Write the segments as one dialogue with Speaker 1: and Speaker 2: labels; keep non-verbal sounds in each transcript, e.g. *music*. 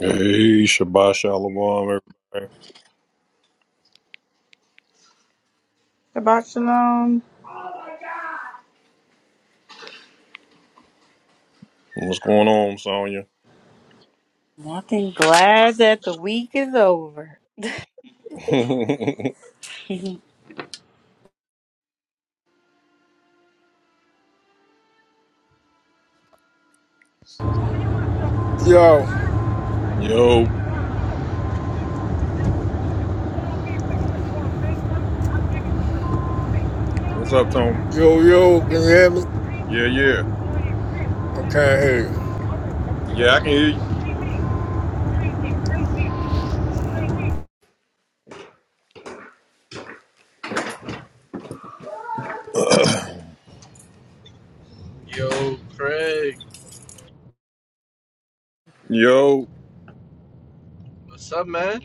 Speaker 1: Hey, Shabbat Shalom, everybody.
Speaker 2: Shabbat shalom.
Speaker 1: What's going on, Sonya?
Speaker 2: Nothing glad that the week is over. *laughs*
Speaker 3: Yo,
Speaker 1: *laughs* Yo, what's up, Tony?
Speaker 3: yo, yo, can you hear me?
Speaker 1: Yeah, yeah.
Speaker 3: Okay, I can't hear you.
Speaker 1: Yeah, I can hear you.
Speaker 4: Yo, Craig,
Speaker 1: Yo,
Speaker 4: what's up, man?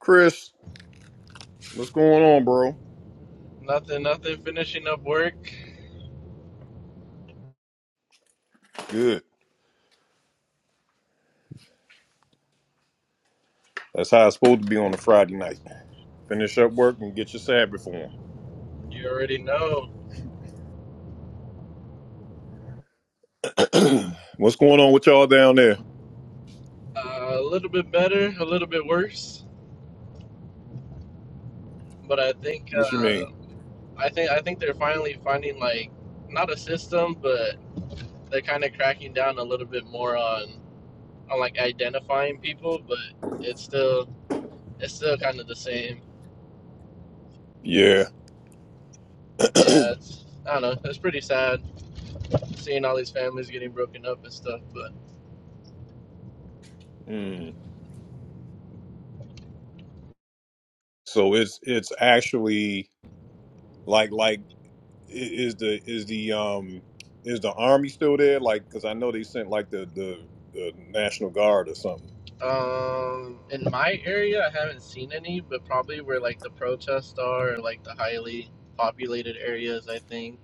Speaker 1: Chris, what's going on, bro?
Speaker 4: Nothing, nothing. Finishing up work.
Speaker 1: Good. That's how it's supposed to be on a Friday night. Finish up work and get your Sabbath
Speaker 4: You already know.
Speaker 1: on. *clears throat* what's going on with y'all down there?
Speaker 4: Uh, a little bit better, a little bit worse, but I think,
Speaker 1: What you
Speaker 4: uh,
Speaker 1: mean?
Speaker 4: I think, I think they're finally finding like not a system, but they're kind of cracking down a little bit more on on like identifying people, but it's still it's still kind of the same.
Speaker 1: Yeah.
Speaker 4: Yeah, it's I don't know. It's pretty sad seeing all these families getting broken up and stuff, but.
Speaker 1: Mm. So it's it's actually like like is the is the um is the army still there? Like, because I know they sent like the the the National Guard or something.
Speaker 4: Um, in my area, I haven't seen any, but probably where like the protests are, or, like the highly populated areas, I think.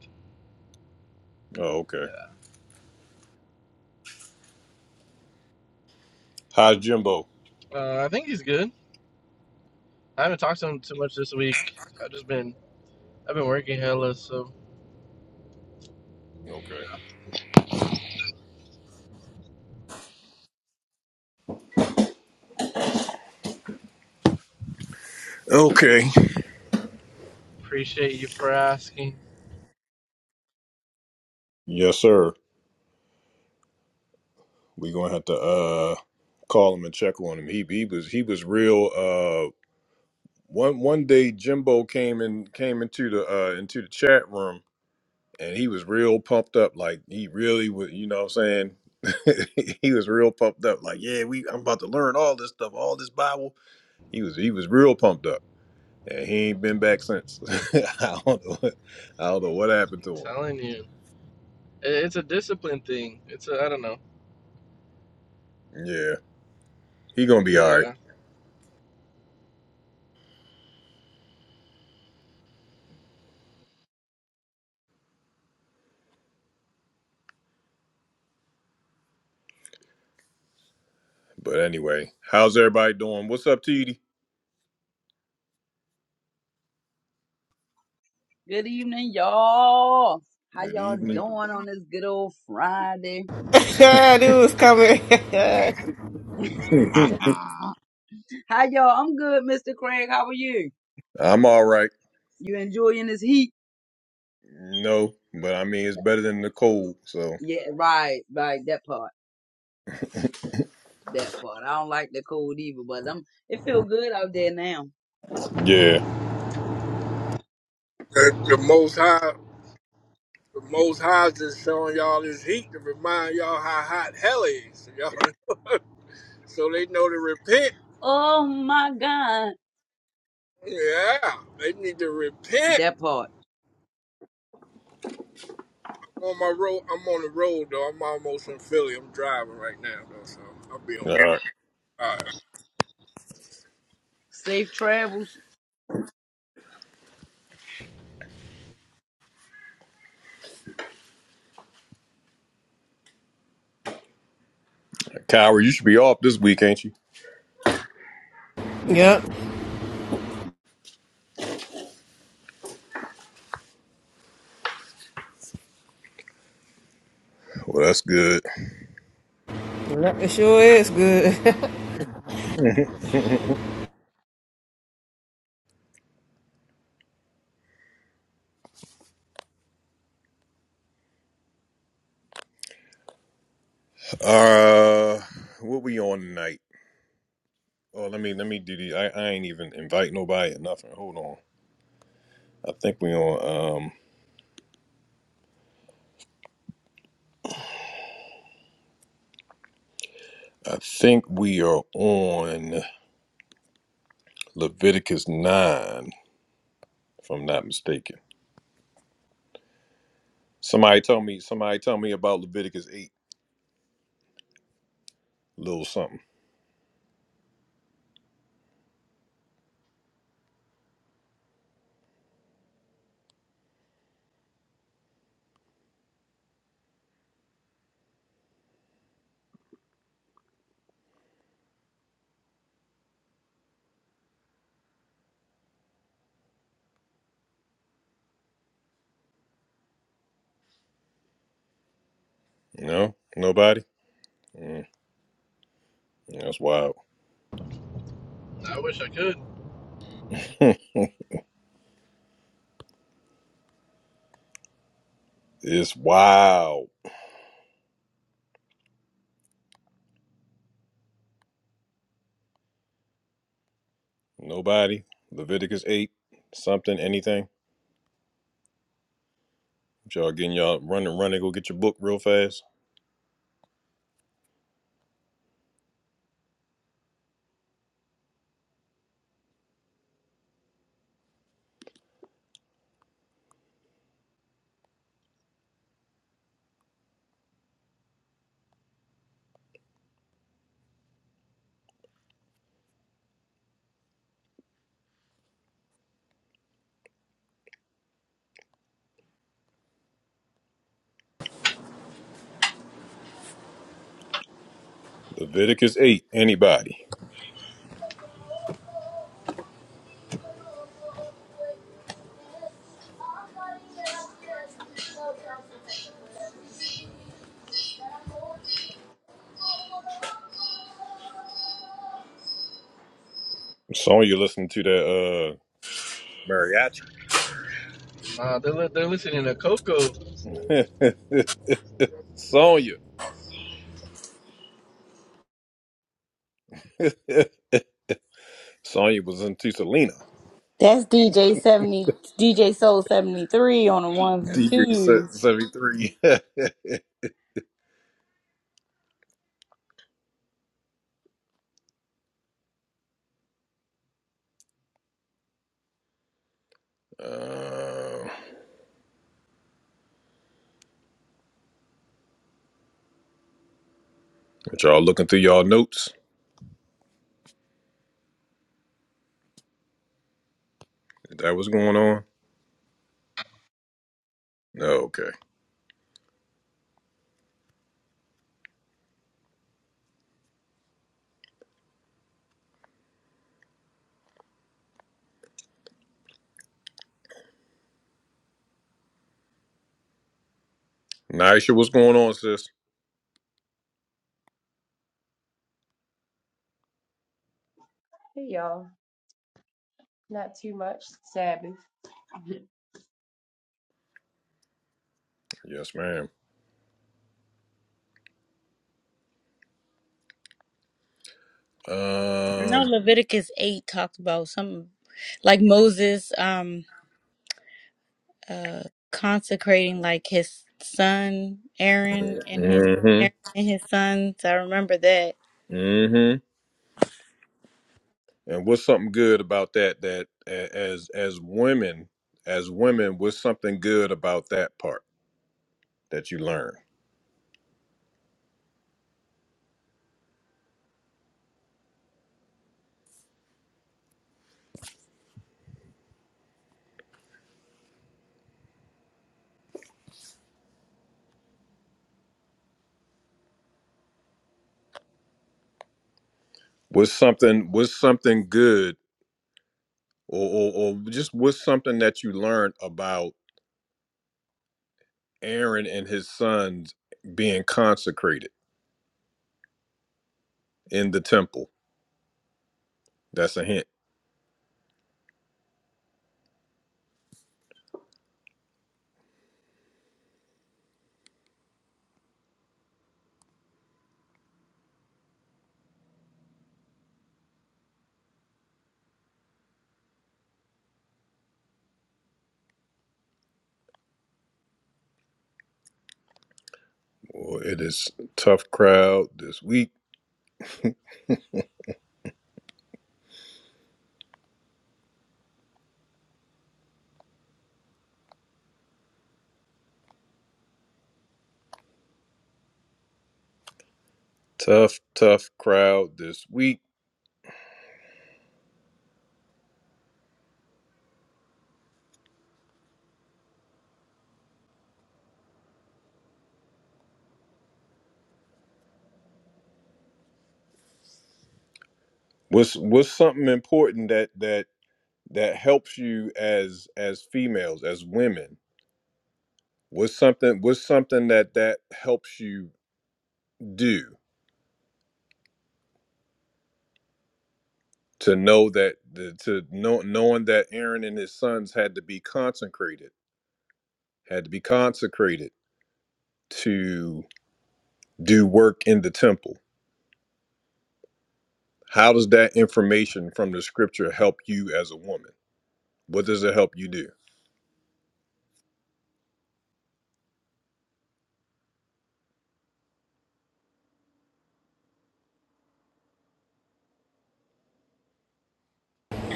Speaker 1: Oh, okay.
Speaker 4: Yeah.
Speaker 1: How's Jimbo?
Speaker 4: Uh, I think he's good. I haven't talked to him too much this week. I've just been, I've been working hella, so
Speaker 1: Okay. Okay.
Speaker 4: appreciate you for asking.
Speaker 1: Yes, sir. We gonna have to uh call him and check on him. He he was he was real. Uh, one one day Jimbo came in came into the uh into the chat room and he was real pumped up. Like he really was. You know what I'm saying? *laughs* he was real pumped up. Like yeah, we I'm about to learn all this stuff, all this Bible. He was he was real pumped up, and he ain't been back since. *laughs* I don't know. What, I don't know what happened
Speaker 4: I'm
Speaker 1: to him.
Speaker 4: telling you, It- it's a discipline thing. It's a, I don't know.
Speaker 1: Yeah, he gonna be all right.
Speaker 4: Yeah,
Speaker 1: But anyway, how's everybody doing? What's up, TD?
Speaker 5: Good evening, y'all. How
Speaker 1: Good
Speaker 5: y'all
Speaker 1: evening.
Speaker 5: doing on this good old Friday?
Speaker 6: Yeah, *laughs* knew it was coming. *laughs*
Speaker 5: Ah. How y'all? I'm good, Mr. Craig. How are you?
Speaker 1: *laughs* I'm all right.
Speaker 5: You enjoying this heat?
Speaker 1: No, but I mean it's better than the cold. So
Speaker 5: Yeah, right, right. That part, that part. I don't like the cold either, but I'm. It feel good out there now.
Speaker 1: yeah,
Speaker 3: The, the most high, the most high is just showing y'all this heat to remind y'all how hot hell is. *laughs* Y'all, so they know to repent.
Speaker 5: Oh my God,
Speaker 3: Yeah, they need to repent.
Speaker 5: that part.
Speaker 3: I'm on my road, I'm on the road though. I'm almost in Philly. I'm driving right now though, so I'll be on
Speaker 1: all
Speaker 3: me.
Speaker 1: right.
Speaker 3: All right.
Speaker 5: Safe travels.
Speaker 1: Kyra, you should be off this week, ain't you?
Speaker 6: yep.
Speaker 1: Well, that's good.
Speaker 6: It sure is good. *laughs*
Speaker 1: *laughs* uh, what we on tonight? Oh, let me let me do the. I, I ain't even invite nobody or nothing. Hold on. I think we on. um, I think we are on Leviticus 9, if I'm not mistaken. Somebody tell me, somebody tell me about Leviticus 8, little something. No? Nobody? Mm, that's wild.
Speaker 4: I wish I could.
Speaker 1: *laughs* it's wild. Nobody? Leviticus 8, something, anything? Y'all getting y'all running, running, go get your book real fast. Leviticus 8, anybody? Sonya listening to that uh mariachi.
Speaker 4: Nah, they're li- they're listening to Coco.
Speaker 1: *laughs* Sonya. *laughs* Sonya was into Selena.
Speaker 2: That's DJ seventy, DJ Soul seventy three on the
Speaker 1: *laughs*
Speaker 2: ones and
Speaker 1: DJ set
Speaker 2: twos.
Speaker 1: 73. *laughs* uh, y'all looking through y'all notes? Is that what's going on? Oh, okay. Nisha, what's going on, sis?
Speaker 7: Hey y'all, not too much. Sabbath. *laughs*
Speaker 1: Yes, ma'am.
Speaker 2: I know
Speaker 1: Um,
Speaker 2: Leviticus eight talked about some, like Moses, um, uh, consecrating like his son Aaron and his Aaron
Speaker 1: mm-hmm,
Speaker 2: and his sons. I remember that.
Speaker 1: mm-hmm. And what's something good about that? That a- as as women, as women, what's something good about that part that you learn? What's something? What's something good, or or, or just what's something that you learned about? Aaron and his sons being consecrated in the temple. That's a hint. Well, it is a tough crowd this week. Tough, tough crowd this week. What's what's something important that that that helps you as as females, as women? What's something what's something that that helps you do to know that the, to know knowing that Aaron and his sons had to be consecrated, had to be consecrated to do work in the temple How does that information from the scripture help you as a woman? What does it help you do?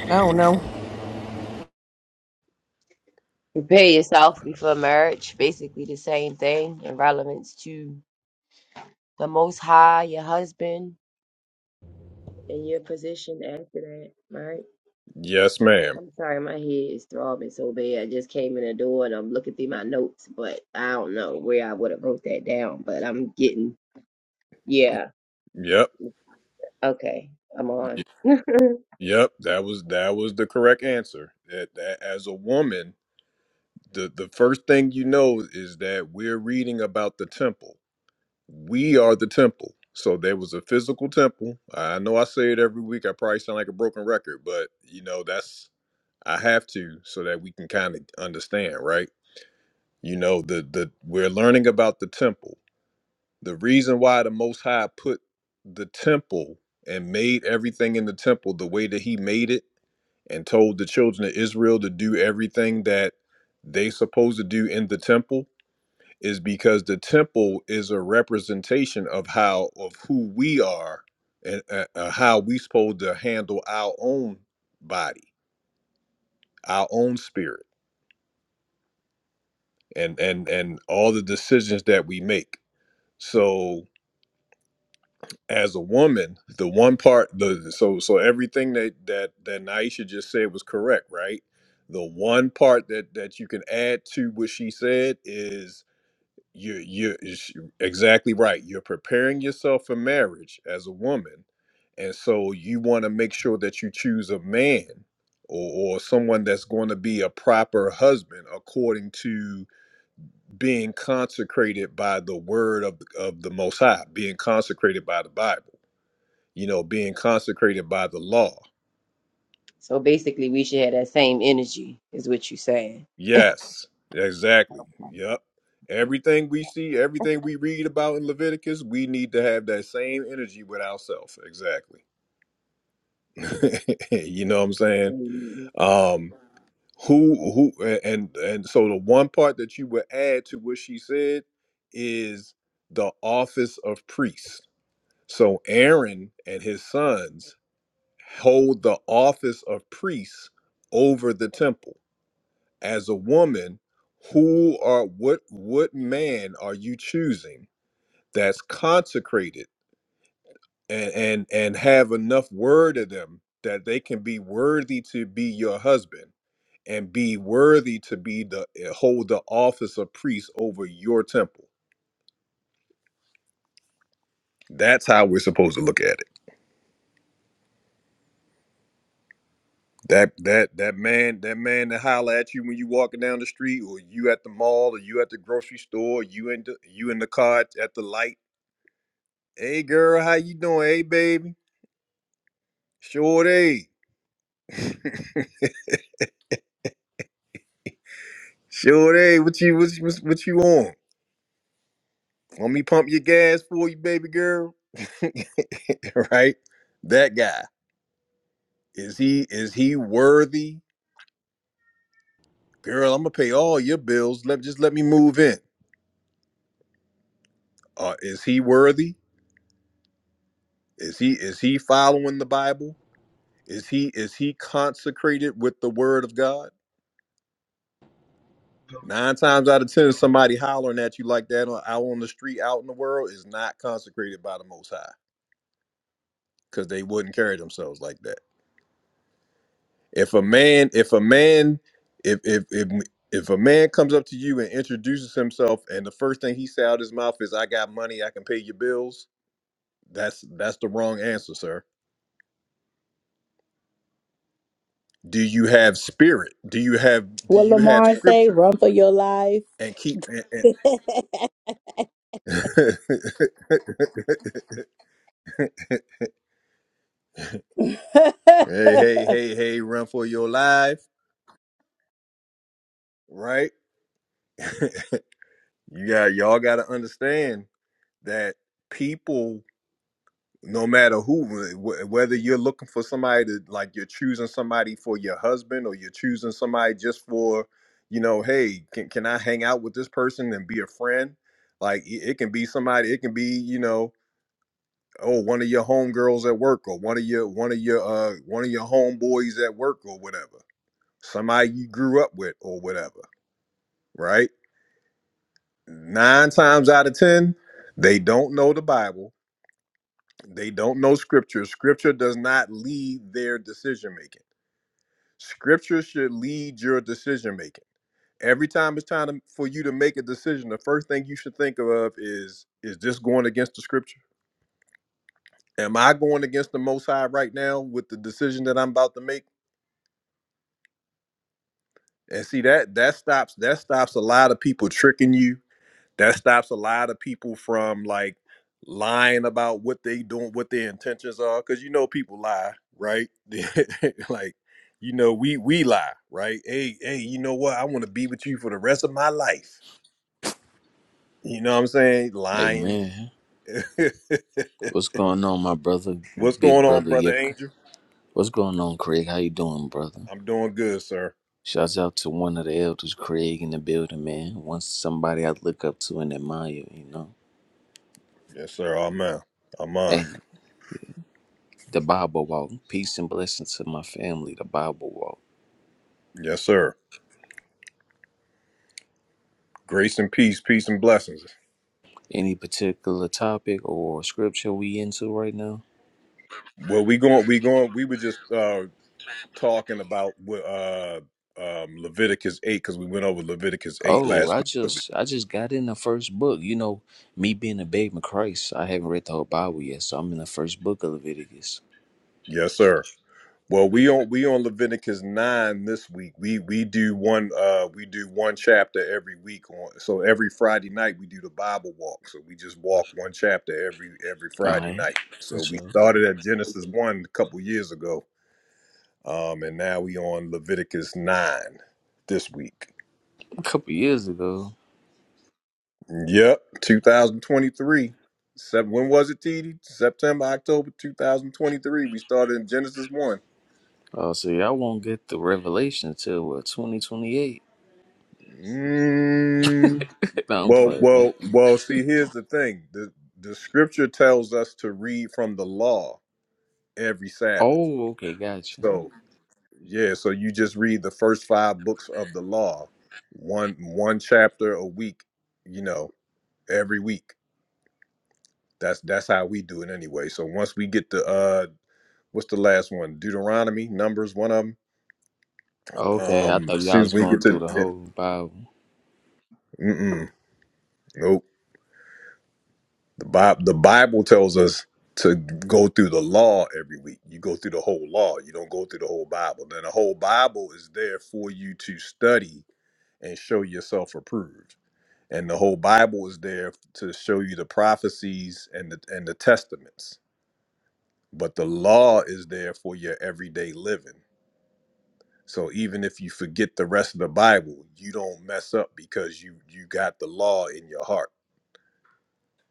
Speaker 6: I don't know.
Speaker 7: Prepare yourself before marriage, basically the same thing in relevance to the Most High, your husband, and your position after that, right?
Speaker 1: Yes, ma'am.
Speaker 7: I'm sorry, my head is throbbing so bad. I just came in the door and I'm looking through my notes, but I don't know where I would have wrote that down, but I'm getting, yeah,
Speaker 1: Yep.
Speaker 7: okay, I'm on.
Speaker 1: Yep, that was that was the correct answer. That, that as a woman, the the first thing you know is that we're reading about the temple. We are the temple. So there was a physical temple. I know I say it every week. I probably sound like a broken record, but you know that's I have to so that we can kind of understand, right? You know the the we're learning about the temple The reason why the Most High put the temple and made everything in the temple the way that He made it and told the children of Israel to do everything that they supposed to do in the temple is because the temple is a representation of how of who we are and uh, uh, how we supposed to handle our own body, our own spirit, and and and all the decisions that we make. So as a woman, the one part the so so everything that that that Naisha just said was correct, right? The one part that that you can add to what she said is you you is- exactly right. You're preparing yourself for marriage as a woman, and so you want to make sure that you choose a man or, or someone that's going to be a proper husband according to being consecrated by the word of of the Most High, being consecrated by the Bible you know, being consecrated by the law.
Speaker 7: So basically, we should have that same energy, is what you're saying.
Speaker 1: Yes, exactly.
Speaker 7: *laughs*
Speaker 1: Yep. Everything we see, everything we read about in Leviticus, we need to have that same energy with ourselves. Exactly. *laughs* you know what I'm saying?
Speaker 7: Mm,
Speaker 1: Um who who a- and and so the one part that you would add to what she said is the office of priest. So Aaron and his sons hold the office of priests over the temple as a woman who are what what man are you choosing that's consecrated and and and have enough word of them that they can be worthy to be your husband and be worthy to be the eh, hold the office of priest over your temple that's how we're supposed to look at it that that that man that man that holler at you when you walking down the street or you at the mall or you at the grocery store you in the you in the car at the light Hey girl, how you doing? Hey baby, sure day, *laughs* sure day. What you what you, what you on? Want me pump your gas for you, baby girl? *laughs* right? That guy is he is he worthy? Girl, I'm gonna pay all your bills. Let just let me move in. Uh, is he worthy? Is he is he following the Bible? Is he is he consecrated with the Word of God? Nine times out of ten, somebody hollering at you like that on, out on the street, out in the world, is not consecrated by the Most High because they wouldn't carry themselves like that. If a man, if a man, if if if if a man comes up to you and introduces himself, and the first thing he says out his mouth is, "I got money, I can pay your bills," that's that's the wrong answer, sir. Do you have spirit? Do you have do
Speaker 2: What
Speaker 1: you have
Speaker 2: Lamar say?
Speaker 1: scripture?
Speaker 2: Run for your life.
Speaker 1: And keep and, and *laughs* Hey, hey,
Speaker 2: *laughs*
Speaker 1: hey, hey, run for your life, right? *laughs* you got y'all got to understand that people no matter who wh- whether you're looking for somebody to like you're choosing somebody for your husband or you're choosing somebody just for you know hey can, can i hang out with this person and be a friend like it it can be somebody it can be you know oh one of your homegirls at work or one of your one of your uh one of your homeboys at work or whatever somebody you grew up with or whatever right? Nine times out of 10, they don't know the Bible. They don't know scripture. Scripture does not lead their decision making. Scripture should lead your decision making. Every time it's time to, for you to make a decision, the first thing you should think of is is this going against the scripture? Am I going against the most high right now with the decision that I'm about to make? And see that that stops that stops a lot of people tricking you that stops a lot of people from like lying about what they doing what their intentions are because you know people lie right *laughs* like you know we we lie right hey hey you know what i want to be with you for the rest of my life you know what i'm saying lying
Speaker 8: Amen.
Speaker 1: *laughs*
Speaker 8: What's going on, my brother,
Speaker 1: what's
Speaker 8: big
Speaker 1: going on
Speaker 8: brother?
Speaker 1: brother
Speaker 8: Yuck.
Speaker 1: angel
Speaker 8: What's going on, Craig? How you doing, brother?
Speaker 1: i'm doing good sir
Speaker 8: Shouts out to one of the elders, Craig, in the building, man. Once somebody I look up to and admire, you know.
Speaker 1: yes sir amen amen
Speaker 8: Hey, the Bible walk. Peace and blessings to my family, the Bible walk.
Speaker 1: yes sir grace and peace peace and blessings
Speaker 8: Any particular topic or scripture we into right now?
Speaker 1: well we going we going we were just uh talking about uh, um, Leviticus eight because we went over Leviticus eight
Speaker 8: Oh,
Speaker 1: last
Speaker 8: I
Speaker 1: week.
Speaker 8: just I just got in the first book. You know, me being a babe in Christ, I haven't read the whole Bible yet, so I'm in the first book of Leviticus.
Speaker 1: Yes, sir. Well, we on we on Leviticus nine this week. We we do one uh we do one chapter every week on so every Friday night we do the Bible walk. So we just walk one chapter every every
Speaker 8: All
Speaker 1: Friday
Speaker 8: right.
Speaker 1: night.
Speaker 8: For
Speaker 1: So we
Speaker 8: sure.
Speaker 1: started at Genesis one a couple years ago, um, and now we on Leviticus nine this week.
Speaker 8: a couple years ago.
Speaker 1: Yep, 2023. Sep- When was it, TD? September, October 2023. We started in Genesis 1.
Speaker 8: Oh, so y'all won't get the revelation till what 2028?
Speaker 1: Mm,
Speaker 8: *laughs* no, I'm
Speaker 1: well,
Speaker 8: playing, man.
Speaker 1: well, well, see, here's the thing. The, the scripture tells us to read from the law every Sabbath.
Speaker 8: Oh, okay, gotcha.
Speaker 1: So, yeah, so you just read the first five books of the law, one one chapter a week, you know, every week. That's that's how we do it anyway. So once we get the uh what's the last one? Deuteronomy, Numbers, one of them.
Speaker 8: Okay, I
Speaker 1: Um,
Speaker 8: thought
Speaker 1: as soon
Speaker 8: y'all
Speaker 1: as
Speaker 8: was
Speaker 1: we
Speaker 8: going
Speaker 1: get
Speaker 8: through
Speaker 1: to,
Speaker 8: the whole Bible.
Speaker 1: mm-mm, nope. The Bible, the Bible tells us to go through the law every week. You go through the whole law. You don't go through the whole Bible. Then the whole Bible is there for you to study and show yourself approved. And the whole Bible is there to show you the prophecies and the and the testaments. But the law is there for your everyday living. So even if you forget the rest of the Bible, you don't mess up because you you got the law in your heart.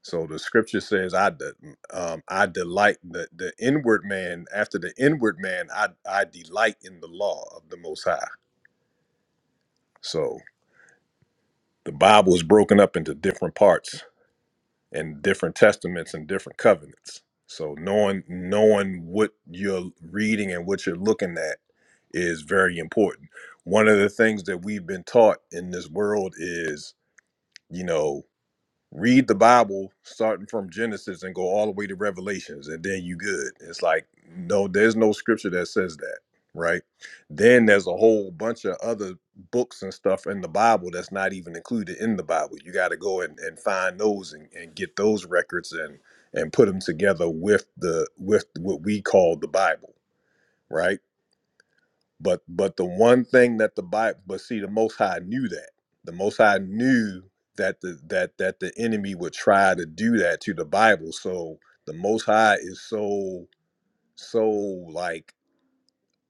Speaker 1: So the scripture says, "I de, um, I delight the the inward man. After the inward man, I I delight in the law of the Most High." So the Bible is broken up into different parts and different testaments and different covenants. So knowing knowing what you're reading and what you're looking at is very important. One of the things that we've been taught in this world is you know, read the Bible starting from Genesis and go all the way to Revelations, and then you good. It's like, no, there's no scripture that says that, right? Then there's a whole bunch of other books and stuff in the Bible that's not even included in the Bible. You got to go and, and find those and, and get those records and and put them together with the with what we call the Bible, right? But but the one thing that the Bible, but see, the Most High knew that. The Most High knew that the that that the enemy would try to do that to the Bible. So the Most High is so so like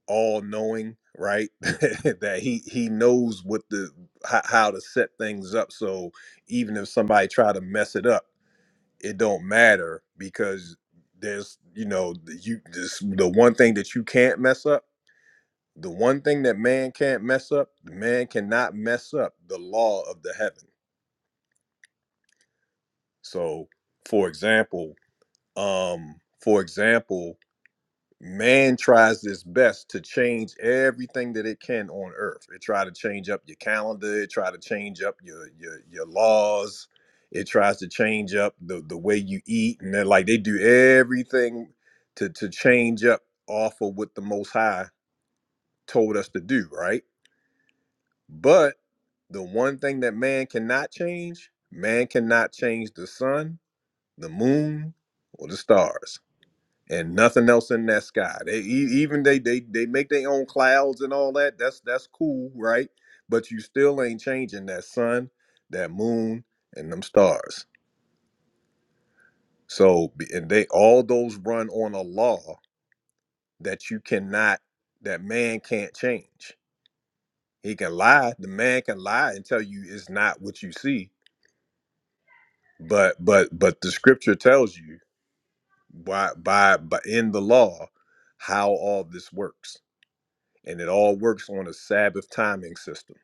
Speaker 1: all knowing, right? *laughs* that he he knows what the how, how to set things up. So even if somebody try to mess it up, it don't matter because there's you know you this the one thing that you can't mess up the one thing that man can't mess up, man cannot mess up the law of the heaven. So, for example, um, for example, man tries its best to change everything that it can on earth. It try to change up your calendar, it try to change up your your your laws, it tries to change up the the way you eat and they're like they do everything to to change up off of what the most high told us to do, right? But the one thing that man cannot change, man cannot change the sun, the moon, or the stars, and nothing else in that sky. They e- even they they they make their own clouds and all that. That's that's cool, right? But you still ain't changing that sun, that moon, and them stars. So b- and they all those run on a law that you cannot, that man can't change. He can lie. The man can lie and tell you it's not what you see but but but the scripture tells you by by, by in the law how all this works and it all works on a sabbath timing system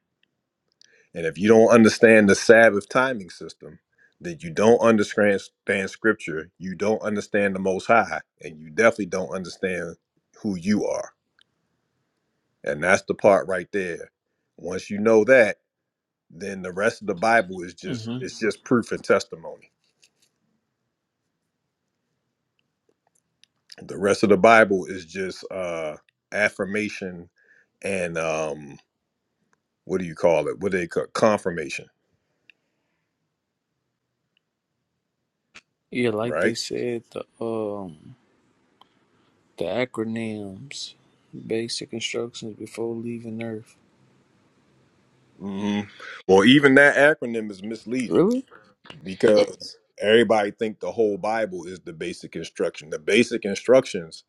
Speaker 1: and if you don't understand the sabbath timing system then you don't understand understand scripture you don't understand the most high and you definitely don't understand who you are and that's the part right there once you know that then the rest of the bible is just
Speaker 8: hmm
Speaker 1: it's just proof and testimony the rest of the bible is just uh affirmation and um what do you call it what do they call confirmation
Speaker 8: Yeah, like
Speaker 1: right
Speaker 8: they said, the um, the acronyms, basic instructions before leaving Earth.
Speaker 1: hmm well even that acronym is misleading
Speaker 8: Really?
Speaker 1: because everybody think the whole bible is the basic instruction the basic instructions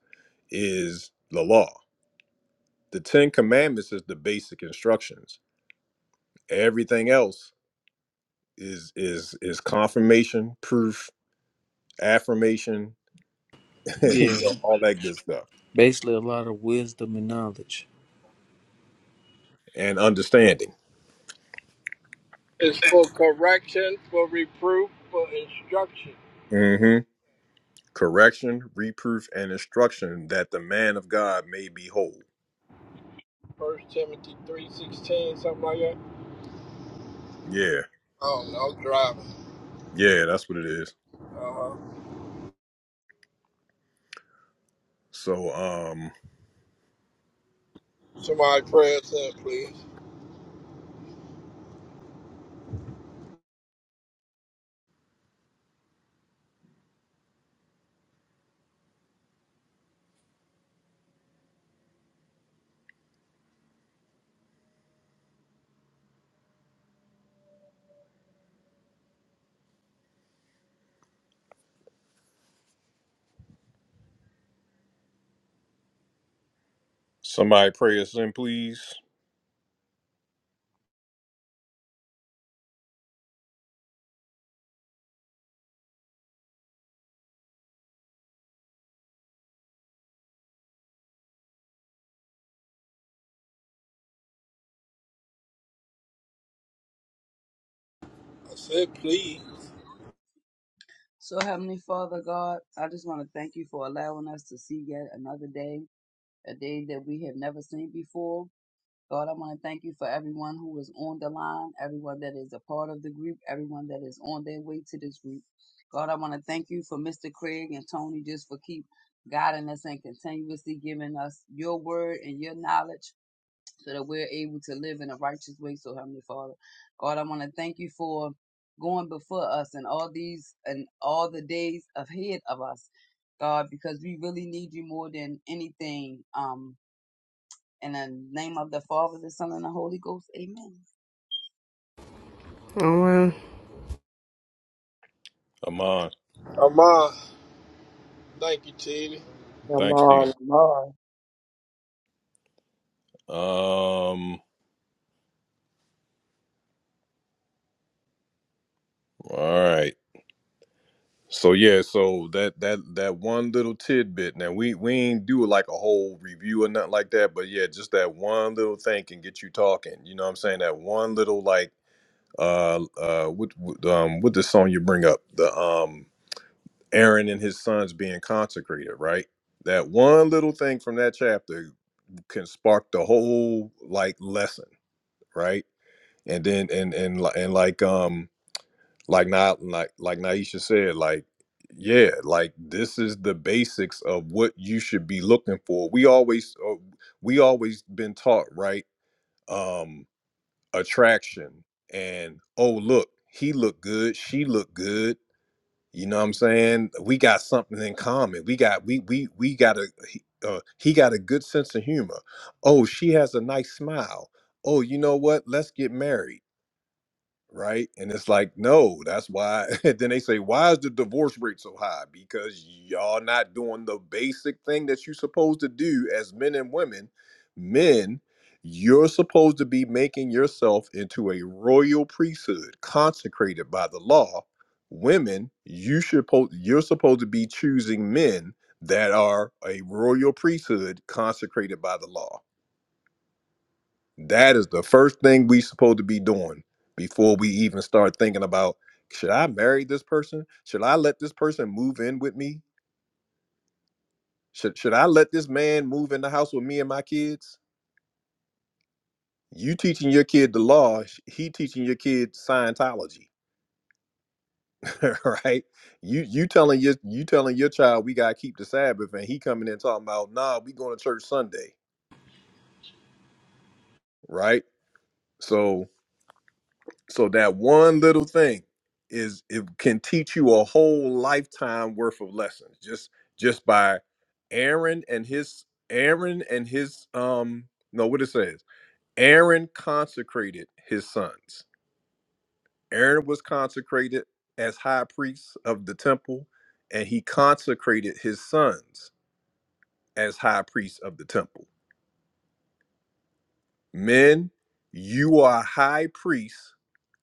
Speaker 1: is the law the 10 commandments is the basic instructions everything else is is is confirmation proof affirmation *laughs*
Speaker 8: Yeah,
Speaker 1: you know all that good stuff
Speaker 8: basically a lot of wisdom and knowledge.
Speaker 1: and understanding
Speaker 3: It's for correction, for reproof, for instruction.
Speaker 1: correction, reproof, and instruction that the man of God may be whole.
Speaker 3: First Timothy three sixteen, something like that.
Speaker 1: Yeah,
Speaker 3: I don't know. I'm driving.
Speaker 1: yeah, that's what it is.
Speaker 3: Uh huh.
Speaker 1: So, um,
Speaker 3: Somebody pray us in, please.
Speaker 1: somebody pray us in, please.
Speaker 3: I said, please.
Speaker 5: So Heavenly Father God, I just want to thank you for allowing us to see yet another day, a day that we have never seen before. God, I want to thank you for everyone who is on the line, everyone that is a part of the group, everyone that is on their way to this group. God, I want to thank you for Mr. Craig and Tony just for keep guiding us and continuously giving us your word and your knowledge so that we're able to live in a righteous way. So, Heavenly Father, God, I want to thank you for going before us and all these and all the days ahead of us, God, because we really need you more than anything. Um, in the name of the Father, the Son, and the Holy Ghost. Amen.
Speaker 6: Oh well.
Speaker 1: Amon,
Speaker 3: Amon, thank you, Tina.
Speaker 7: I'm
Speaker 1: thanks,
Speaker 7: on,
Speaker 1: Steve.
Speaker 7: I'm on.
Speaker 1: Um, all right. So yeah, so that that that one little tidbit. Now we we ain't do like a whole review or nothing like that, but yeah, just that one little thing can get you talking. You know what I'm saying? That one little like uh uh what what, um what the song you bring up? the um. Aaron and his sons being consecrated, right? That one little thing from that chapter can spark the whole like lesson, right? And then and and li- and like um like not like like Naisha said, like yeah, like this is the basics of what you should be looking for. We always uh, we always been taught, right? Um attraction and oh look, he looked good, she looked good you know what I'm saying? We got something in common. We got we we we got a he- uh, he got a good sense of humor. Oh, she has a nice smile. Oh, you know what? Let's get married right? And it's like, no, that's why. *laughs* then they say, why is the divorce rate so high? Because y'all not doing the basic thing that you're supposed to do as men and women. Men, you're supposed to be making yourself into a royal priesthood consecrated by the law. Women, you should po- you're supposed to be choosing men that are a royal priesthood consecrated by the law that is the first thing we supposed to be doing before we even start thinking about should I marry this person? Should I let this person move in with me? Should should I let this man move in the house with me and my kids? You teaching your kid the law, sh- he teaching your kid Scientology, *laughs* right? You you telling your you telling your child we gotta keep the Sabbath, and he coming in talking about nah, we going to church Sunday, right? So. So that one little thing is it can teach you a whole lifetime worth of lessons just just by Aaron and his Aaron and his um no what it says Aaron consecrated his sons. Aaron was consecrated as high priest of the temple and he consecrated his sons as high priests of the temple. Men, you are high priests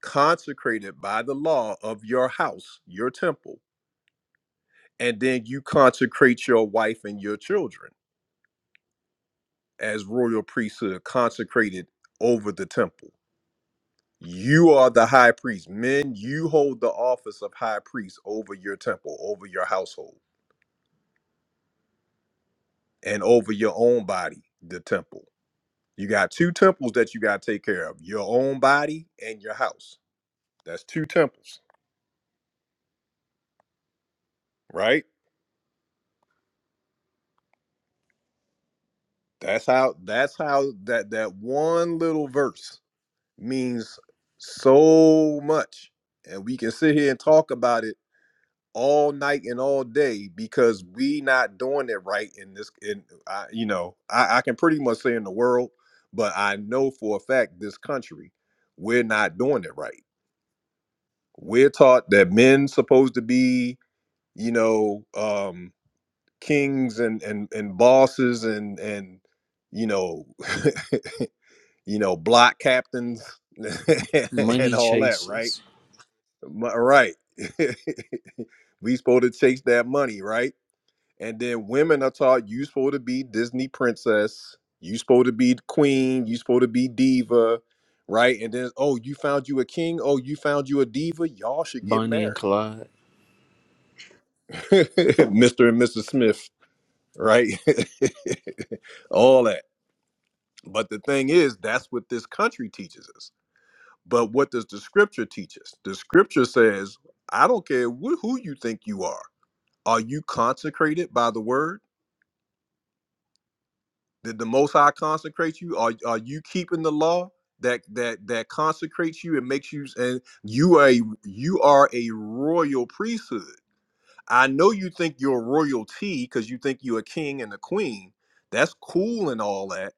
Speaker 1: consecrated by the law of your house, your temple and then you consecrate your wife and your children as royal priesthood consecrated over the temple. You are the high priest. Men, you hold the office of high priest over your temple, over your household, and over your own body, the temple. You got two temples that you got to take care of your own body and your house. That's two temples, right? That's how, that's how that, that one little verse means so much and we can sit here and talk about it all night and all day because we not doing it right in this in I, you know I, I can pretty much say in the world but i know for a fact this country we're not doing it right we're taught that men supposed to be you know um kings and and and bosses and and you know *laughs* you know block captains *laughs* and
Speaker 8: Money
Speaker 1: all that right
Speaker 8: chasers,
Speaker 1: Mo- Right. *laughs* we supposed to chase that money, right? And then women are taught you supposed to be Disney princess, you supposed to be the queen, you supposed to be diva, right? And then oh, you found you a king, oh, you found you a diva, y'all should get
Speaker 8: Bonnie and
Speaker 1: married.
Speaker 8: Clyde.
Speaker 1: *laughs* Mr. and Mrs. Smith, right? *laughs* All that. But the thing is, that's what this country teaches us. But what does the scripture teach us? The scripture says, I don't care wh- who you think you are Are you consecrated by the word? Did the Most High consecrate you? Are, are you keeping the law that that that consecrates you and makes you and you are a, you are a royal priesthood? I know you think you're royalty because you think you're a king and a queen. That's cool and all that,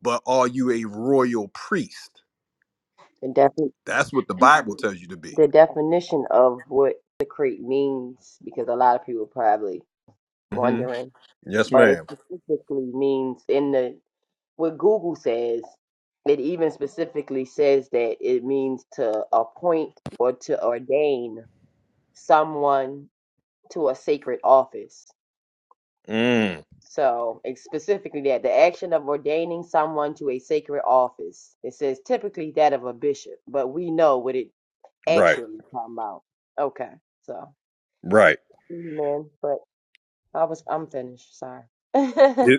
Speaker 1: but are you a royal priest?
Speaker 7: And
Speaker 1: That's what the Bible tells you to be.
Speaker 7: the definition of what secrete means because a lot of people probably
Speaker 1: hmm
Speaker 7: wondering,
Speaker 1: Yes,
Speaker 7: but it
Speaker 1: madam
Speaker 7: specifically means in the what Google says, it even specifically says that it means to appoint or to ordain someone to a sacred office.
Speaker 1: Mm,
Speaker 7: So it's specifically that the action of ordaining someone to a sacred office. It says typically that of a bishop, but we know what it
Speaker 1: right,
Speaker 7: actually come out. Okay. So
Speaker 1: right.
Speaker 7: Amen. But I was I'm finished, sorry. *laughs* to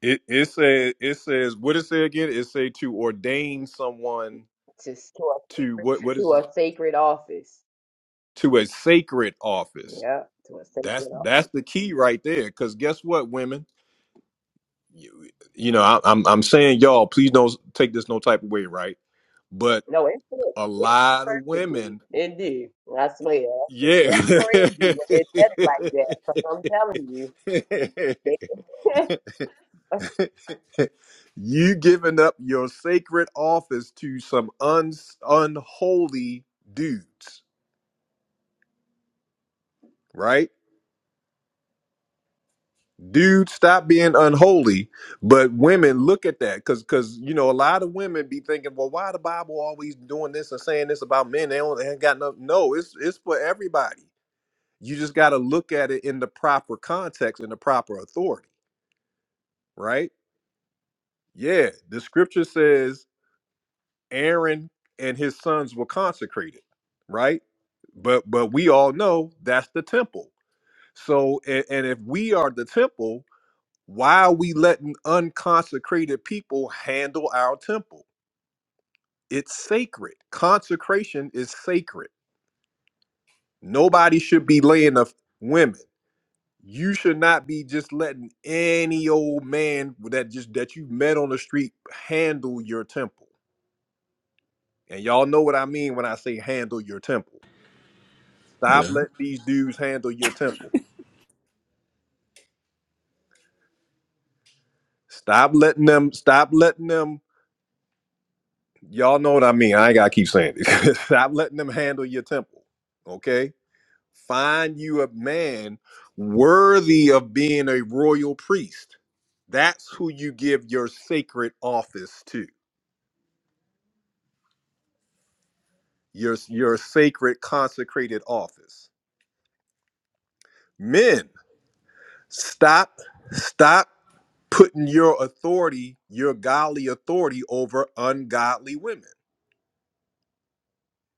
Speaker 1: It it says it says what it say again? It say to ordain someone
Speaker 7: s- to a
Speaker 1: to
Speaker 7: sacred
Speaker 1: what what is
Speaker 7: to
Speaker 1: it?
Speaker 7: a sacred office.
Speaker 1: to a sacred office.
Speaker 7: Yeah, to a
Speaker 1: That's
Speaker 7: sacred office.
Speaker 1: that's the key right there. Because guess what, women, you, you know I, I'm I'm saying y'all, please don't take this no type of way, right? But
Speaker 7: No, it fit.
Speaker 1: a
Speaker 7: It fit
Speaker 1: lot of
Speaker 7: perfectly.
Speaker 1: women,
Speaker 7: It did. I swear. That's
Speaker 1: yeah.
Speaker 7: that's crazy that they said it like that. Because I'm telling you,
Speaker 1: *laughs*
Speaker 7: they *laughs*
Speaker 1: *laughs* you giving up your sacred office to some un- unholy dudes, right? Dudes, stop being unholy. But women, look at that, because because you know a lot of women be thinking, well, why the Bible always doing this and saying this about men? They don't they ain't got no. No, it's it's for everybody. You just got to look at it in the proper context and the proper authority, right? Yeah, the scripture says Aaron and his sons were consecrated, right? But but we all know that's the temple. So and, and if we are the temple, why are we letting unconsecrated people handle our temple? It's sacred. Consecration is sacred. Nobody should be laying of women. You should not be just letting any old man that just that you met on the street handle your temple. And y'all know what I mean when I say handle your temple. Stop
Speaker 8: Yeah,
Speaker 1: letting these dudes handle your temple. Stop letting them. Stop letting them. Y'all know what I mean. I ain't gotta keep saying it. *laughs* stop letting them handle your temple. Okay. Find you a man worthy of being a royal priest. That's who you give your sacred office to. Your your sacred consecrated office. Men, stop. Stop putting your authority, your godly authority, over ungodly women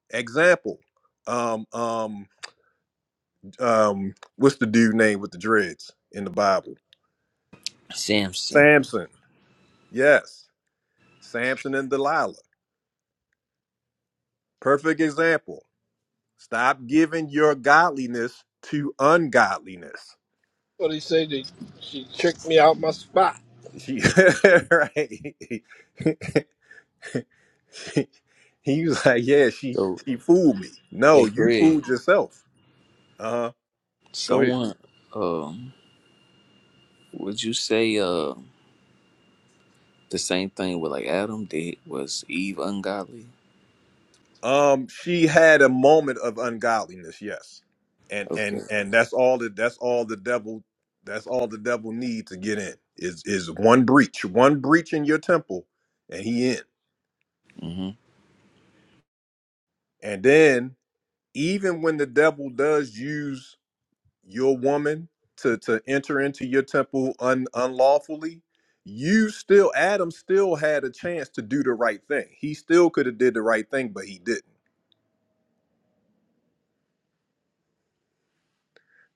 Speaker 1: Example, um, um, um, what's the dude name with the dreads in the Bible?
Speaker 8: Samson.
Speaker 1: Samson. Yes, Samson and Delilah. Perfect example. Stop giving your godliness to ungodliness.
Speaker 3: What he you say? That she tricked me out my spot.
Speaker 1: She, *laughs* right? She- he was like, "Yeah, she
Speaker 8: So,
Speaker 1: she fooled me.
Speaker 8: hey,
Speaker 1: No, you
Speaker 8: Craig,
Speaker 1: fooled yourself." Uh huh. Go ahead.
Speaker 8: someone. um. Would you say uh the same thing with like Adam did was Eve ungodly?
Speaker 1: Um, she had a moment of ungodliness, yes, and and
Speaker 8: Okay.
Speaker 1: and that's all that that's all the devil that's all the devil needs to get in is is one breach, one breach in your temple, and he in.
Speaker 8: hmm
Speaker 1: And then even when the devil does use your woman to to enter into your temple un, unlawfully, you still Adam still had a chance to do the right thing. He still could have did the right thing, but he didn't.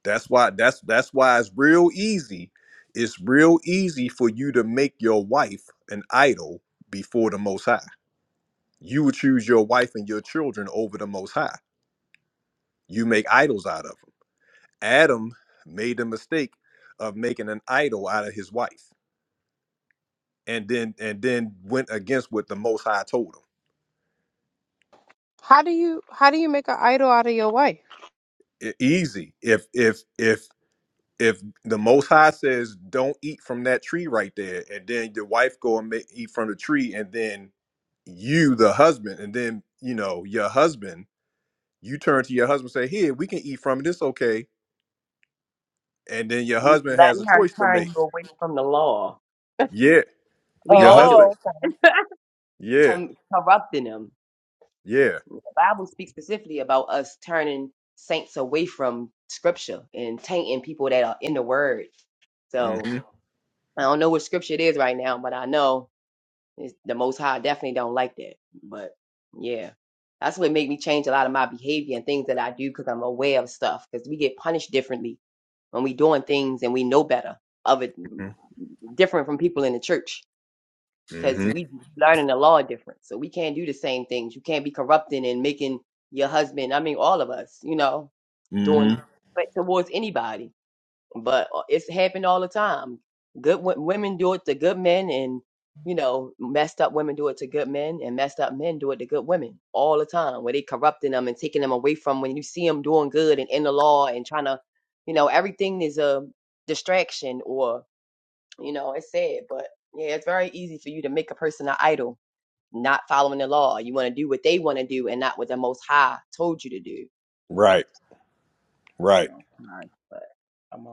Speaker 1: That's why that's that's why it's real easy. It's real easy for you to make your wife an idol before the most high. You would choose your wife and your children over the most high. You make idols out of them. Adam made the mistake of making an idol out of his wife and then and then went against what the most high told
Speaker 9: How do you how do you make an idol out of your wife?
Speaker 1: him. E- easy. If if if if the most high says don't eat from that tree right there and then your wife go and make, eat from the tree and then you the husband and then you know your husband you turn to your husband and say here we can eat from it it's okay and then your husband has
Speaker 7: letting
Speaker 1: a
Speaker 7: her
Speaker 1: choice to
Speaker 7: turn
Speaker 1: make
Speaker 7: you away from the law.
Speaker 1: yeah
Speaker 7: We
Speaker 1: your
Speaker 7: all do
Speaker 1: husband
Speaker 9: Oh,
Speaker 7: it.
Speaker 1: yeah
Speaker 7: Com- corrupting them.
Speaker 1: yeah
Speaker 7: the Bible speaks specifically about us turning saints away from scripture and tainting people that are in the word. So
Speaker 1: hmm
Speaker 7: I don't know what scripture it is right now, but I know it's, the Most High definitely don't like that. But yeah, that's what made me change a lot of my behavior and things that I do because I'm aware of stuff. Because we get punished differently when we doing things and we know better of it different from people in the church because
Speaker 1: hmm
Speaker 7: we learning the law different. So we can't do the same things. You can't be corrupting and making your husband. I mean, all of us, you know, doing
Speaker 1: hmm
Speaker 7: but towards anybody. But uh, it's happened all the time. Good wo- women do it to good men, and you know, messed up women do it to good men, and messed up men do it to good women all the time. Where they corrupting them and taking them away from when you see them doing good and in the law and trying to, you know, everything is a distraction or you know, it's sad, but yeah, it's very easy for you to make a person an idol, not following the law. You want to do what they want to do and not what the Most High told you to do.
Speaker 1: right right
Speaker 7: Oh, my. But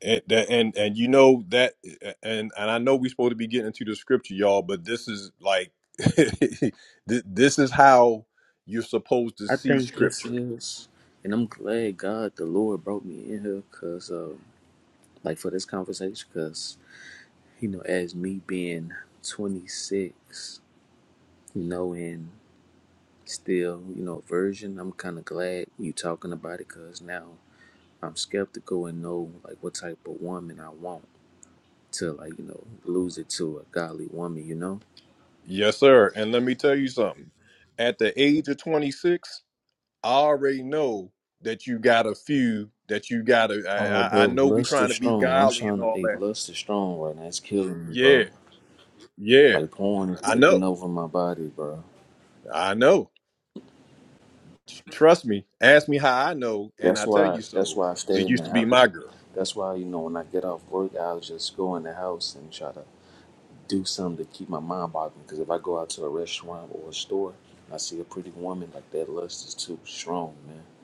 Speaker 1: and that- and and you know that and and I know we're supposed to be getting into the scripture, y'all, but this is like *laughs* thi- this is how you're supposed to
Speaker 8: I
Speaker 1: see
Speaker 8: think this
Speaker 1: scripture.
Speaker 8: is, and I'm glad God the Lord brought me in here, cause uh, like for this conversation, cause you know as me being 26, you know, and still you know a virgin, I'm kind of glad you talking about it, cause now I'm skeptical and know like what type of woman I want to like you know lose it to a godly woman, you know.
Speaker 1: Yes, sir. And let me tell you something. At the age of 26, I already know that you got a few that you got to. I,
Speaker 8: Uh,
Speaker 1: I I
Speaker 8: bro,
Speaker 1: know we
Speaker 8: lust
Speaker 1: trying
Speaker 8: is
Speaker 1: to be
Speaker 8: strong. I'm
Speaker 1: godly and
Speaker 8: trying to.
Speaker 1: all
Speaker 8: Hey,
Speaker 1: that.
Speaker 8: lust is strong right now. It's killing me,
Speaker 1: Yeah,
Speaker 8: bro.
Speaker 1: yeah.
Speaker 8: Like porn is
Speaker 1: I know.
Speaker 8: taking over my body, bro.
Speaker 1: I know. Tr- Trust me. Ask me how I know, and I
Speaker 8: That's
Speaker 1: tell
Speaker 8: why.
Speaker 1: you
Speaker 8: That's
Speaker 1: so.
Speaker 8: why I stay
Speaker 1: It
Speaker 8: in
Speaker 1: used
Speaker 8: the
Speaker 1: to be
Speaker 8: house.
Speaker 1: my girl.
Speaker 8: That's why you know when I get off work, I'll just go in the house and try to do something to keep my mind boggling. Because if I go out to a restaurant or a store, and I see a pretty woman like that. Lust is too strong, man.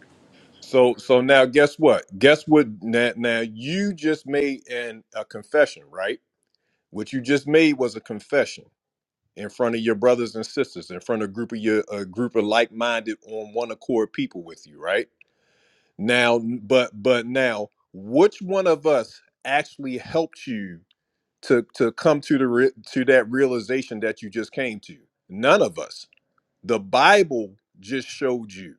Speaker 1: So so now guess what? Guess what now, now you just made an a confession, right? What you just made was a confession in front of your brothers and sisters, in front of a group of your a group of like-minded on one accord people with you, right? Now but but now which one of us actually helped you to to come to the re- to that realization that you just came to? None of us. The Bible just showed you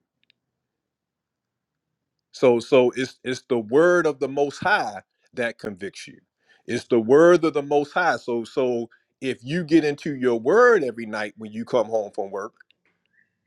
Speaker 1: So so it's it's the word of the most high that convicts you. It's the word of the most high. So so if you get into your word every night when you come home from work,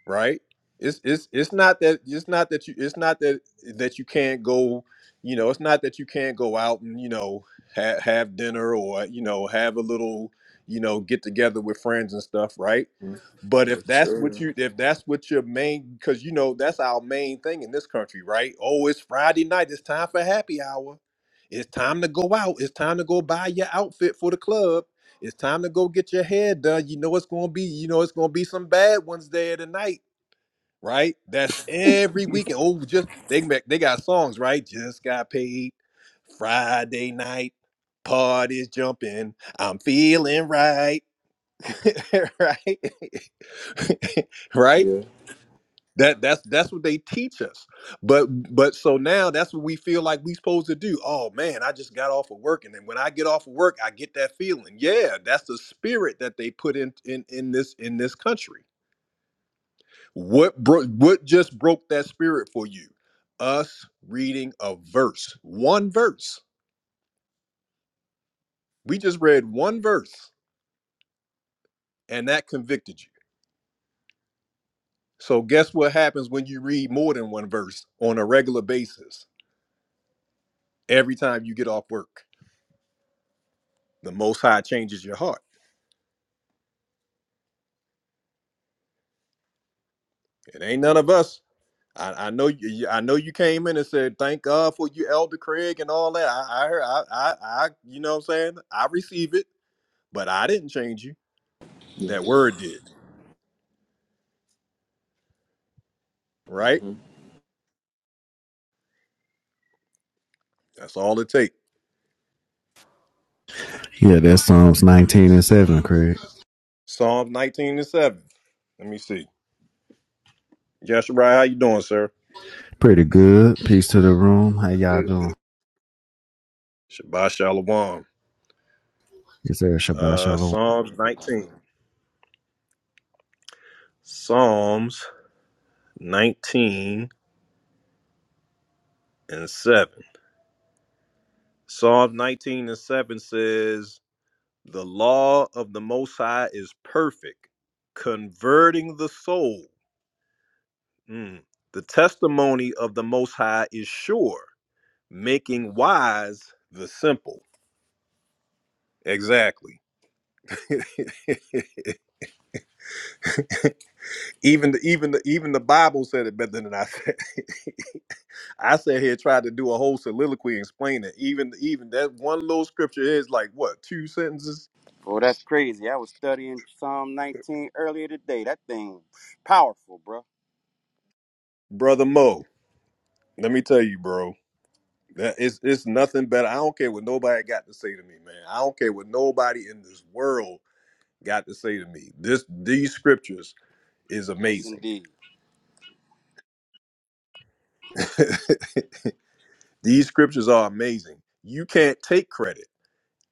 Speaker 1: right? It's it's it's not that it's not that you it's not that that you can't go, you know, it's not that you can't go out and you know have, have dinner or you know have a little you know get together with friends and stuff, right?
Speaker 8: Mm,
Speaker 1: But
Speaker 8: Yes,
Speaker 1: if that's what
Speaker 8: sir.
Speaker 1: you if that's what your main because you know that's our main thing in this country, right? Oh, it's Friday night. It's time for happy hour. It's time to go out. It's time to go buy your outfit for the club. It's time to go get your hair done. You know it's gonna be, you know it's gonna be some bad ones there tonight right? That's every
Speaker 8: *laughs*
Speaker 1: weekend. Oh, just they make- they got songs, right? Just got paid. Friday night parties jumping. I'm feeling right, *laughs* right, *laughs* right.
Speaker 8: Yeah.
Speaker 1: That that's that's what they teach us. But but so now that's what we feel like we supposed to do. Oh man, I just got off of work, and then when I get off of work, I get that feeling. Yeah, that's the spirit that they put in in in this in this country What broke what just broke that spirit for you? Us reading a verse. One verse. We just read one verse and that convicted you. So guess what happens when you read more than one verse on a regular basis? Every time you get off work, the most high changes your heart. It ain't none of us. I, I know you you- I know you came in and said, Thank God for you, Elder Craig, and all that. I I heard I I, I you know what I'm saying? I receive it, but I didn't change you.
Speaker 8: Yeah.
Speaker 1: That word did, right?
Speaker 8: Mhm.
Speaker 1: That's all it takes.
Speaker 10: Yeah, that's Psalms 19 and 7, Craig.
Speaker 1: Psalms 19 and 7. Let me see. Yasharai, how you doing, sir?
Speaker 10: Pretty good. Peace to the room. How y'all
Speaker 1: Good.
Speaker 10: doing?
Speaker 1: Shabbat Shalom.
Speaker 10: It's there Shabbat
Speaker 1: Uh,
Speaker 10: Shalom.
Speaker 1: Psalms 19. Psalms 19 and 7. Psalms 19 and 7 says, The law of the Most High is perfect, converting the soul. Mm. The testimony of the Most High is sure, making wise the simple. Exactly. *laughs* Even the even the even the Bible said it better than I said. *laughs* I sat here tried to do a whole soliloquy and explain it. Even even that one little scripture is like what two sentences,
Speaker 11: Oh, that's crazy. I was studying Psalm 19 earlier today. That thing powerful, bro.
Speaker 1: brother Mo. Let me tell you, bro. That it's it's nothing better. I don't care what nobody got to say to me, man. I don't care what nobody in this world got to say to me. This these scriptures is
Speaker 11: Yes,
Speaker 1: amazing.
Speaker 11: indeed.
Speaker 1: *laughs* these scriptures are amazing. You can't take credit.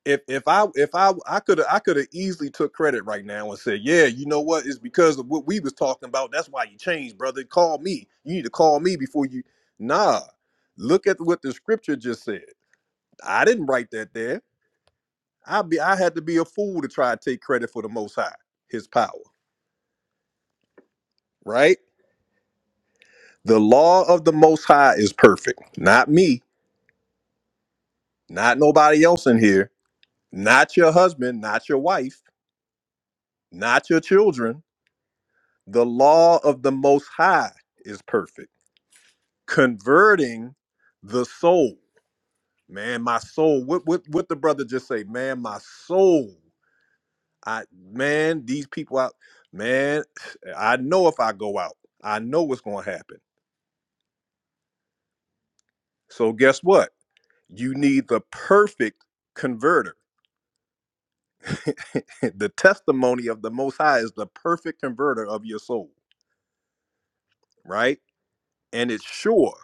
Speaker 1: if if I if I I could I could have easily took credit right now and said, yeah, you know what? It's because of what we was talking about. That's why you changed, brother. Call me. You need to call me before you. Nah, look at what the scripture just said. I didn't write that there. I be I had to be a fool to try to take credit for the Most High, His power, right? The law of the Most High is perfect. Not me. Not nobody else in here. Not your husband. Not your wife. Not your children The law of the Most High is perfect, converting the soul. Man, my soul. What what what the brother just say? Man, my soul. I man, these people out. Man, I know if I go out, I know what's going to happen. So guess what? You need the perfect converter. *laughs* the testimony of the Most High is the perfect converter of your soul, right? And it's sure.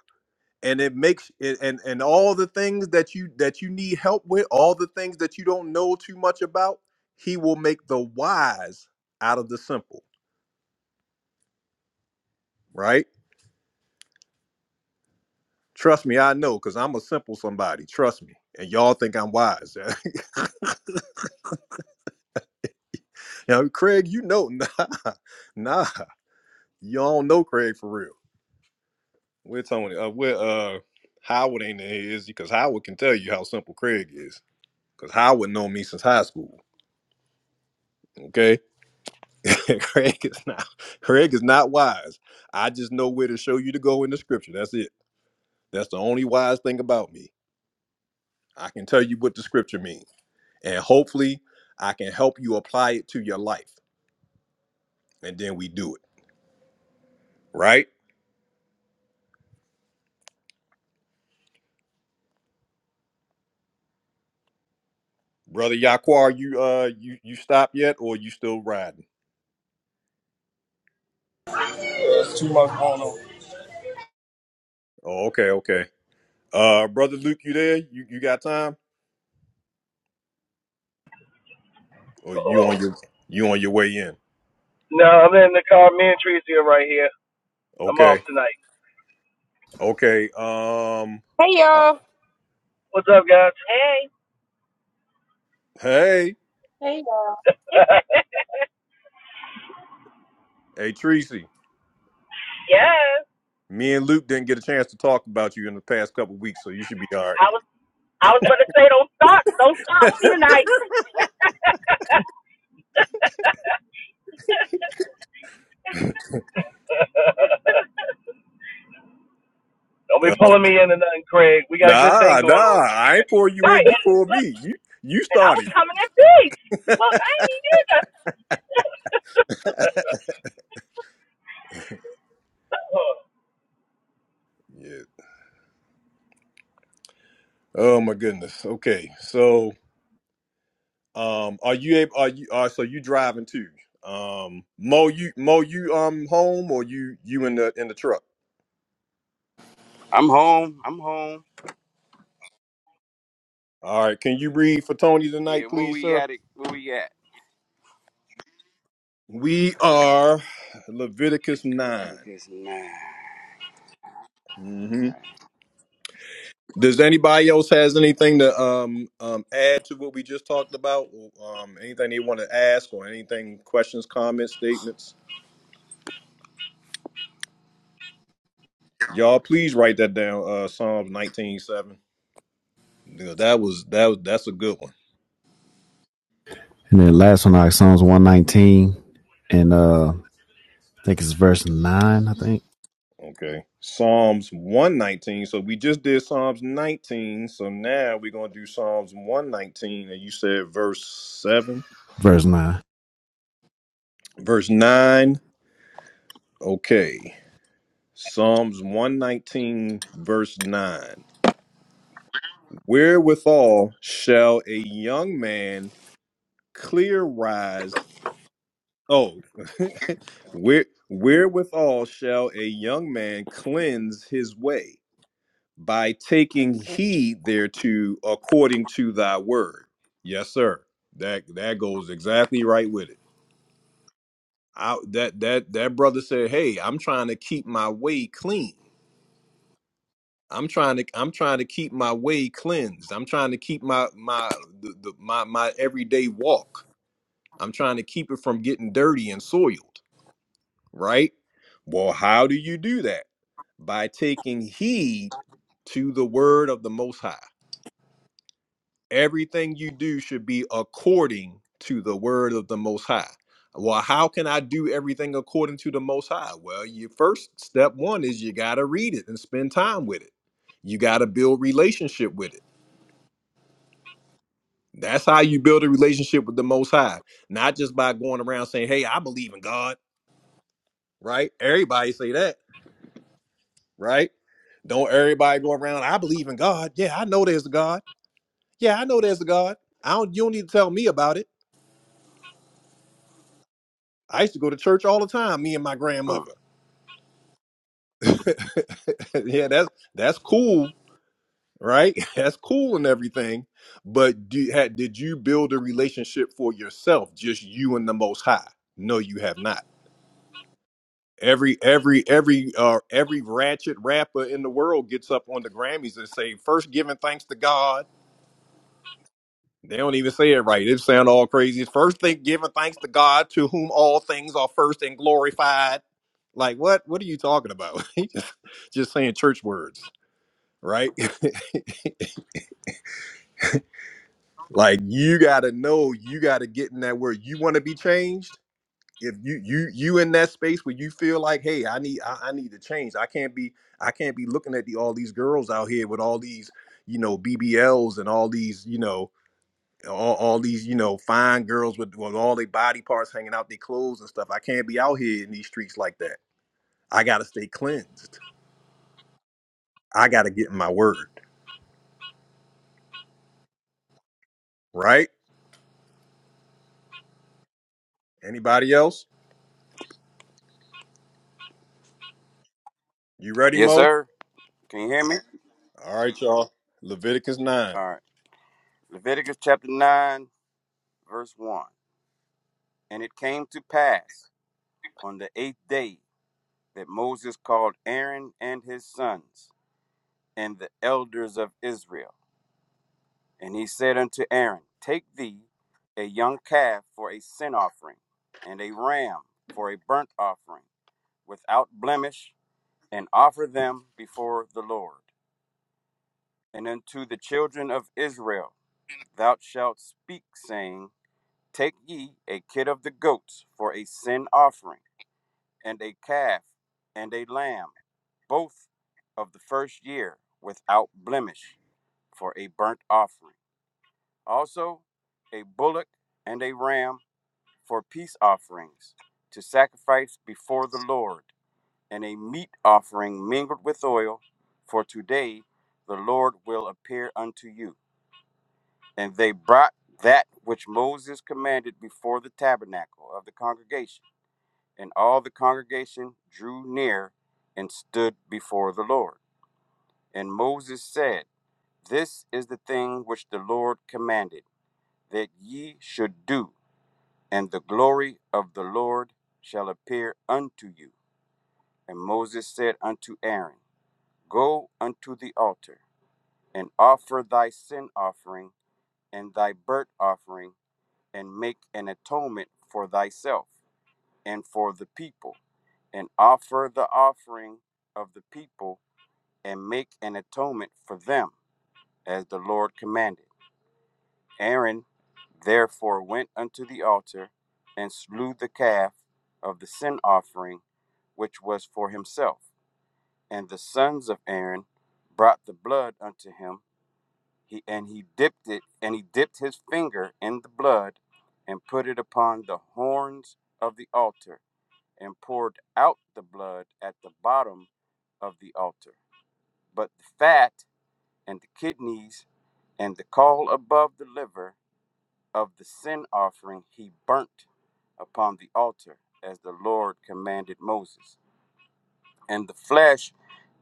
Speaker 1: and it makes it and and all the things that you that you need help with all the things that you don't know too much about he will make the wise out of the simple right trust me i know because i'm a simple somebody trust me and y'all think i'm wise *laughs* you know, craig you know *laughs* nah nah y'all don't know craig for real we're tony uh we're uh howard ain't in here is he? because howard can tell you how simple craig is because howard known me since high school okay *laughs* Craig is not Craig is not wise. I just know where to show you to go in the scripture. That's it. That's the only wise thing about me. I can tell you what the scripture means. And hopefully I can help you apply it to your life. And then we do it. Right? Brother Yaquar, you uh you you stop yet or you still riding?
Speaker 3: Yeah, That's too much going on.
Speaker 1: Oh, okay, okay. Uh brother Luke, you there? You you got time? Or you
Speaker 12: Oh,
Speaker 1: on your you on your way in?
Speaker 12: No, I'm in the car. Me and Tracy are right here. I'm off
Speaker 1: Okay.
Speaker 12: tonight.
Speaker 1: Okay. Um
Speaker 9: Hey
Speaker 1: uh,
Speaker 9: y'all.
Speaker 12: What's up, guys? Hey.
Speaker 1: hey,
Speaker 12: *laughs*
Speaker 1: hey Tracy.
Speaker 12: yes.
Speaker 1: Me and Luke didn't get a chance to talk about you in the past couple of weeks, so you should be all
Speaker 12: I was I was gonna say don't start don't start
Speaker 1: right.
Speaker 12: with
Speaker 1: *laughs*
Speaker 12: me tonight. *laughs* Don't be
Speaker 1: Oh,
Speaker 12: pulling me into nothing, Craig. We got a good thing
Speaker 1: nah, nah,
Speaker 12: going on.
Speaker 1: I ain't pour
Speaker 12: *laughs* All
Speaker 1: you
Speaker 12: right.
Speaker 1: in. You pour
Speaker 12: look,
Speaker 1: me. You you
Speaker 12: and I was
Speaker 1: started.
Speaker 12: coming in peace. Look, I ain't even did
Speaker 1: Yeah. Oh my goodness. Okay. So, um, are you able? Are you? Are so you driving too? Um, Mo, you Mo, you um home or you you in the in the truck?
Speaker 11: I'm home. I'm home.
Speaker 1: All right. Can you read for Tony
Speaker 11: Yeah,
Speaker 1: tonight,
Speaker 11: where
Speaker 1: please,
Speaker 11: we
Speaker 1: sir?
Speaker 11: at? It where we at?
Speaker 1: We are Leviticus 9
Speaker 11: Leviticus nine.
Speaker 1: Mhm. Does anybody else has anything to um, um, add to what we just talked about? Um, anything they want to ask or anything, questions, comments, statements? Y'all, please write that down. Uh, Psalms nineteen seven. Yeah, that was that was that's a good one.
Speaker 10: And then last one, like Psalms 119 and uh I think it's verse 9, I think.
Speaker 1: Okay, Psalms one nineteen. So we just did Psalms nineteen. So now we're gonna do Psalms one nineteen, and you said verse seven,
Speaker 10: Verse 9.
Speaker 1: verse nine. Okay, Psalms one nineteen, verse nine. Wherewithal shall a young man clear rise? Oh, *laughs* where wherewithal shall a young man cleanse his way by taking heed thereto according to thy word? Yes, sir. That that goes exactly right with it. I, that that that brother said, "Hey, I'm trying to keep my way clean. I'm trying to I'm trying to keep my way cleansed. I'm trying to keep my my the, the, my my everyday walk." I'm trying to keep it from getting dirty and soiled, right? Well, how do you do that? By taking heed to the word of the Most High. Everything you do should be according to the word of the Most High. Well, how can I do everything according to the Most High? Well, your first step one is you got to read it and spend time with it. You got to build relationship with it. That's how you build a relationship with the Most High, not just by going around saying, "Hey, I believe in God." right? Everybody say that, right? Don't everybody go around, I believe in God. Yeah, I know there's a God. Yeah, I know there's a God. I don't you don't need to tell me about it. I used to go to church all the time, me and my
Speaker 11: Mm.
Speaker 1: grandmother. *laughs* yeah, that's that's cool, right? *laughs* That's cool and everything. But do, had, did you build a relationship for yourself, just you and the Most High? No, you have not. Every every every uh every ratchet rapper in the world gets up on the Grammys and say, first giving thanks to God." They don't even say it right. It sound all crazy. First thing, giving thanks to God, to whom all things are first and glorified. Like what? What are you talking about? *laughs* He just, just saying church words, right? *laughs* like you got to know, you got to get in that word. You want to be changed. If you you you in that space where you feel like, hey, I need I, I need to change. I can't be I can't be looking at the all these girls out here with all these you know BBLs and all these you know all, all these you know fine girls with, with all their body parts hanging out their clothes and stuff i can't be out here in these streets like that i gotta stay cleansed i gotta get in my word right anybody else you ready
Speaker 11: Yes,
Speaker 1: mo
Speaker 11: sir. Can you hear me?
Speaker 1: all right y'all leviticus 9
Speaker 11: All right. Leviticus chapter nine, verse one. And it came to pass on the eighth day that Moses called Aaron and his sons and the elders of Israel. And he said unto Aaron, Take thee a young calf for a sin offering, and a ram for a burnt offering, without blemish, and offer them before the Lord. And unto the children of Israel thou shalt speak, saying, Take ye a kid of the goats for a sin offering, and a calf, and a lamb, both of the first year, without blemish, for a burnt offering. also a bullock and a ram for peace offerings to sacrifice before the Lord, and a meat offering mingled with oil, for today the Lord will appear unto you. And they brought that which Moses commanded before the tabernacle of the congregation, and all the congregation drew near and stood before the Lord. And Moses said, This is the thing which the Lord commanded that ye should do and the glory of the Lord shall appear unto you. And Moses said unto Aaron, Go unto the altar, and offer thy sin offering and thy burnt offering, and make an atonement for thyself and for the people, and offer the offering of the people, and make an atonement for them, as the Lord commanded. Aaron therefore went unto the altar and slew the calf of the sin offering, which was for himself. And the sons of Aaron brought the blood unto him, he, and he dipped it, and he dipped his finger in the blood, and put it upon the horns of the altar, and poured out the blood at the bottom of the altar. But the fat and the kidneys and the caul above the liver of the sin offering he burnt upon the altar, as the Lord commanded Moses. And the flesh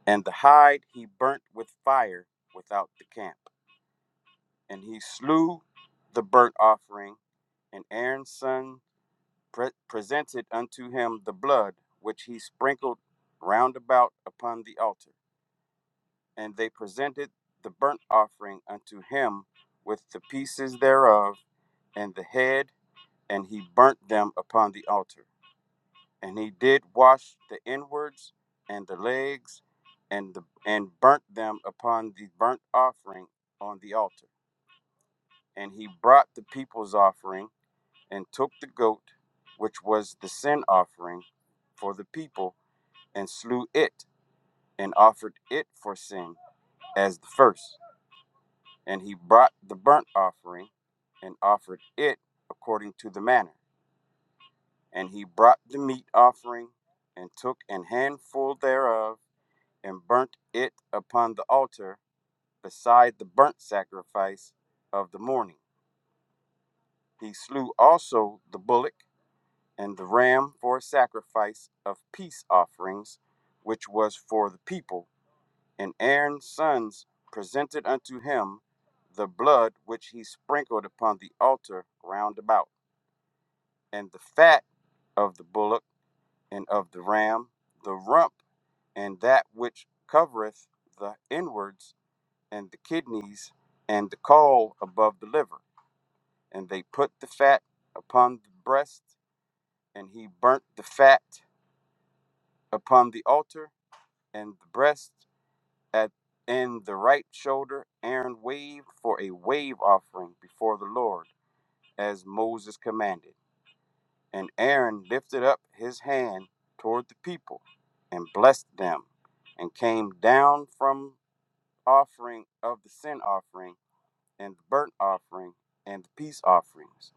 Speaker 11: and the hide he burnt with fire without the camp. And he slew the burnt offering, and Aaron's son pre- presented unto him the blood which he sprinkled round about upon the altar. and they presented the burnt offering unto him with the pieces thereof and the head, and he burnt them upon the altar. And he did wash the inwards and the legs, and the and burnt them upon the burnt offering on the altar. And he brought the people's offering and took the goat, which was the sin offering for the people, and slew it, and offered it for sin as the first. And he brought the burnt offering and offered it according to the manner. And he brought the meat offering and took an handful thereof and burnt it upon the altar beside the burnt sacrifice of the morning. He slew also the bullock and the ram for a sacrifice of peace offerings, which was for the people And Aaron's sons presented unto him the blood which he sprinkled upon the altar round about, and the fat of the bullock and of the ram, the rump and that which covereth the inwards and the kidneys and the caul above the liver. And they put the fat upon the breast, and he burnt the fat upon the altar, and the breast At in the right shoulder, Aaron waved for a wave offering before the Lord, as Moses commanded. And Aaron lifted up his hand toward the people and blessed them, and came down from offering of the sin offering and the burnt offering and the peace offerings.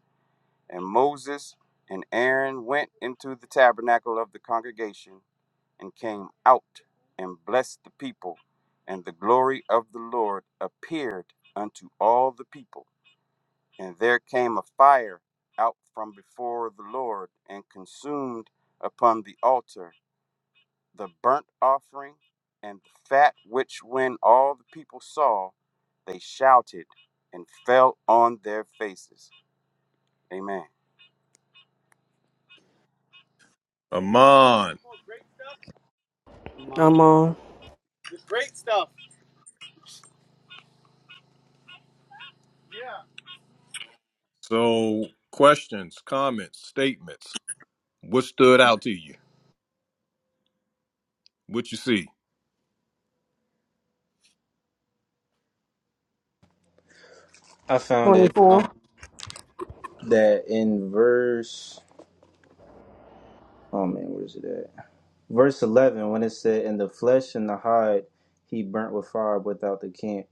Speaker 11: And Moses and Aaron went into the tabernacle of the congregation and came out and blessed the people. And the glory of the Lord appeared unto all the people. And there came a fire out from before the Lord and consumed upon the altar the burnt offering and the fat, which when all the people saw, they shouted and fell on their faces. Amen.
Speaker 1: amon
Speaker 5: Come
Speaker 6: I'm
Speaker 5: on.
Speaker 6: on
Speaker 1: so questions comments statements what stood out to you what you see
Speaker 13: I found it um,
Speaker 6: 24.
Speaker 13: that in verse oh man, where's it at? Verse eleven, when it said, "In the flesh and the hide, he burnt with fire without the camp."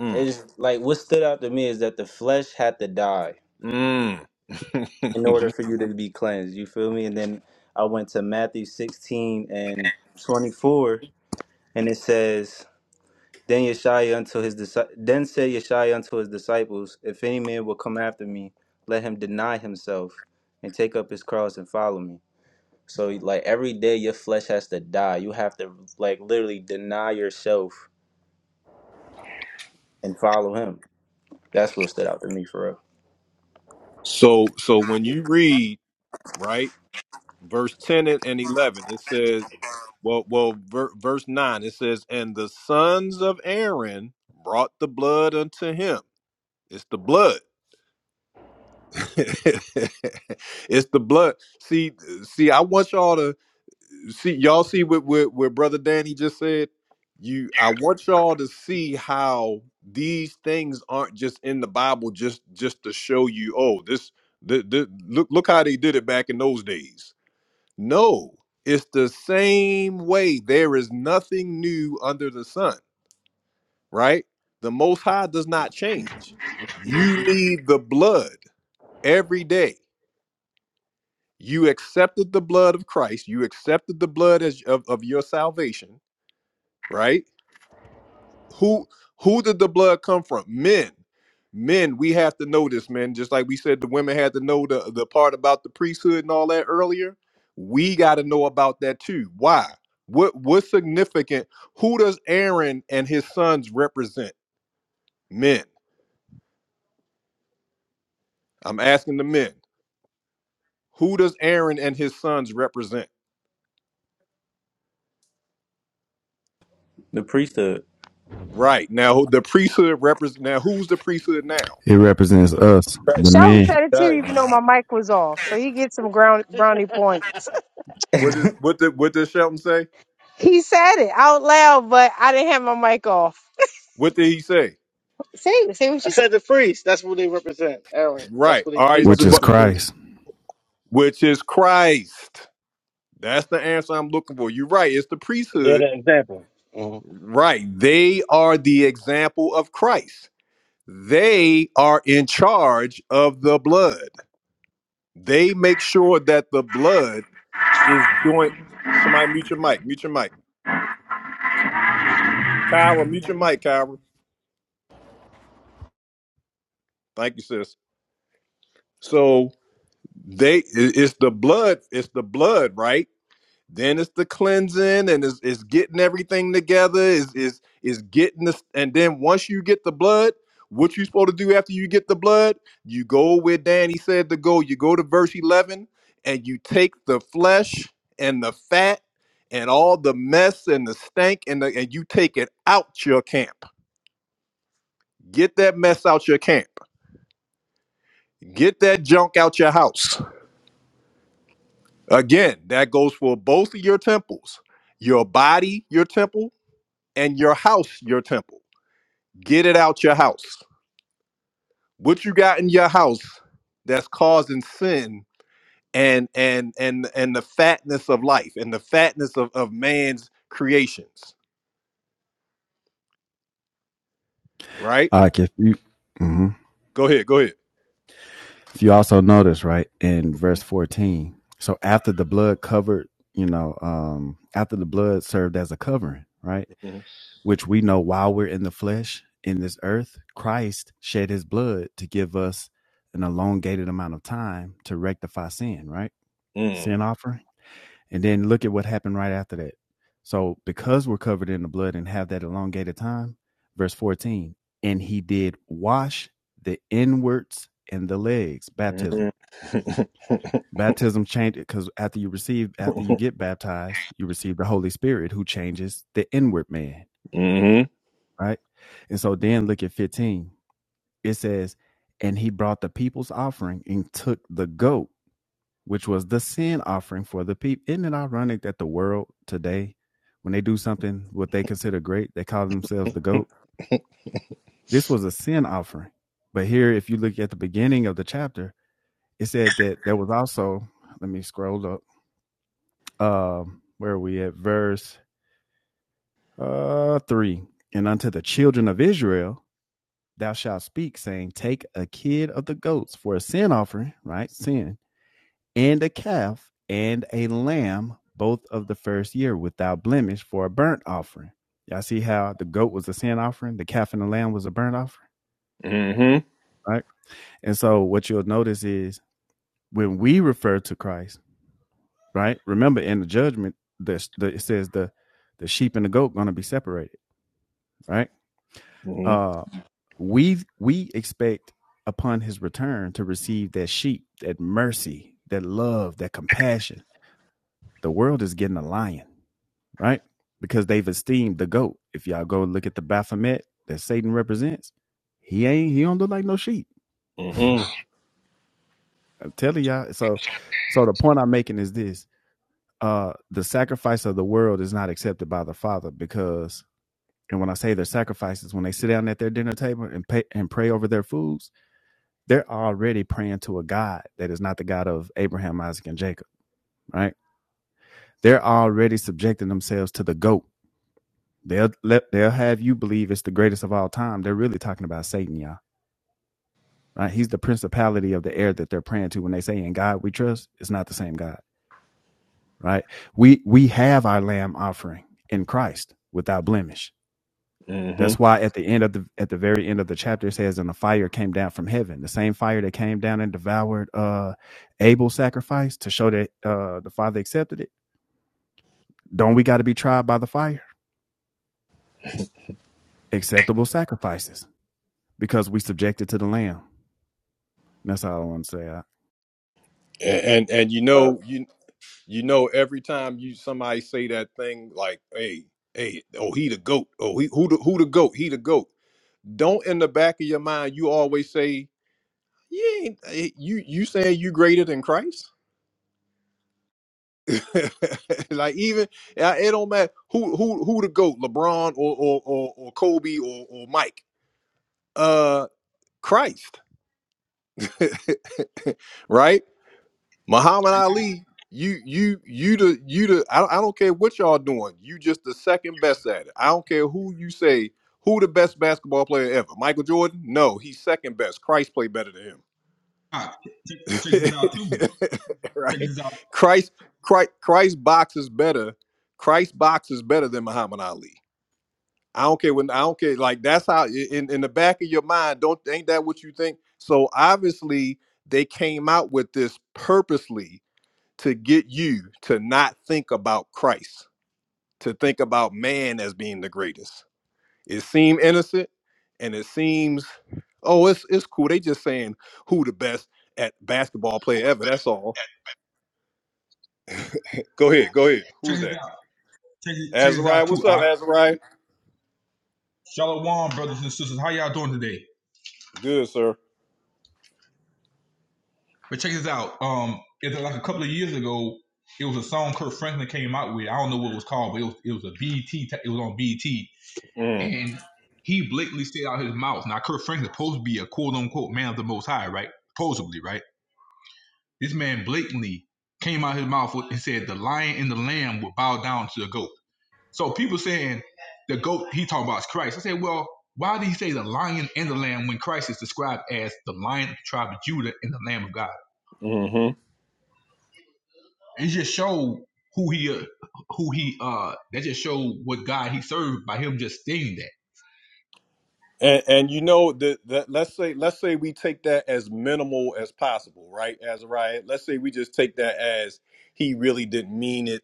Speaker 1: mm,
Speaker 13: It's like what stood out to me is that the flesh had to die
Speaker 1: mm. *laughs*
Speaker 13: in order
Speaker 1: You-
Speaker 13: for you to be cleansed. You feel me? And then I went to Matthew sixteen and twenty four, and it says. Then Yeshua unto his disci- then said Yeshua unto his disciples, If any man will come after me, let him deny himself and take up his cross and follow me. So like every day your flesh has to die. You have to like literally deny yourself and follow him. That's what stood out to me for real.
Speaker 1: so so when you read right verse 10 and 11 it says Well, well, ver- verse nine it says, "And the sons of Aaron brought the blood unto him." It's the blood. *laughs* it's the blood. See, see, I want y'all to see. Y'all see what, what what brother Danny just said. You, I want y'all to see how these things aren't just in the Bible, just just to show you. Oh, this, the, the look, look how they did it back in those days. No, it's the same way. There is nothing new under the sun, right? The Most High does not change. You need the blood every day. You accepted the blood of Christ. You accepted the blood as, of, of your salvation, right? who who did the blood come from men men we have to know this man just like we said the women had to know the, the part about the priesthood and all that earlier we got to know about that too why what what's significant who does aaron and his sons represent men i'm asking the men who does aaron and his sons represent
Speaker 13: The priesthood.
Speaker 1: right now the priesthood represent now who's the priesthood now
Speaker 10: It represents us, the
Speaker 13: Christ.
Speaker 9: Sheldon
Speaker 10: men,
Speaker 9: said it too, even
Speaker 13: Christ.
Speaker 9: though my mic was off. So he gets some ground brownie points. *laughs*
Speaker 1: what is
Speaker 13: *laughs*
Speaker 1: what did what did shelton say
Speaker 9: He said it out loud, but I didn't have my mic off.
Speaker 1: what did he say
Speaker 9: Say say what I you said. the priest. That's what they represent, Aaron. That's
Speaker 1: right
Speaker 9: what
Speaker 1: all
Speaker 9: they, they
Speaker 1: right
Speaker 10: which is
Speaker 9: represent. The priest.
Speaker 10: Christ.
Speaker 1: which is Christ. That's the answer I'm looking for. You're right. It's the
Speaker 9: They're
Speaker 1: priesthood.
Speaker 9: the example. hmm
Speaker 1: Right. They are the example of Christ. They are in charge of the blood. They make sure that the blood is doing. Somebody mute your mic. Mute your mic. Kyra, mute your mic, Kyra. Thank you, sis. So they, it- it's the blood. It's the blood, right? Then it's the cleansing and it's, it's getting everything together. Is is is getting this and then once you get the blood, what you supposed to do after you get the blood? You go where Danny said to go. You go to verse 11 and you take the flesh and the fat and all the mess and the stank and the, and you take it out your camp. Get that mess out your camp. Get that junk out your house. Again, that goes for both of your temples. Your body, your temple, and your house your temple. Get it out your house. What you got in your house that's causing sin and and and and the fatness of life and the fatness of, of man's creations, right?
Speaker 10: Like if you mhm.
Speaker 1: Go ahead, go ahead.
Speaker 10: if you also notice, right, in verse
Speaker 1: Mm-hmm.
Speaker 10: 14. So after the blood covered, you know, um after the blood served as a covering, right? which we know while we're in the flesh in this earth, Christ shed his blood to give us an elongated amount of time to rectify sin, right? Sin offering. And then look at what happened right after that. So, because we're covered in the blood and have that elongated time, verse 14, and he did wash the inwards and the legs,
Speaker 1: Mm-hmm.
Speaker 10: baptism. Baptism changed it because after you receive, after you get baptized, you receive the Holy Spirit who changes the inward man
Speaker 1: Mm-hmm.
Speaker 10: right? And so then look at 15. It says, And he brought the people's offering and took the goat, which was the sin offering for the people. Isn't it ironic that the world today, when they do something what they consider great, they call themselves the goat? This was a sin offering. But here, if you look at the beginning of the chapter, it said that there was also, let me scroll up, um, where are we at? Verse uh, 3. And unto the children of Israel, thou shalt speak, saying, Take a kid of the goats for a sin offering, right? Sin, and a calf and a lamb, both of the first year, without blemish, for a burnt offering. Y'all see how the goat was a sin offering, the calf and the lamb was a burnt offering,
Speaker 1: Mm-hmm.
Speaker 10: right? And so what you'll notice is when we refer to Christ, right? Remember in the judgment, the, the it says the the sheep and the goat going to be separated, right? Uh we we expect upon his return to receive that sheep, that mercy, that love, that compassion. The world is getting a lion, right? Because they've esteemed the goat. If y'all go look at the Baphomet that Satan represents, he ain't he don't look like no sheep.
Speaker 1: Mm-hmm.
Speaker 10: I'm telling y'all. So so the point I'm making is this uh the sacrifice of the world is not accepted by the Father because and when I say their sacrifices, when they sit down at their dinner table and pay and pray over their foods, they're already praying to a God that is not the God of Abraham, Isaac, and Jacob, right? They're already subjecting themselves to the goat. They'll let they'll have you believe it's the greatest of all time. They're really talking about Satan, y'all. Right? He's the principality of the air that they're praying to when they say in God we trust, it's not the same God, right? We we have our lamb offering in Christ without blemish.
Speaker 1: Mm-hmm.
Speaker 10: That's why at the end of the at the very end of the chapter it says, and the fire came down from heaven, the same fire that came down and devoured uh Abel's sacrifice to show that uh the Father accepted it. Don't we got to be tried by the fire? Acceptable sacrifices because we subjected to the Lamb. And that's all I want to say. I,
Speaker 1: And and, and you
Speaker 14: uh,
Speaker 1: know you you know every time you somebody say that thing like, hey, hey, oh he the goat. Oh he who the who the goat, he the goat. Don't in the back of your mind you always say you ain't eh, you you saying you greater than Christ? *laughs* like even eh, it don't matter who who who the goat, LeBron or or or, or Kobe or, or Mike. Uh, Christ, *laughs* right? Muhammad
Speaker 15: And
Speaker 1: Ali. You you you the you the I, don't- I don't care what y'all doing. You just the second best at it. I don't care who you say who the best basketball player ever. Michael Jordan? No, he's second best. Christ played better than him.
Speaker 15: Ock, check, check this out too.
Speaker 1: *laughs*
Speaker 15: Check
Speaker 1: right?
Speaker 15: this out.
Speaker 1: Christ, Christ, Christ box is better. Christ box is better than Muhammad Ali. I don't care when I don't care. Like that's how in in the back of your mind, don't ain't that what you think? So obviously they came out with this purposely to get you to not think about Christ, to think about man as being the greatest. It seemed innocent, and it seems, oh, it's it's cool. They just saying who the best at basketball player ever. That's all Go ahead. Go ahead.
Speaker 15: Check
Speaker 1: Who's
Speaker 15: this
Speaker 1: that?
Speaker 15: out. Check, this- check this
Speaker 1: Azariah.
Speaker 15: out
Speaker 1: What's
Speaker 15: too.
Speaker 1: up,
Speaker 15: Ock.
Speaker 1: Azariah?
Speaker 15: Shalom, brothers and sisters. How y'all doing today?
Speaker 1: Good, sir.
Speaker 15: But check this out. Um, it's like a couple of years ago, it was a song Kurt Franklin came out with. I don't know what it was called, but it was it was a BET. It was on BET,
Speaker 1: Mm,
Speaker 15: and he blatantly said out his mouth. Now Kurt Franklin supposed to be a quote unquote man of the Most High, right? Supposedly, right? This man blatantly came out his mouth and said the lion and the lamb would bow down to the goat. So people saying the goat he talking about is Christ. I said, well, why did he say the lion and the lamb when Christ is described as the lion of the tribe of Judah and the Lamb of God?
Speaker 1: hmm
Speaker 15: It just showed who he uh, who he uh that just showed what God he served by him just stating that.
Speaker 1: And and you know that, that let's say let's say we take that as minimal as possible, right, Azariah? Let's say we just take that as he really didn't mean it,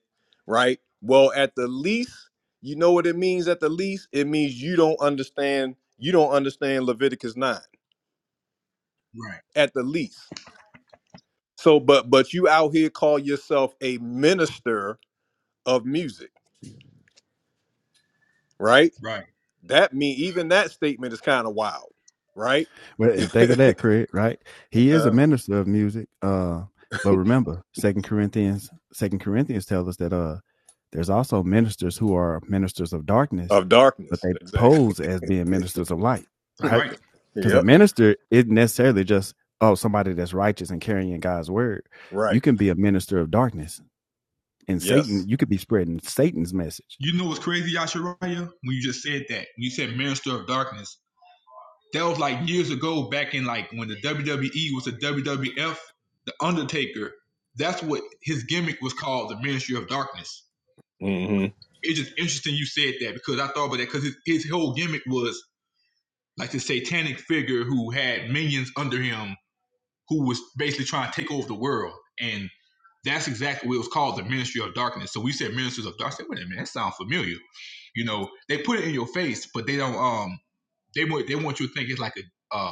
Speaker 1: right? Well, at the least, you know what it means. At the least, it means you don't understand. You don't understand Leviticus nine.
Speaker 15: Right,
Speaker 1: At the least. So, but but you out here call yourself a minister of music, right?
Speaker 15: right.
Speaker 1: That mean even that statement is kind of wild, right?
Speaker 10: Well, and think of
Speaker 1: *laughs*
Speaker 10: that, Craig, right? He is a
Speaker 1: uh,
Speaker 10: minister of music. Uh, but remember, Second Corinthians, Second Corinthians tells us that uh there's also ministers who are ministers of darkness,
Speaker 1: of
Speaker 10: but
Speaker 1: darkness,
Speaker 10: they
Speaker 1: exactly. *laughs*
Speaker 10: pose as being ministers of light,
Speaker 15: That's
Speaker 10: right?
Speaker 15: right.
Speaker 10: Because a
Speaker 1: Yep.
Speaker 10: minister isn't necessarily just oh somebody that's righteous and carrying God's word.
Speaker 1: Right.
Speaker 10: You can be a minister of darkness and
Speaker 1: Yes.
Speaker 10: Satan, you could be spreading Satan's message.
Speaker 15: You know what's crazy, Yashariah? When you just said that, when you said minister of darkness, that was like years ago back in like when the WWE was the WWF, the Undertaker, that's what his gimmick was called, the Ministry of Darkness.
Speaker 1: Mm-hmm.
Speaker 15: it's just interesting you said that because I thought about that because his, his whole gimmick was like this satanic figure who had minions under him who was basically trying to take over the world. And that's exactly what it was called the Ministry of Darkness. So we said Ministers of Darkness. I said, wait a minute, that sounds familiar. You know, they put it in your face, but they don't, um, they want, they want you to think it's like a, uh,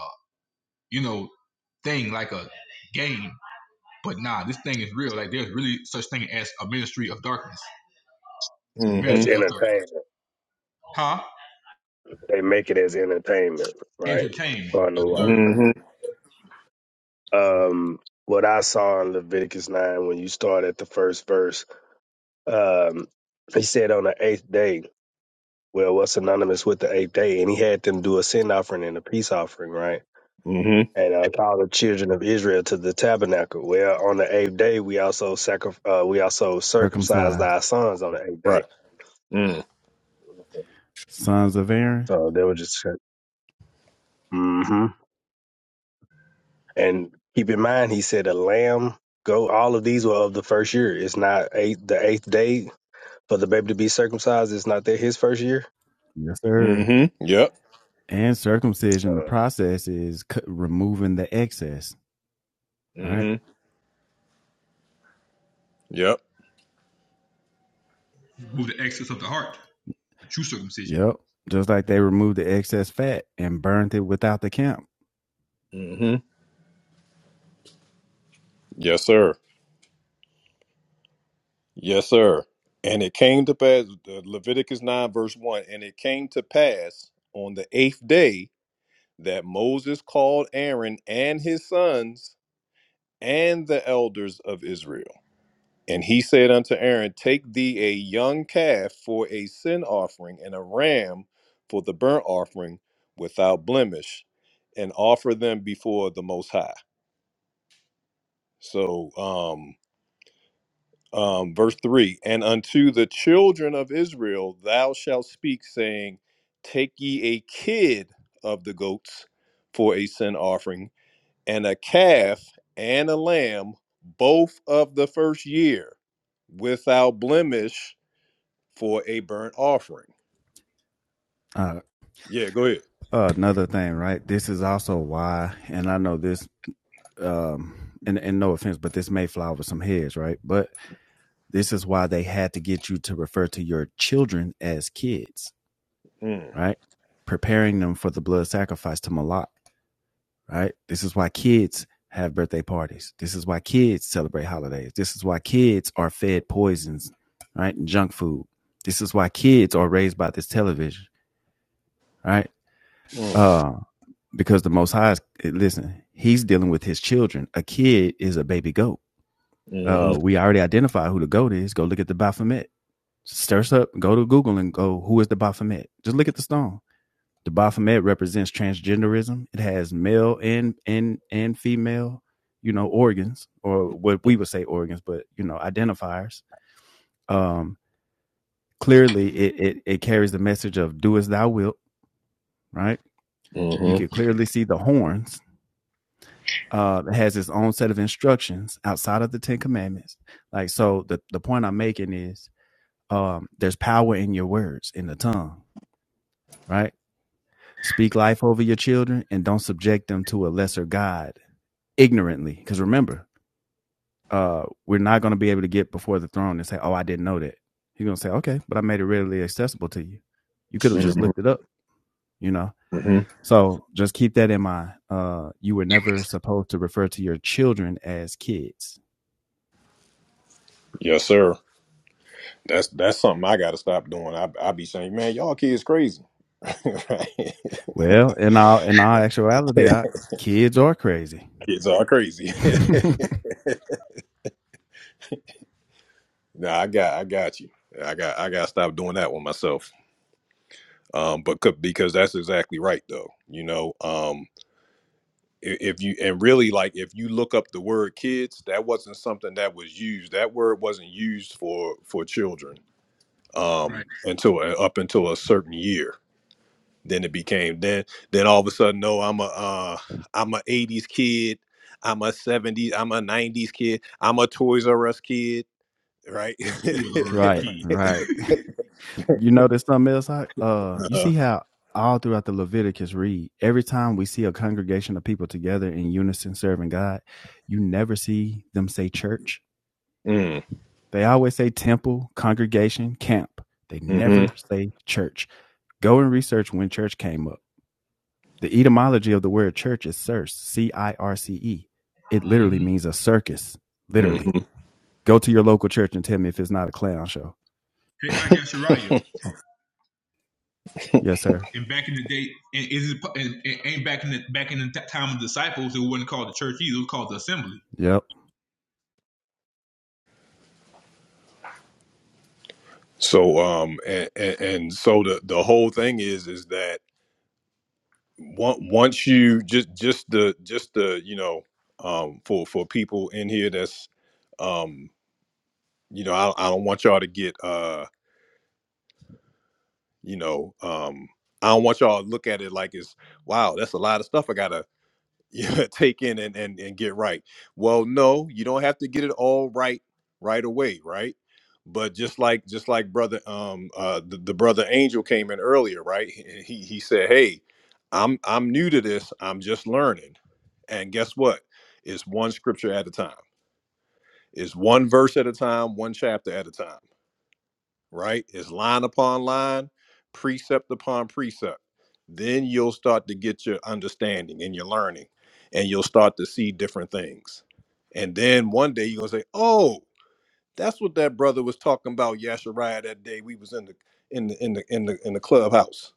Speaker 15: you know, thing, like a game. But nah, this thing is real. Like there's really such thing as a Ministry of Darkness. The
Speaker 14: as
Speaker 15: Ministers
Speaker 1: Mm-hmm.
Speaker 15: of Darkness.
Speaker 14: entertainment.
Speaker 15: Huh?
Speaker 14: They make it as entertainment, right?
Speaker 15: Entertainment.
Speaker 14: On the
Speaker 15: Yes,
Speaker 14: law.
Speaker 15: sir.
Speaker 1: Mm-hmm.
Speaker 14: Um, what I saw in Leviticus 9 when you start at the first verse, um, he said on the eighth day, well, what's synonymous with the eighth day? And he had them do a sin offering and a peace offering, right?
Speaker 1: Mm-hmm.
Speaker 14: And uh, call the children of Israel to the tabernacle. Well, on the eighth day, we also sacri- uh, we also circumcised
Speaker 10: Circumcised
Speaker 14: our sons on the eighth
Speaker 1: Right.
Speaker 14: day.
Speaker 1: Mm.
Speaker 10: sons of Aaron,
Speaker 14: So they were just, uh, mm-hmm. And keep in mind, he said a lamb, go. All of these were of the first year. It's not eight, the eighth day for the baby to be circumcised. It's not that his first year.
Speaker 10: yes, sir.
Speaker 1: Mm-hmm. Yep.
Speaker 10: And circumcision, the
Speaker 14: Uh,
Speaker 10: process is c- removing the excess, right?
Speaker 1: Mm-hmm. Yep.
Speaker 15: Remove the excess of the heart, the true circumcision,
Speaker 10: Yep. Just like they removed the excess fat and burned it without the camp,
Speaker 1: Mm-hmm. Yes, sir. Yes, sir. And it came to pass, uh, Leviticus 9, verse 1, and it came to pass on the eighth day that Moses called Aaron and his sons and the elders of Israel. And he said unto Aaron, Take thee a young calf for a sin offering, and a ram for the burnt offering without blemish, and offer them before the Most High. So, um, um, verse 3 And unto the children of Israel thou shalt speak, saying, Take ye a kid of the goats for a sin offering, and a calf and a lamb, both of the first year, without blemish for a burnt offering.
Speaker 10: uh,
Speaker 1: Yeah, go ahead.
Speaker 10: uh, another thing, right? This is also why, and I know this, um, and, and no offense, but this may fly over some heads, right? But this is why they had to get you to refer to your children as kids,
Speaker 1: Mm,
Speaker 10: right? Preparing them for the blood sacrifice to Malak, right? This is why kids have birthday parties. This is why kids celebrate holidays. This is why kids are fed poisons, right? And junk food. This is why kids are raised by this television, right?
Speaker 1: mm,
Speaker 10: Uh. because the Most High, is, listen, He's dealing with His children. A kid is a baby goat. Uh,
Speaker 1: *sighs*
Speaker 10: we already identify who the goat is. Go look at the Baphomet. Search up, go to Google and go, who is the Baphomet? Just look at the stone. The Baphomet represents transgenderism. It has male and and and female, you know, organs or what we would say organs, but you know, identifiers. Um, clearly, it it, it carries the message of "do as thou wilt." Right?
Speaker 1: mm-hmm,
Speaker 10: You can
Speaker 1: mm-hmm,
Speaker 10: clearly see the horns uh, it has its own set of instructions outside of the Ten Commandments. Like, so the, the point I'm making is um, there's power in your words, in the tongue, right? Speak life over your children and don't subject them to a lesser God ignorantly. Because remember, uh, we're not going to be able to get before the throne and say, oh, I didn't know that. He's going to say, okay, but I made it readily accessible to you. You could have just looked
Speaker 1: mm-hmm,
Speaker 10: it up, you know?
Speaker 1: hmm
Speaker 10: So just keep that in mind. Uh, you were never supposed to refer to your children as kids
Speaker 1: Yes, sir. That's that's something I got to stop doing. I I be saying, man, y'all kids crazy. *laughs* Right?
Speaker 10: Well, in all in all actuality, I, kids are crazy.
Speaker 1: kids are crazy.
Speaker 10: *laughs*
Speaker 1: *laughs* nah, I got I got you. I got I got to stop doing that one myself. Um, but c- because that's exactly right though. You know, um, i- if you and really like if you look up the word kids, that wasn't something that was used. That word wasn't used for for children um,
Speaker 15: right?
Speaker 1: until up until a certain year. Then it became then then all of a sudden, no, I'm a uh, I'm a '80s kid, I'm a '70s, I'm a '90s kid, I'm a Toys R Us kid, right?
Speaker 15: Who
Speaker 1: *laughs*
Speaker 15: was already
Speaker 10: right,
Speaker 15: key.
Speaker 10: right.
Speaker 15: *laughs*
Speaker 10: You know, there's something else? I, uh, you
Speaker 1: uh,
Speaker 10: see how all throughout the Leviticus read, every time we see a congregation of people together in unison serving God, you never see them say church.
Speaker 1: mm,
Speaker 10: They always say temple, congregation, camp. They never
Speaker 1: mm-hmm,
Speaker 10: say church. Go and research when church came up. The etymology of the word church is circe, C I R C E. It literally
Speaker 15: Mm-hmm.
Speaker 10: means a circus, literally.
Speaker 1: mm-hmm.
Speaker 10: Go to your local church and tell me if it's not a clown show.
Speaker 15: Hey, I got Shariah.
Speaker 10: Yes, sir.
Speaker 15: And back in the day, and is it, and, and, and back in the back in the time of the disciples, it wasn't called the church either; it was called the assembly.
Speaker 10: Yep.
Speaker 1: So um, and, and and so the the whole thing is is that on- once you just just the just the you know um for for people in here that's um you know I, I don't want y'all to get uh. you know um i don't want y'all to look at it like it's wow that's a lot of stuff i gotta *laughs* you know, take in and, and and get right well no you don't have to get it all right right away right but just like just like brother um uh the, the brother angel came in earlier right he he he said hey i'm i'm new to this i'm just learning and guess what it's one scripture at a time it's one verse at a time one chapter at a time right? It's line upon line, precept upon precept. Then you'll start to get your understanding and your learning, and you'll start to see different things. And then one day you're gonna say, "Oh, that's what that brother was talking about, Yashariah, that day we was in the in the in the in the in the clubhouse.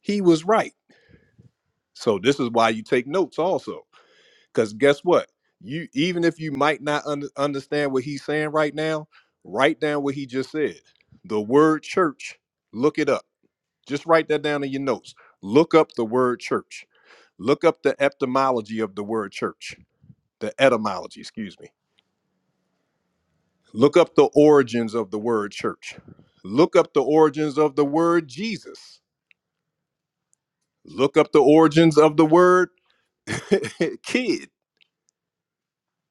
Speaker 1: He was right." So this is why you take notes also, because guess what? You even if you might not under, understand what he's saying right now, write down what he just said. The word church, look it up Just write that down in your notes. Look up the word church. Look up the etymology of the word church, the etymology, excuse me. Look up the origins of the word church. Look up the origins of the word Jesus. Look up the origins of the word *laughs* kid,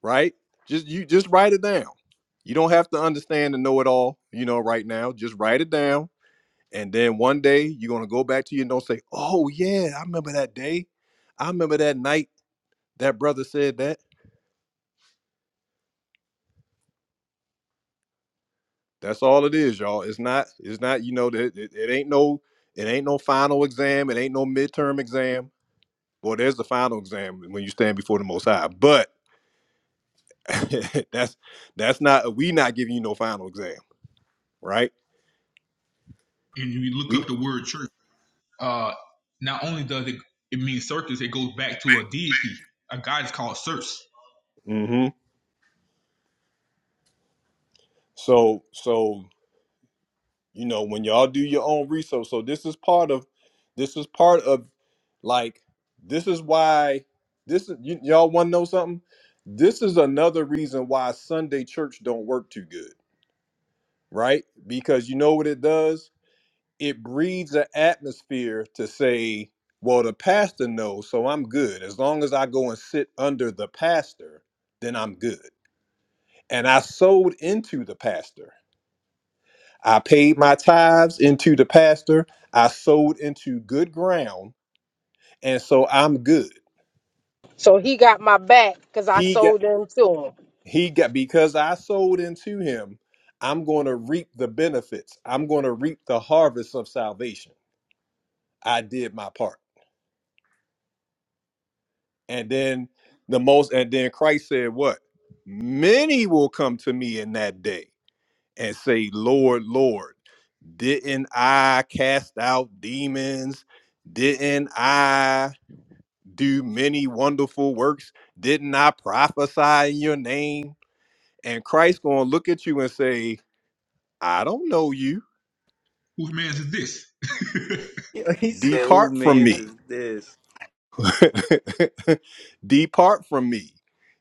Speaker 1: right? Just you just write it down. You don't have to understand and know it all, you know, right now. Just write it down. And then one day you're gonna go back to your notes and say, Oh yeah, I remember that day. I remember that night that brother said that. That's all it is, y'all. It's not. It's not. You know that it, it ain't no. It ain't no final exam. It ain't no midterm exam. Well, there's the final exam when you stand before the Most High. But *laughs* that's that's not. We not giving you no final exam, right?
Speaker 15: And if you look
Speaker 1: We.
Speaker 15: up the word church, uh, not only does it it mean circus, it goes back to a deity, a god is called Circe.
Speaker 1: hmm So so you know when y'all do your own research so this is part of this is part of like this is why this is y- y'all want to know something this is another reason why sunday church don't work too good right because you know what it does it breeds an atmosphere to say well the pastor knows so i'm good as long as i go and sit under the pastor then i'm good and i sold into the pastor I paid my tithes into the pastor. I sowed into good ground, and so I'm good.
Speaker 9: So he got my back because I
Speaker 1: He got
Speaker 9: sold them to him.
Speaker 1: he got because I sowed into him. I'm going to reap the benefits. I'm going to reap the harvest of salvation. I did my part. And then the most and then Christ said what? Many will come to me in that day and say, "Lord, Lord, didn't I cast out demons? Didn't I do many wonderful works. Didn't I prophesy in your name? And Christ gonna look at you and say, I don't know you.
Speaker 15: Whose man is this? *laughs*
Speaker 13: Yo, he said, Who
Speaker 1: Depart from
Speaker 13: man's
Speaker 1: me.
Speaker 13: is this?
Speaker 1: *laughs* Depart from me.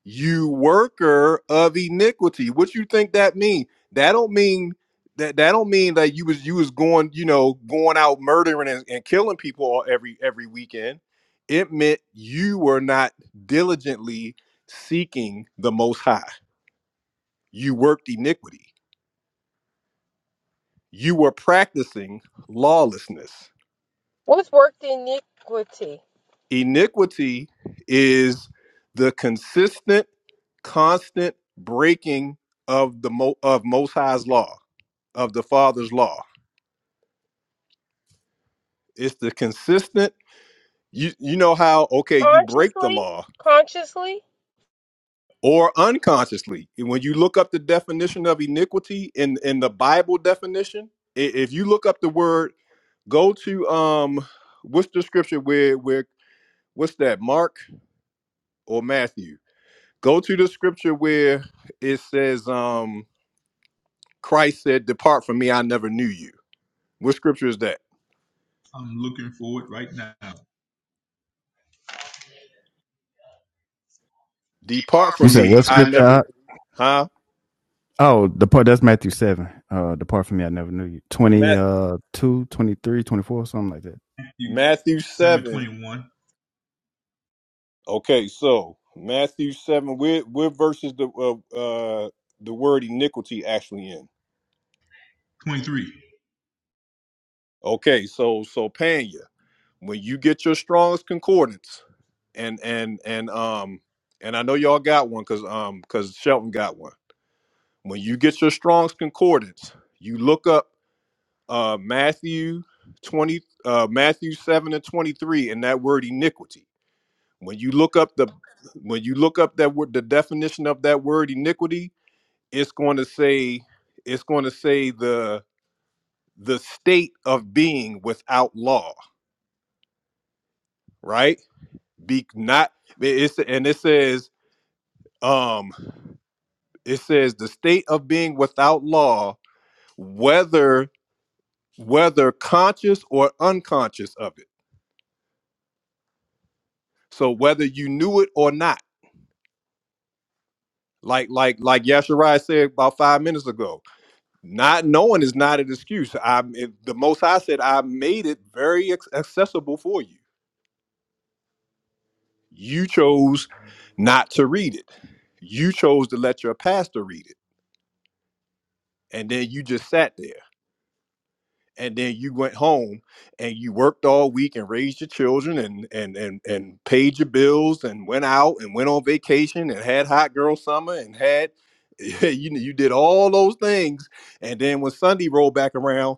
Speaker 1: You worker of iniquity. What you think that mean? That don't mean that that don't mean that you was you was going, you know, going out murdering and, and killing people all, every every weekend. It meant you were not diligently seeking the most high You worked iniquity. You were practicing lawlessness.
Speaker 9: What's worked iniquity?
Speaker 1: Iniquity is the consistent, constant breaking of the Mo- of Most High's law, of the Father's law. It's the consistent. You you know how okay you break the
Speaker 9: Consciously?
Speaker 1: law
Speaker 9: Consciously?
Speaker 1: or unconsciously. And When you look up the definition of iniquity in in the Bible definition, i- if you look up the word, go to um, what's the scripture where where what's that Mark or Matthew. Go to the scripture where it says, um, Christ said, Depart from me, I never knew you. What scripture is that?
Speaker 15: I'm looking for it right now.
Speaker 1: Depart
Speaker 15: Depart
Speaker 10: You
Speaker 1: from
Speaker 10: said
Speaker 15: from
Speaker 1: me,
Speaker 10: what
Speaker 1: I
Speaker 10: scripture?
Speaker 15: me.
Speaker 1: never,
Speaker 10: I,
Speaker 1: huh?
Speaker 10: oh, depart. That's Matthew seven. Uh, depart from me. I never knew you. 20,
Speaker 1: Math,
Speaker 10: uh, 2, something like that.
Speaker 1: Matthew
Speaker 15: 7
Speaker 1: 7.
Speaker 15: 21,
Speaker 1: Okay, so Matthew 7, where, where verse is the, uh, uh, the word iniquity actually in?
Speaker 15: 23.
Speaker 1: Okay, so, so Panya, when you get your strongest concordance, and, and, and, um, and I know y'all got one because um because Shelton got one When you get your Strong's Concordance, you look up uh, Matthew 20, uh, Matthew 7 and 23 and that word iniquity. When you look up the when you look up that word the definition of that word iniquity, it's going to say it's going to say the the state of being without law, right? Be not it's and it says um it says the state of being without law, whether whether conscious or unconscious of it. So whether you knew it or not, like like like Yashirai said about five minutes ago, not knowing is not an excuse. I it, the most High said I made it very ac- accessible for you. You chose not to read it. You chose to let your pastor read it, and then you just sat there. and then you went home and you worked all week and raised your children and and and and paid your bills and went out and went on vacation and had hot girl summer and had *laughs* you know, you did all those things and then when Sunday rolled back around,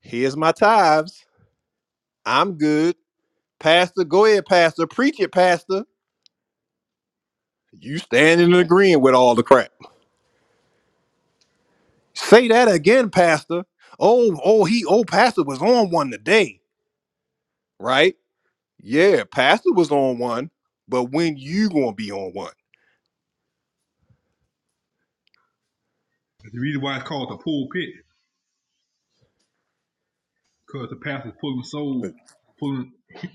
Speaker 1: here's my tithes. I'm good. Pastor, go ahead, Pastor. Preach it, Pastor. You standing and agreeing with all the crap. Say that again, Pastor. Oh, oh, he, oh, Pastor was on one today, right? Yeah, Pastor was on one, but when you gonna be on one?
Speaker 15: The reason why it's called the pulpit Cause the pastor's pulling souls, pulling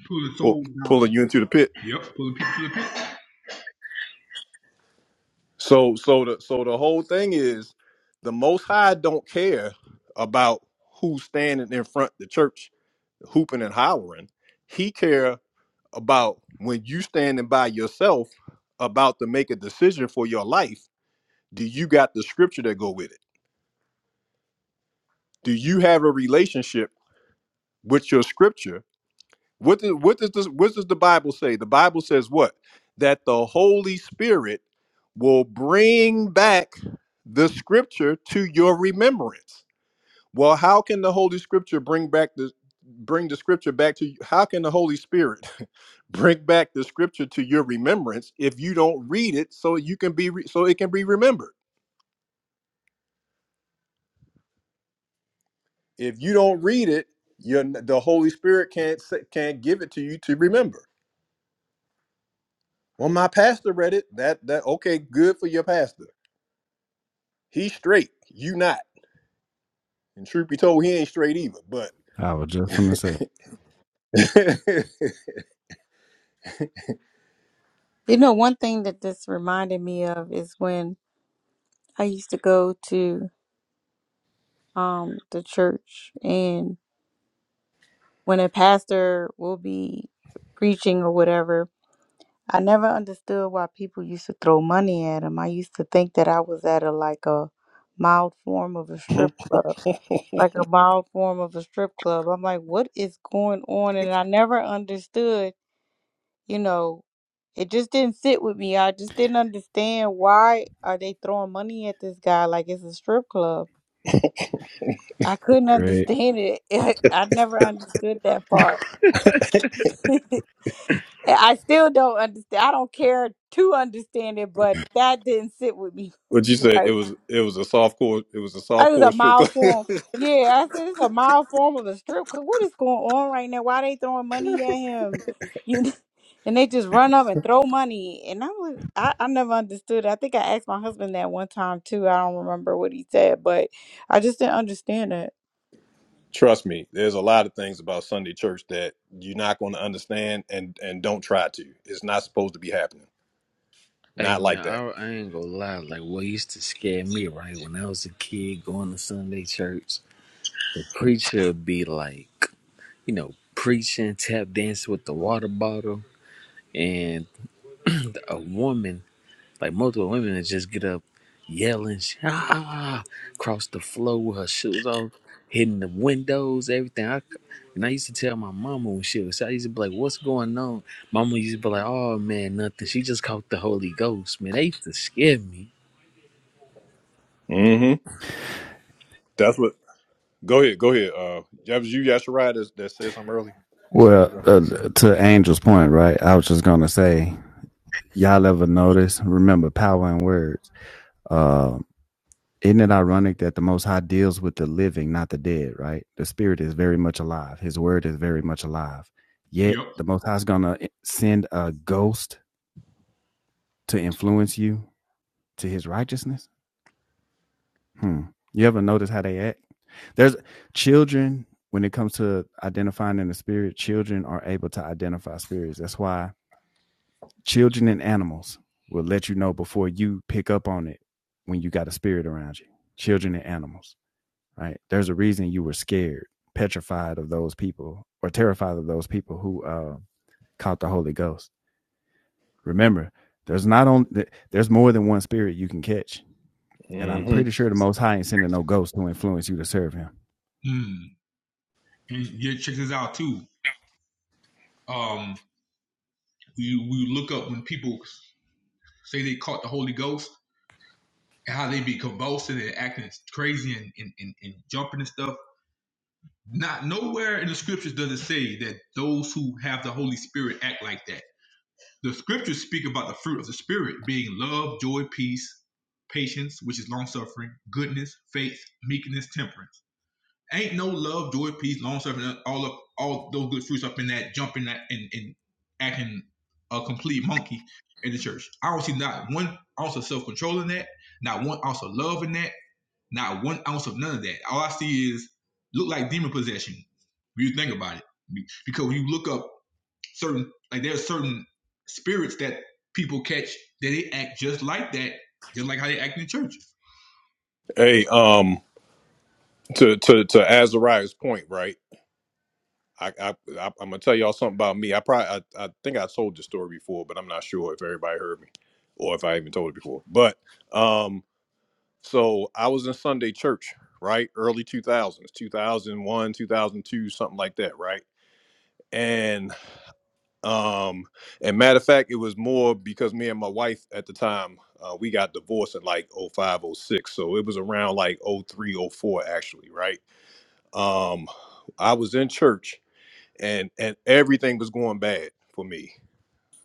Speaker 15: pulling
Speaker 1: Well,
Speaker 15: souls
Speaker 1: pulling
Speaker 15: down.
Speaker 1: you into the pit.
Speaker 15: Yep, pulling people to the pit.
Speaker 1: So so the so the whole thing is the most high don't care about who's standing in front of the church hooping and hollering. He care about when you standing by yourself about to make a decision for your life, do you got the scripture that go with it? Do you have a relationship with your scripture What does what does this, what does the Bible say? The Bible says what? That the Holy Spirit will bring back the scripture to your remembrance. Well, how can the Holy Scripture bring back the bring the scripture back to you? How can the Holy Spirit *laughs* bring back the scripture to your remembrance if you don't read it so you can be re- so it can be remembered? If you don't read it, you're, n- the Holy Spirit can't say- can't give it to you to remember. Well, my pastor read it. That that okay, good for your pastor. He's straight. You not. And truth be told, he ain't straight either. But
Speaker 10: I was just gonna say.
Speaker 1: *laughs*
Speaker 2: You know, one thing that this reminded me of is when I used to go to um the church and when a pastor will be preaching or whatever, I never understood why people used to throw money at him. I used to think that I was at a like a mild form of a strip club. Like a mild form of a strip club. I'm like, what is going on? And I never understood, you know, it just didn't sit with me. I just didn't understand why are they throwing money at this guy like it's a strip club I couldn't
Speaker 10: Great.
Speaker 2: understand it. *laughs* I I never understood that part. *laughs* I still don't understand. I don't care to understand it, but that didn't sit with me
Speaker 1: what
Speaker 2: *laughs*
Speaker 1: you say? It
Speaker 2: right.
Speaker 1: was it was a soft core. It was a
Speaker 2: That
Speaker 1: soft
Speaker 2: is
Speaker 1: core
Speaker 2: a
Speaker 1: strip club.
Speaker 2: mild
Speaker 1: *laughs*
Speaker 2: form. Yeah, I said it's a mild form of a strip club. What is going on right now? Why they throwing money at him? *laughs* You know, and they just run up and throw money. And I was I, I never understood. it. I think I asked my husband that one time too. I don't remember what he said, but I just didn't understand it.
Speaker 1: Trust me, there's a lot of things about Sunday church that you're not going to understand, and and don't try to. It's not supposed to be happening.
Speaker 8: Hey
Speaker 1: Not
Speaker 8: man,
Speaker 1: like that.
Speaker 8: I, I ain't gonna lie. Like what used to scare me, right? When I was a kid going to Sunday church, the preacher would be like, you know, preaching, tap dancing with the water bottle, and a woman, like multiple women, would just get up, yelling, ah, across the floor with her shoes off, hitting the windows, everything. I, and I used to tell my mama when she was, I used to be like, "What's going on?" Mama used to be like, "Oh man, nothing. She just caught the Holy Ghost, man." They used to scare me.
Speaker 1: hmm That's what. Go ahead. Go ahead. Uh, that was you, Yashirai, that, that said something earlier a second
Speaker 10: Well,
Speaker 1: ago.
Speaker 10: uh, to Angel's point, right? I was just gonna say, y'all ever notice? Remember, power in words. Um, Isn't it ironic that the Most High deals with the living, not the dead, right? The spirit is very much alive. His word is very much alive. Yet
Speaker 15: Yep.
Speaker 10: the Most High is going to send a ghost to influence you to his righteousness. Hmm. You ever notice how they act? There's children, when it comes to identifying in the spirit, children are able to identify spirits. That's why children and animals will let you know before you pick up on it when you got a spirit around you. Children and animals right? There's a reason you were scared, petrified of those people, or terrified of those people who uh, caught the Holy Ghost. Remember, there's not only there's more than one spirit you can catch, and I'm
Speaker 1: hmm
Speaker 10: pretty sure the Most High ain't sending no ghost to influence you to serve Him.
Speaker 15: Mm. And yeah, check this out too. Um, we we look up when people say they caught the Holy Ghost and how they be convulsing and acting crazy and, and, and, and jumping and stuff. Not nowhere in the scriptures does it say that those who have the Holy Spirit act like that. The scriptures speak about the fruit of the Spirit being love, joy, peace, patience, which is long suffering, goodness, faith, meekness, temperance. Ain't no love, joy, peace, long suffering, all of all those good fruits up in that jumping that and, and acting a complete monkey in the church. I don't see not one ounce of self control in that, not one ounce of love in that, not one ounce of none of that. All I see is look like demon possession. When you think about it, because when you look up certain like there are certain spirits that people catch that they act just like that, just like how they act in churches.
Speaker 1: Hey, um, to to to Azariah's point, right? I, I, I I'm gonna tell y'all something about me. I probably I, I think I told the story before, but I'm not sure if everybody heard me or if I even told it before. But um, so I was in Sunday church, right? Early 2000s, 2001, 2002, something like that, right? And um, and matter of fact, it was more because me and my wife at the time uh, we got divorced in like oh five oh six, so it was around like oh three oh four actually, right? um i was in church and and everything was going bad for me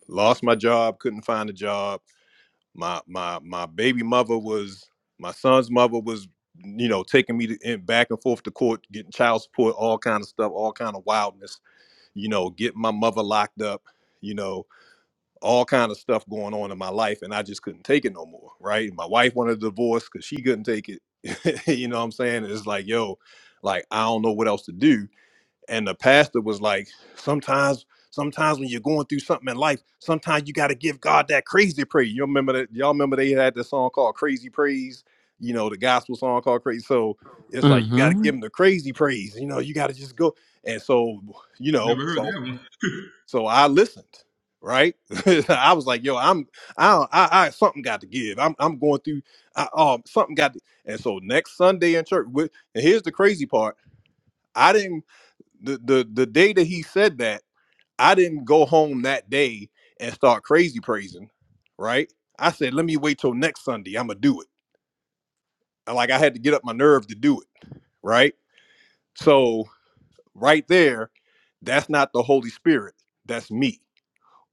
Speaker 1: lost my job couldn't find a job my my my baby mother was my son's mother was you know taking me to, in back and forth to court getting child support all kind of stuff all kind of wildness you know getting my mother locked up you know all kind of stuff going on in my life and i just couldn't take it no more right my wife wanted a divorce because she couldn't take it *laughs* you know what i'm saying it's like yo like i don't know what else to do and the pastor was like sometimes sometimes when you're going through something in life sometimes you got to give god that crazy praise you remember that y'all remember they had this song called crazy praise you know the gospel song called crazy so it's like you got to
Speaker 8: Mm-hmm.
Speaker 1: give him the crazy praise you know you got to just go and so you
Speaker 15: I
Speaker 1: know
Speaker 15: never heard
Speaker 1: so
Speaker 15: that one. *laughs*
Speaker 1: so i listened right *laughs* i was like yo i'm i i, I something got to give i'm i'm going through I, um something got to, and so next sunday in church with and here's the crazy part i didn't the the the day that he said that, I didn't go home that day and start crazy praising, right? I said, let me wait till next Sunday. I'm gonna do it. Like I had to get up my nerve to do it, right? So right there, that's not the Holy Spirit. That's me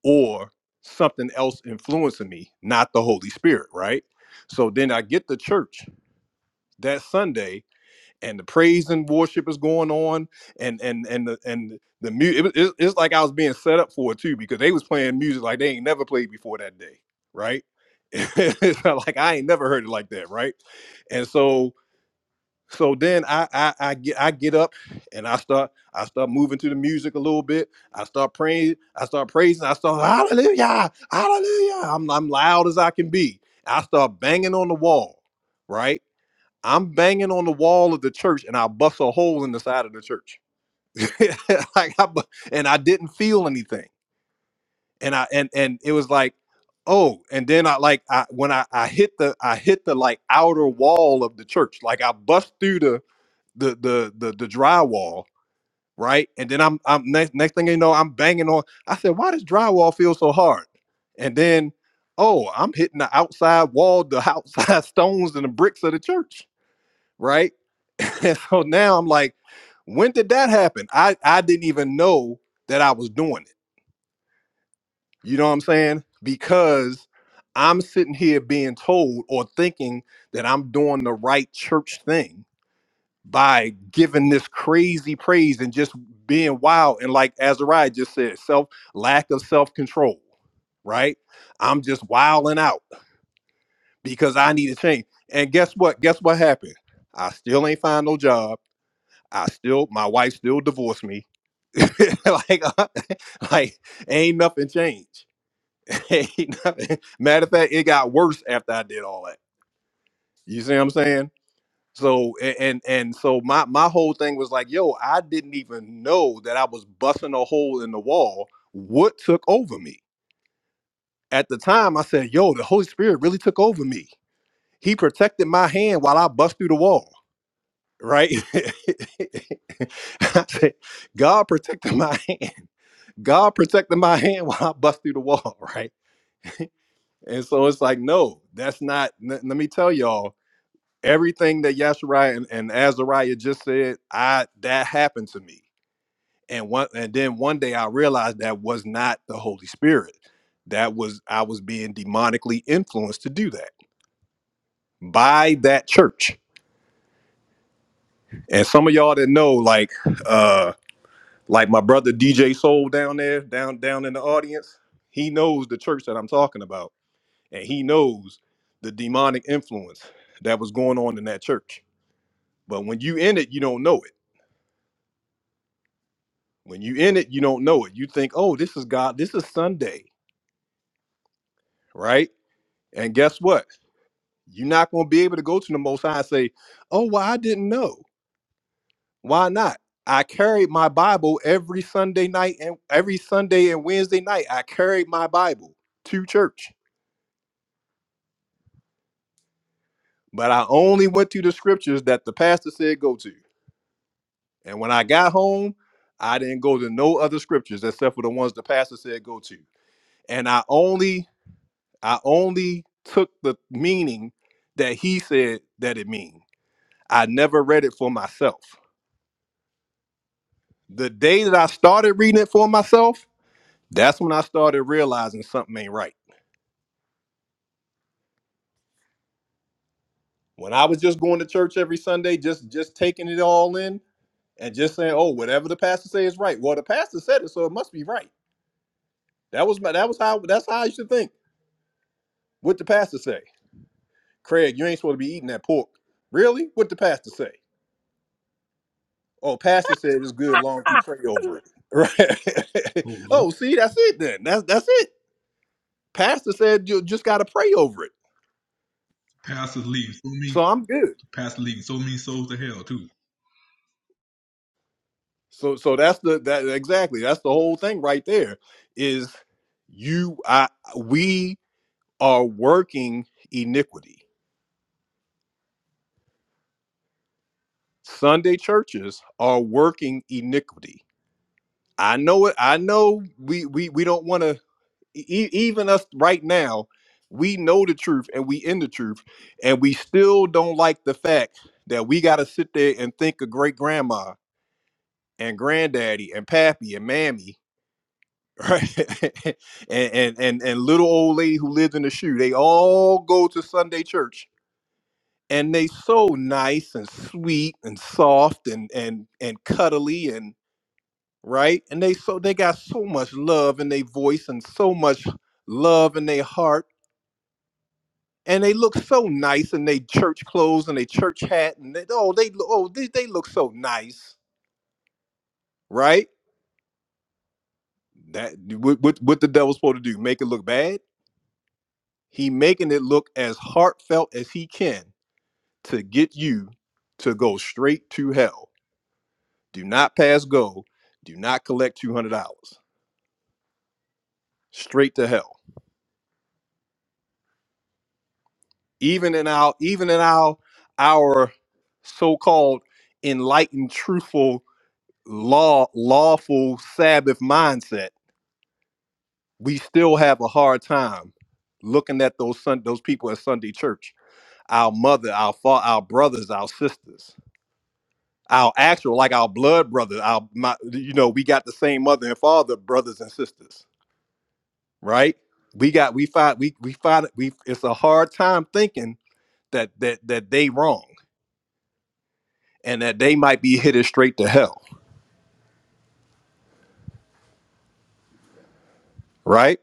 Speaker 1: or something else influencing me, not the Holy Spirit, right? So then I get to church that Sunday and the praise and worship is going on and and and the and the music it, it, it's like i was being set up for it too because they was playing music like they ain't never played before that day right *laughs* it's not like i ain't never heard it like that right and so so then I, I i get i get up and i start i start moving to the music a little bit i start praying i start praising i start hallelujah hallelujah i'm, I'm loud as i can be i start banging on the wall right I'm banging on the wall of the church and I bust a hole in the side of the church. *laughs* like I, and I didn't feel anything. And I and and it was like, oh, and then I like I when I I hit the I hit the like outer wall of the church. Like I bust through the the the the, the drywall, right? And then I'm I'm next next thing you know, I'm banging on. I said, why does drywall feel so hard? And then, oh, I'm hitting the outside wall, the outside *laughs* stones and the bricks of the church right? *laughs* And so now I'm like, when did that happen? I, I didn't even know that I was doing it. You know what I'm saying? Because I'm sitting here being told or thinking that I'm doing the right church thing by giving this crazy praise and just being wild. And like Azariah just said, self lack of self control, right? I'm just wilding out because I need to change. And guess what? Guess what happened? I still ain't find no job. I still, my wife still divorced me. *laughs* like, uh, like ain't nothing changed. *laughs* ain't nothing. Matter of fact, it got worse after I did all that. You see what I'm saying? So a- and and so my my whole thing was like, yo, I didn't even know that I was busting a hole in the wall. What took over me? At the time, I said, yo, the Holy Spirit really took over me. He protected my hand while I bust through the wall. Right? *laughs* I said, God protected my *laughs* hand. God protected my hand while I bust through the wall, *laughs* right? And so it's like, no, that's not. n- let me tell y'all, everything that Yashariah and, and Azariah just said, I that happened to me. And one, and then one day I realized that was not the Holy Spirit. That was I was being demonically influenced to do that by that church. And some of y'all that know, like, uh, like my brother DJ Soul down there, down down in the audience, he knows the church that I'm talking about and he knows the demonic influence that was going on in that church. But when you in it, you don't know it. When you in it, you don't know it. You think, oh, this is God, this is Sunday, right? And guess what? You're not going to be able to go to the Most High and say, oh, well, I didn't know. Why not? I carried my Bible every Sunday night and every Sunday and Wednesday night. I carried my Bible to church, but I only went to the scriptures that the pastor said go to. And when I got home, I didn't go to no other scriptures except for the ones the pastor said go to. And I only I only took the meaning that he said that it mean. I never read it for myself. The day that I started reading it for myself, that's when I started realizing something ain't right. When I was just going to church every Sunday, just just taking it all in and just saying, "Oh, whatever the pastor says is right." Well, the pastor said it, so it must be right. That was my that was how that's how I used to think. What the pastor say? Craig, you ain't supposed to be eating that pork. Really? What the pastor say? Oh, pastor said it's good long as you pray over it. *laughs* Right.
Speaker 15: Oh
Speaker 1: *laughs*
Speaker 15: Lord,
Speaker 1: oh, see, that's it then. That's that's it. Pastor said you just gotta pray over it.
Speaker 15: pastors leaving so many
Speaker 1: So I'm good.
Speaker 15: pastors leaving so many souls to hell too.
Speaker 1: So so that's the that exactly. That's the whole thing right there. Is you I we are working iniquity. Sunday churches are working iniquity. I know it. I know we we we don't want to e- e, even us right now, we know the truth and we in the truth, and we still don't like the fact that we got to sit there and think of great grandma and granddaddy and pappy and mammy, right? *laughs* and, and and and little old lady who lives in the shoe. They all go to Sunday church. And they so nice and sweet and soft and and and cuddly and right and they so they got so much love in their voice and so much love in their heart and they look so nice in their church clothes and their church hat and they, oh they oh they, they look so nice right that what, what what the devil's supposed to do make it look bad he making it look as heartfelt as he can to get you to go straight to hell do not pass go do not collect $200 straight to hell even in our even in our our so-called enlightened truthful law lawful sabbath mindset we still have a hard time looking at those sun those people at Sunday church, our mother, our father, our brothers, our sisters, our actual like our blood brothers, our my, you know we got the same mother and father, brothers and sisters, right? We got we find we we find we it's a hard time thinking that that that they wrong and that they might be headed straight to hell, right?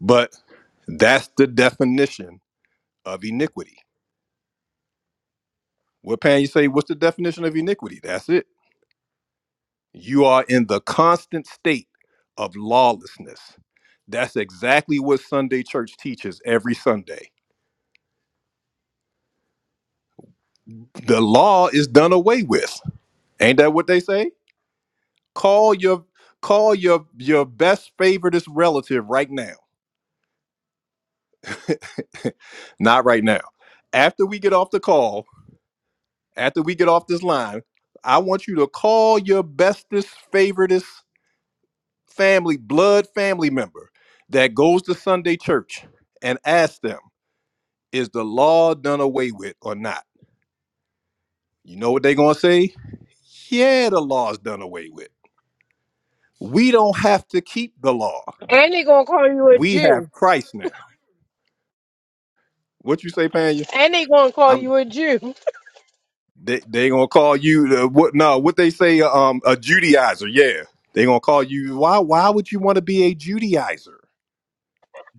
Speaker 1: But that's the definition of iniquity. What Pan you say? What's the definition of iniquity? That's it You are in the constant state of lawlessness. That's exactly what Sunday church teaches every Sunday. The law is done away with. Ain't that what they say? Call your call your your best favoritist relative right now. *laughs* Not right now. After we get off the call, after we get off this line, I want you to call your bestest favoritist family blood family member that goes to Sunday church and ask them Is the law done away with or not? You know what they're going to say? Yeah, the law's done away with. We don't have to keep the law.
Speaker 9: And they gonna call you a
Speaker 1: We
Speaker 9: Jew.
Speaker 1: have Christ now. What you say, Panya?
Speaker 9: And they gonna call
Speaker 1: I'm
Speaker 9: you a Jew.
Speaker 1: they they gonna call you the, what? No, what they say? uh, Um, a Judaizer. Yeah, they gonna call you. Why? Why would you want to be a Judaizer?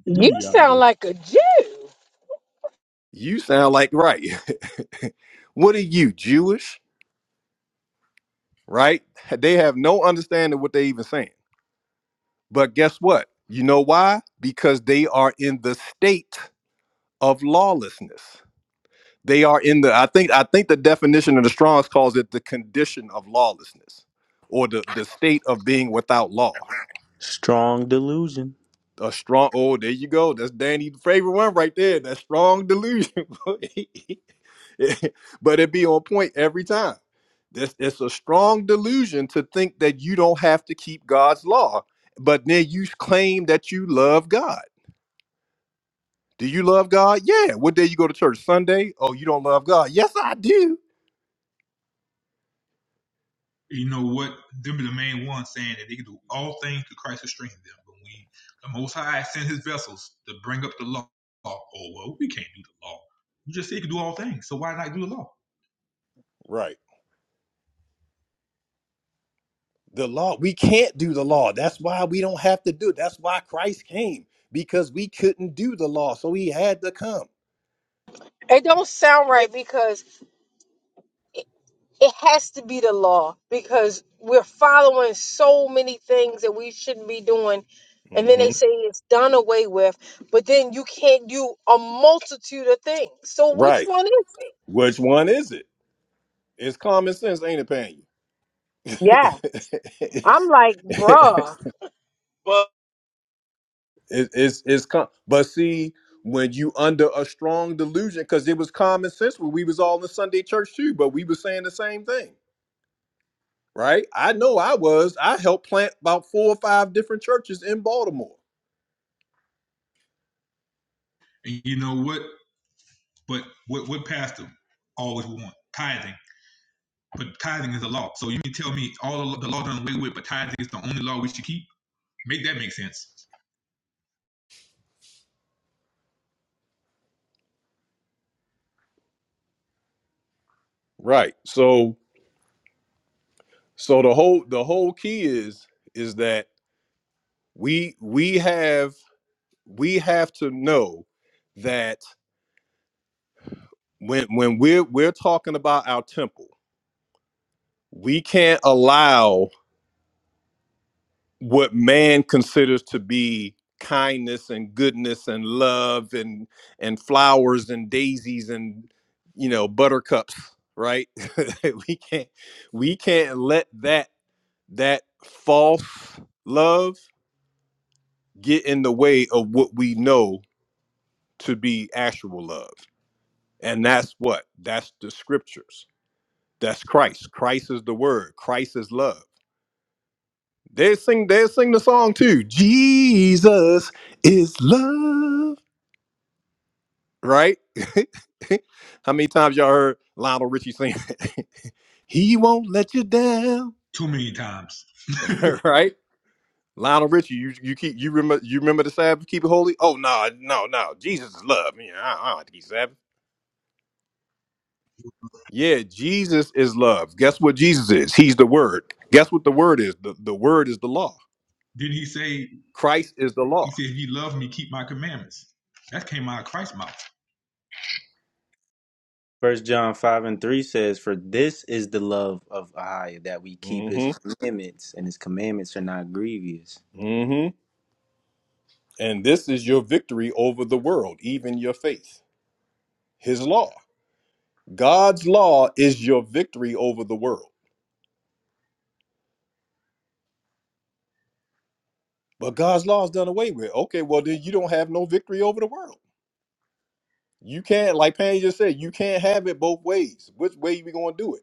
Speaker 9: You
Speaker 15: Judaizer.
Speaker 9: sound like a Jew.
Speaker 1: You sound like right. *laughs* what are you Jewish? Right? They have no understanding what they even saying. But guess what? You know why? Because they are in the state of lawlessness. They are in the I think I think the definition of the Strong's calls it the condition of lawlessness or the, the state of being without law.
Speaker 13: Strong delusion.
Speaker 1: A strong oh, there you go. That's Danny's favorite one right there. That strong delusion. *laughs* but it be on point every time. This it's a strong delusion to think that you don't have to keep God's law, but then you claim that you love God Do you love God? Yeah. What day you go to church? Sunday? Oh, you don't love God? Yes, I do.
Speaker 15: You know what? Them be the main ones saying that they can do all things through Christ who strengthens them. But we, the Most High, sent His vessels to bring up the law. Oh well, we can't do the law. You just say you can do all things, so why not do the law?
Speaker 1: Right. The law, we can't do the law. That's why we don't have to do it. That's why Christ came because we couldn't do the law. So he had to come.
Speaker 9: It don't sound right because it has to be the law because we're following so many things that we shouldn't be doing. And then they
Speaker 1: hmm
Speaker 9: say it's done away with, but then you can't do a multitude of things. So which
Speaker 1: Right.
Speaker 9: one is it?
Speaker 1: Which one is it? It's common sense, ain't it, Pan? *laughs*
Speaker 9: Yeah.
Speaker 1: it,
Speaker 9: I'm like, bruh. But
Speaker 1: it's it's com- but see when you under a strong delusion because it was common sense when we was all in Sunday church too, but we was saying the same thing. right? I know I was. I helped plant about four or five different churches in Baltimore.
Speaker 15: And you know what? But what what pastor always want tithing, but tithing is a law. So you mean tell me all the, the law done away with, but tithing is the only law we should keep? Make that make sense?
Speaker 1: Right. So so the whole the whole key is is that we we have we have to know that when when we're we're talking about our temple, we can't allow what man considers to be kindness and goodness and love and and flowers and daisies and you know buttercups right *laughs* we can't we can't let that that false love get in the way of what we know to be actual love and that's what that's the scriptures that's christ christ is the word christ is love They sing they sing the song too. Jesus is love. Right? *laughs* How many times y'all heard Lionel Richie sing it? *laughs* he won't let you down.
Speaker 15: Too many times.
Speaker 1: *laughs* right? Lionel Richie, you you keep you remember you remember the Sabbath, keep it holy? Oh no, no, no. Jesus is love. Yeah, I, I don't have to keep Sabbath. Yeah, Jesus is love. Guess what Jesus is? He's the word. Guess what the word is? The, the word is the law.
Speaker 15: Did he say?
Speaker 1: Christ is the law.
Speaker 15: He said, "If you love me, keep my commandments." That came out of Christ's mouth.
Speaker 13: First John five and three says, For this is the love of Ahiah, that we keep his
Speaker 1: Mm-hmm.
Speaker 13: commandments, and his commandments are not grievous.
Speaker 1: mm-hmm. And this is your victory over the world, even your faith. His law. God's law is your victory over the world. But God's law is done away with. Okay, well, then you don't have no victory over the world. You can't, like Pan just said, you can't have it both ways. Which way we gonna do it?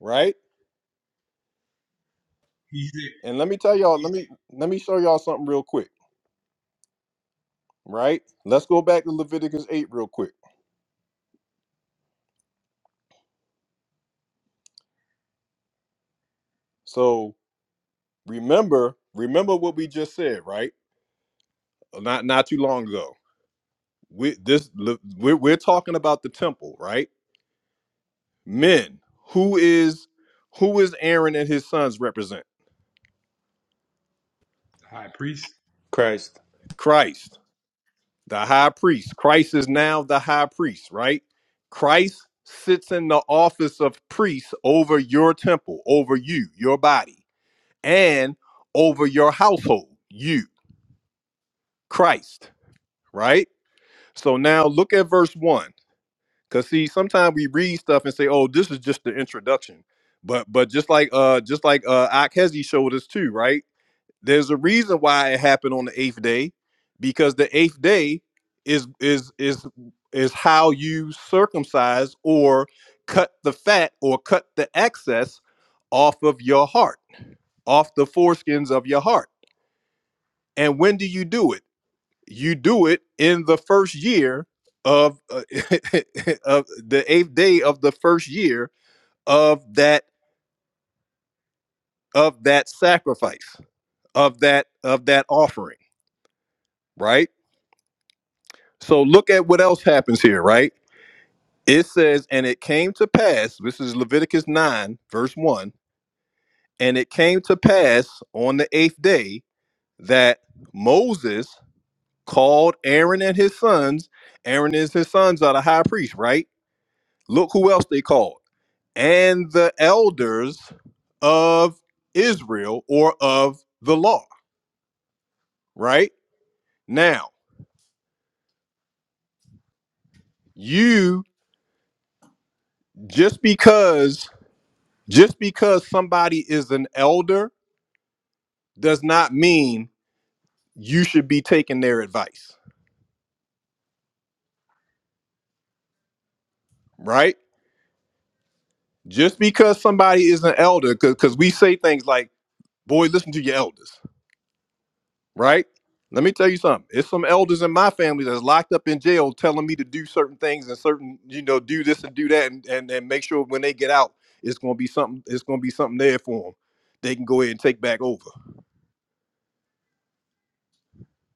Speaker 1: Right?
Speaker 15: He said,
Speaker 1: And let me tell y'all, let me let me show y'all something real quick, right? Let's go back to Leviticus 8 real quick. So remember, remember what we just said, right? Not not too long ago. we this we're, we're talking about the temple right men who is who is aaron and his sons represent
Speaker 15: "The high priest."
Speaker 13: Christ.
Speaker 1: christ the high priest christ is now the high priest right christ sits in the office of priest over your temple over you your body and over your household you christ right so now look at verse 1 Cause see, sometimes we read stuff and say, "Oh, this is just the introduction," but but just like uh just like uh Akhezi showed us too, right? There's a reason why it happened on the eighth day, because the eighth day is is is is how you circumcise or cut the fat or cut the excess off of your heart, off the foreskins of your heart. And when do you do it? you do it in the first year of, uh, *laughs* of the eighth day of the first year of that of that sacrifice of that of that offering right so look at what else happens here right it says and it came to pass this is leviticus 9 verse 1 and it came to pass on the eighth day that moses called aaron and his sons aaron is his sons are the high priest right look who else they called and the elders of Israel or of the law, right? Now, you just because just because somebody is an elder does not mean you should be taking their advice, right? Just because somebody is an elder cuz we say things like, "Boy, listen to your elders." right? Let me tell you something. It's some elders in my family that's locked up in jail telling me to do certain things and certain, you know, do this and do that and, and, and make sure when they get out, it's gonna be something, it's gonna be something there for them. They can go ahead and take back over,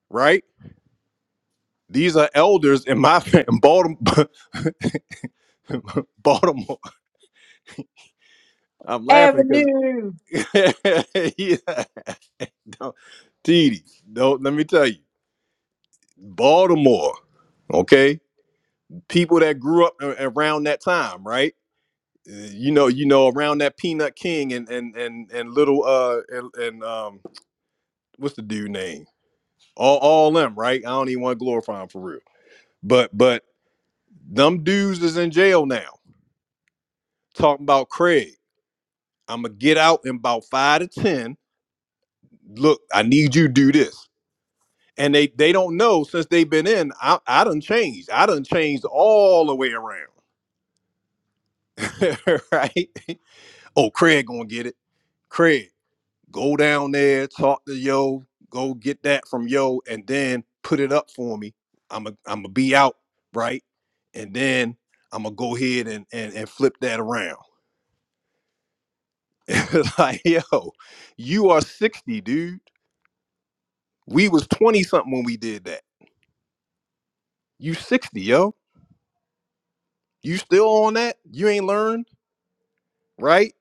Speaker 1: right? These are elders in my *laughs* fam- in Baltimore. *laughs* Baltimore. I'm laughing because,
Speaker 9: Avenue.
Speaker 1: *laughs* yeah, no, TD, no, let me tell you, Baltimore, okay? People that grew up a- around that time, right? you know, you know, around that Peanut King and and and and little uh and, and um what's the dude name? All all them, right? I don't even want to glorify him for real. But but them dudes is in jail now. Talking about Craig. I'ma get out in about five to ten. Look, I need you to do this. And they they don't know since they've been in, I I done changed. I done changed all the way around. *laughs* right? Oh, Craig gonna get it. Craig. go down there, talk to yo, go get that from yo, and then put it up for me. I'm a I'm a be out, right? And then I'm gonna go ahead and and, and flip that around. *laughs* It's like, yo, you are 60, dude. We was 20 something when we did that. You 60, yo. You still on that? You ain't learned, right?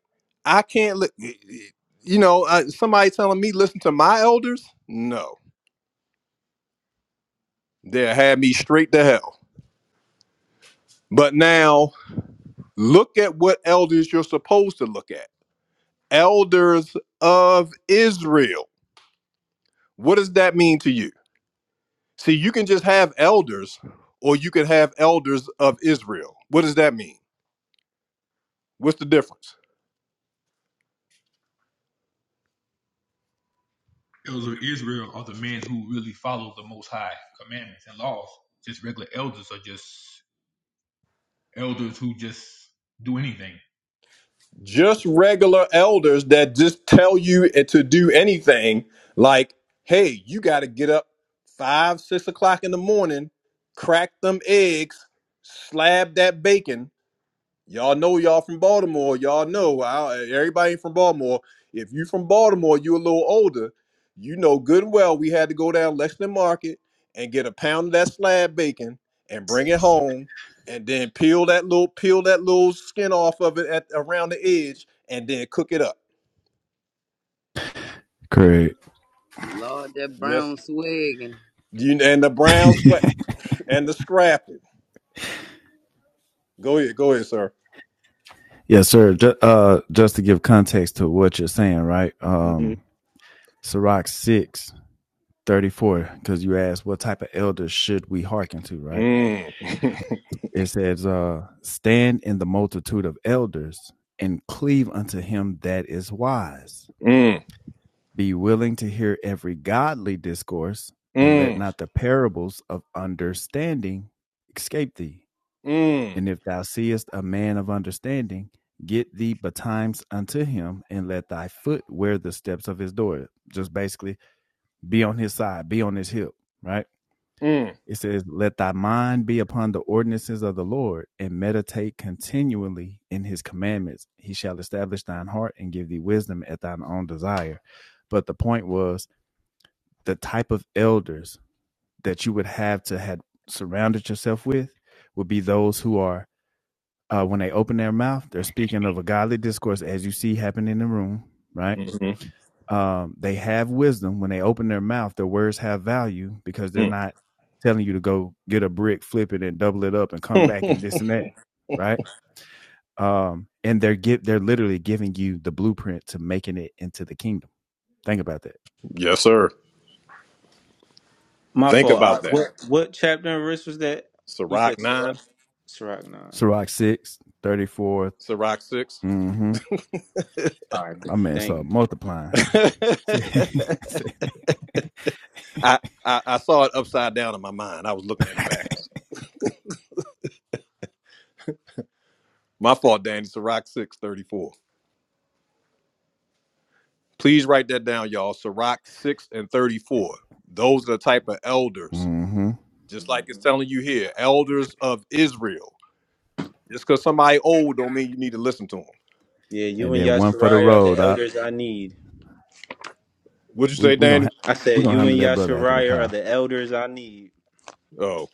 Speaker 1: I can't look. You know, uh, somebody telling me listen to my elders? No, they'll have me straight to hell. But now Look at what elders you're supposed to look at. Elders of Israel. What does that mean to you? See, you can just have elders or you can have elders of Israel. What does that mean? What's the difference?
Speaker 15: elders of Israel are the men who really follow the Most High commandments and laws. Just regular elders are just elders who just do anything.
Speaker 1: Just regular elders that just tell you eh, to do anything like, hey, you got to get up five, six o'clock in the morning, crack them eggs, slab that bacon, Y'all know y'all from Baltimore. Y'all know I, everybody from Baltimore. If you from Baltimore, you a little older. You know good and well we had to go down Lexington Market and get a pound of that slab bacon and bring it home and then peel that little peel that little skin off of it at around the edge and then cook it up.
Speaker 10: Correct.
Speaker 5: Lord, that brown
Speaker 1: Yes.
Speaker 5: swig.
Speaker 1: You and the brown sweat and the scrapping. Go ahead, go ahead, sir.
Speaker 10: Yes, sir. Just, uh, just to give context to what you're saying, right? Um,
Speaker 1: Mm-hmm.
Speaker 10: Sirach 6 34, because you asked what type of elders should we hearken to, right?
Speaker 1: Mm. *laughs*
Speaker 10: It says, uh, stand in the multitude of elders and cleave unto him that is wise.
Speaker 1: Mm.
Speaker 10: Be willing to hear every godly discourse, and let
Speaker 1: Mm.
Speaker 10: not the parables of understanding escape thee.
Speaker 1: Mm.
Speaker 10: And if thou seest a man of understanding, get thee betimes unto him, and let thy foot wear the steps of his door. Just basically be on his side, be on his hip, right?
Speaker 1: Mm.
Speaker 10: It says, Let thy mind be upon the ordinances of the Lord, and meditate continually in his commandments. He shall establish thine heart and give thee wisdom at thine own desire. But the point was the type of elders that you would have to had surrounded yourself with would be those who are uh, when they open their mouth, they're speaking of a godly discourse as you see happening in the room, right?
Speaker 1: Mm-hmm.
Speaker 10: Um, they have wisdom when they open their mouth. Their words have value because they're not telling you to go get a brick, flip it, and double it up, and come
Speaker 1: Mm.
Speaker 10: back
Speaker 1: *laughs*
Speaker 10: and this and that, right? Um, and they're give they're literally giving you the blueprint to making it into the kingdom. Think about that.
Speaker 1: Yes, sir.
Speaker 13: My
Speaker 1: Think
Speaker 13: fault. I-
Speaker 1: about that.
Speaker 13: what what chapter and verse was that? You
Speaker 1: Ciroc
Speaker 13: said Sirach.
Speaker 1: 9,
Speaker 13: Sirach nine.
Speaker 10: Sirach 6 34.
Speaker 1: Ciroc 6.
Speaker 10: Mm-hmm.
Speaker 13: All right. bet.
Speaker 10: My man
Speaker 13: Thank
Speaker 10: started
Speaker 13: you.
Speaker 10: multiplying. *laughs*
Speaker 1: *laughs*
Speaker 10: mm-hmm.
Speaker 1: I, I I saw it upside down in my mind. I was looking at it backwards. My fault, Danny. Ciroc 6 34. Please write that down, y'all. Ciroc 6 and 34. Those are the type of elders, just like it's telling you here, elders of Israel. Just because somebody old don't mean you need to listen to them.
Speaker 13: Yeah, you
Speaker 10: And
Speaker 13: and
Speaker 10: then one for the
Speaker 13: Yashariah are the
Speaker 10: road. I,
Speaker 13: elders I need.
Speaker 1: What'd you
Speaker 10: we
Speaker 1: say,
Speaker 10: we gonna
Speaker 1: Danny?
Speaker 10: ha-
Speaker 13: I
Speaker 10: we
Speaker 13: said
Speaker 10: gonna
Speaker 13: you
Speaker 10: handle
Speaker 13: and
Speaker 10: that brother after the
Speaker 13: Yashariah are
Speaker 10: car.
Speaker 13: the elders I need.
Speaker 1: Oh,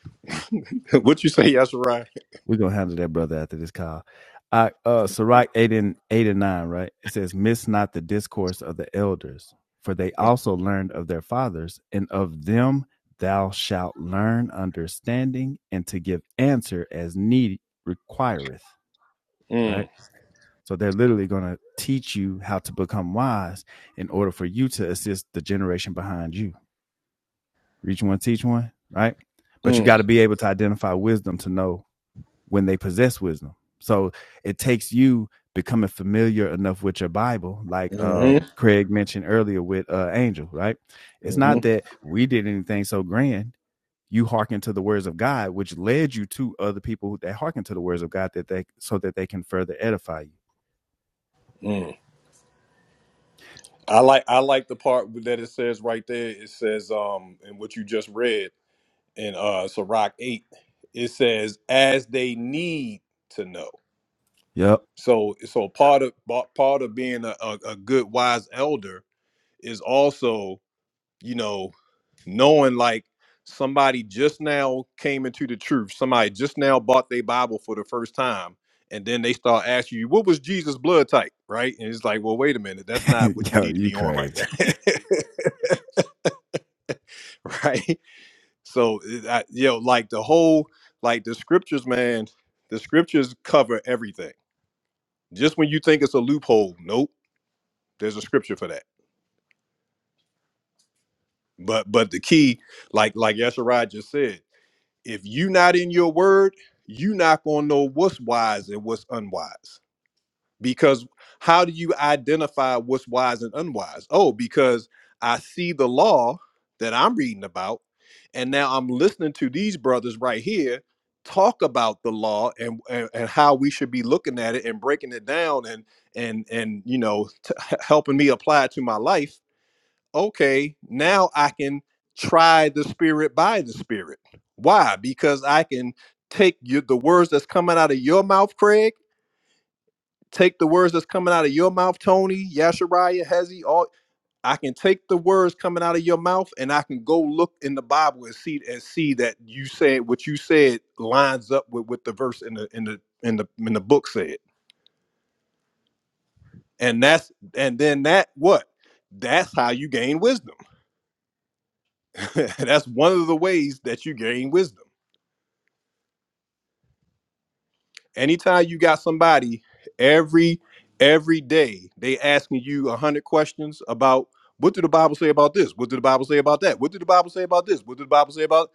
Speaker 1: *laughs* what'd you say, Yashirai?
Speaker 10: We're gonna handle that brother after this call. Uh, uh Sirach eight and eight and nine, right? It says, Miss not the discourse of the elders, for they also learned of their fathers, and of them thou shalt learn understanding and to give answer as need requireth, right?
Speaker 1: Mm,
Speaker 10: So they're literally gonna teach you how to become wise in order for you to assist the generation behind you. Reach one, teach one, right? But you got
Speaker 1: mm,
Speaker 10: to be able to identify wisdom to know when they possess wisdom. So it takes you becoming familiar enough with your Bible, like um,
Speaker 1: mm-hmm,
Speaker 10: Craig mentioned earlier with uh, Angel, right? It's not
Speaker 1: mm-hmm,
Speaker 10: that we did anything so grand. You hearken to the words of God, which led you to other people that hearken to the words of God, that they so that they can further edify you.
Speaker 1: I like I like the part that it says right there. It says um in what you just read in uh Sirach eight. It says as they need to know.
Speaker 10: Yep.
Speaker 1: So so part of pa- part of being a, a, a good wise elder is also you know knowing like somebody just now came into the truth. Somebody just now bought their Bible for the first time. And then they start asking you, what was Jesus' blood type? Right. And it's like, well, wait a minute. That's not what
Speaker 10: *laughs*
Speaker 1: you
Speaker 10: Yo,
Speaker 1: need to
Speaker 10: you
Speaker 1: be on right
Speaker 10: crazy.
Speaker 1: now. *laughs* *laughs* right? So, I, you know, like the whole, like the scriptures, man, the scriptures cover everything. Just when you think it's a loophole, nope, there's a scripture for that. But, but the key, like, like Yesharai just said, if you not in your word, you not gonna know what's wise and what's unwise. because how do you identify what's wise and unwise oh because i see the law that i'm reading about and now i'm listening to these brothers right here talk about the law and and, and how we should be looking at it and breaking it down and and and you know t- h- helping me apply it to my life okay now i can try the spirit by the spirit why because i can take your, the words that's coming out of your mouth craig take the words that's coming out of your mouth, Tony, Yashariah, Hezi, all I can take the words coming out of your mouth and I can go look in the Bible and see and see that you said what you said lines up with what the verse in the in the in the in the book said. And that's and then that what? That's how you gain wisdom. *laughs* that's one of the ways that you gain wisdom anytime you got somebody every every day they asking you a hundred questions about what did the bible say about this what did the bible say about that what did the bible say about this what did the bible say about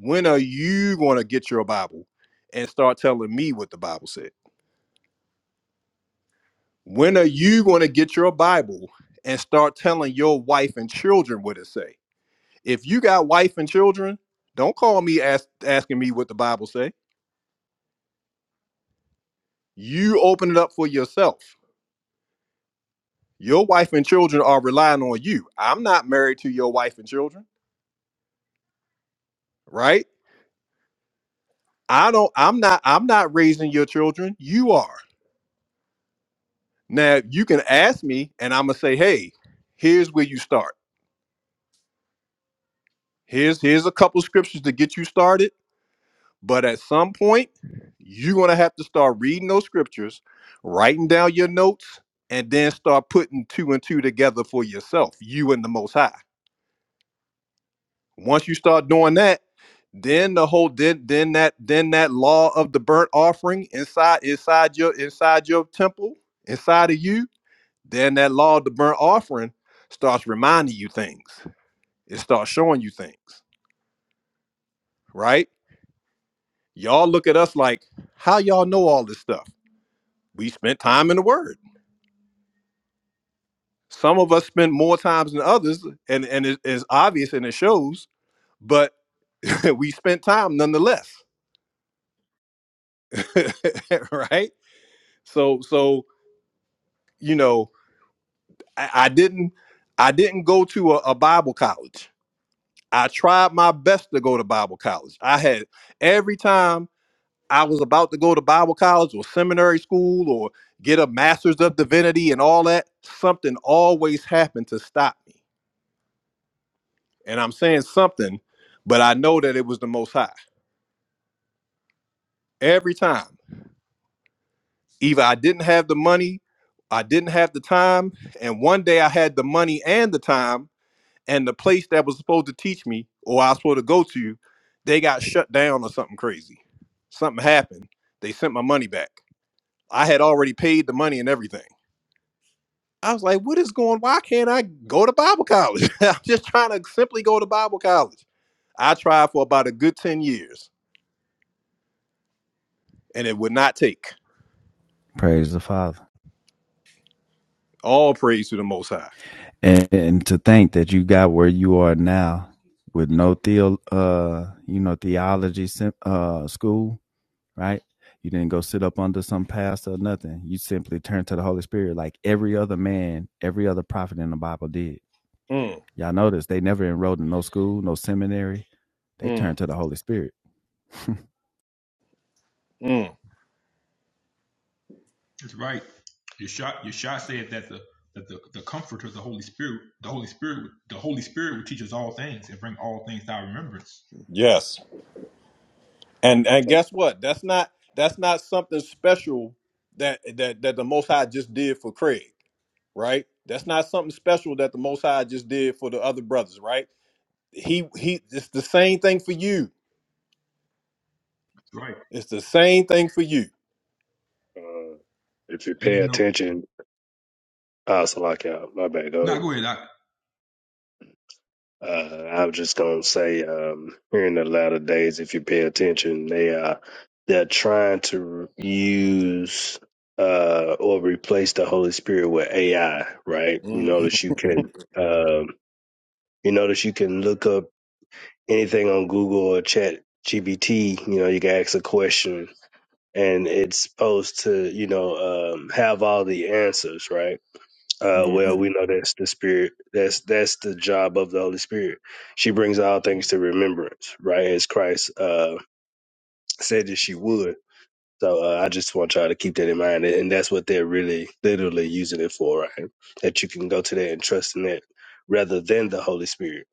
Speaker 1: when are you going to get your bible and start telling me what the bible said when are you going to get your bible and start telling your wife and children what it say if you got wife and children don't call me ask, asking me what the bible say you open it up for yourself Your wife and children are relying on you. I'm not married to your wife and children, right? I don't I'm not I'm not raising your children. You are. Now you can ask me and I'm gonna say, hey, here's where you start. Here's here's a couple of scriptures to get you started. But at some point, you're gonna have to start reading those scriptures, writing down your notes, and then start putting two and two together for yourself, you and the most high Once you start doing that, then the whole then then that then that law of the burnt offering inside inside your inside your temple inside of you then that law of the burnt offering starts reminding you things it starts showing you things right y'all look at us like how y'all know all this stuff we spent time in the word some of us spend more times than others and and it is obvious and it shows but *clears throat* *laughs* we spent time nonetheless *laughs* right so so you know, I, I didn't I didn't go to a, a Bible college. I tried my best to go to Bible college. I had every time I was about to go to Bible college or seminary school or get a master's of divinity and all that, something always happened to stop me. And I'm saying something, but I know that it was the most high. Every time. Either I didn't have the money, I didn't have the time, and one day I had the money and the time and the place that was supposed to teach me or I was supposed to go to, they got shut down or something crazy. Something happened. They sent my money back. I had already paid the money and everything. I was like, what is going Why can't I go to Bible college? *laughs* I'm just trying to simply go to Bible college. I tried for about a good 10 years and it would not take.
Speaker 10: Praise the Father.
Speaker 1: All praise to the Most High.
Speaker 10: and, and to think that you got where you are now with no theo uh you know theology sim- uh school right you didn't go sit up under some pastor or nothing you simply turned to the holy spirit like every other man every other prophet in the bible did
Speaker 1: Mm,
Speaker 10: y'all notice they never enrolled in no school no seminary they
Speaker 1: mm,
Speaker 10: turned to the holy spirit *laughs*
Speaker 1: mm.
Speaker 15: That's right. Yeshua, Yeshua said that the that the, the comforter, the Holy Spirit, the Holy Spirit, the Holy Spirit will teach us all things and bring all things to our remembrance.
Speaker 1: Yes. And and guess what? That's not that's not something special that that that the Most High just did for Craig. right? That's not something special that the Most High just did for the other brothers, right? He he, it's the same thing for you.
Speaker 15: That's right.
Speaker 1: It's the same thing for you.
Speaker 14: uh, if you
Speaker 15: And
Speaker 14: pay
Speaker 15: you know,
Speaker 14: attention, oh, Salakia, my bad, go
Speaker 15: now
Speaker 14: ahead.
Speaker 15: go ahead. I,
Speaker 14: Uh, I was just gonna say, um, here in the latter days, if you pay attention, they are they're trying to use uh or replace the Holy Spirit with AI, right? You
Speaker 1: Mm,
Speaker 14: notice you
Speaker 1: mm,
Speaker 14: can um, you notice you can look up anything on Google or Chat GBT, you know, you can ask a question and it's supposed to, you know, um, have all the answers, right? Uh,
Speaker 1: mm.
Speaker 14: well,
Speaker 1: mm.
Speaker 14: we know that's the spirit. That's that's the job of the Holy Spirit. She brings all things to remembrance, right? As Christ uh, said that she would. So uh, I just want y'all to keep that in mind, and that's what they're really, literally using it for, right? That you can go to that and trust in that rather than the Holy Spirit.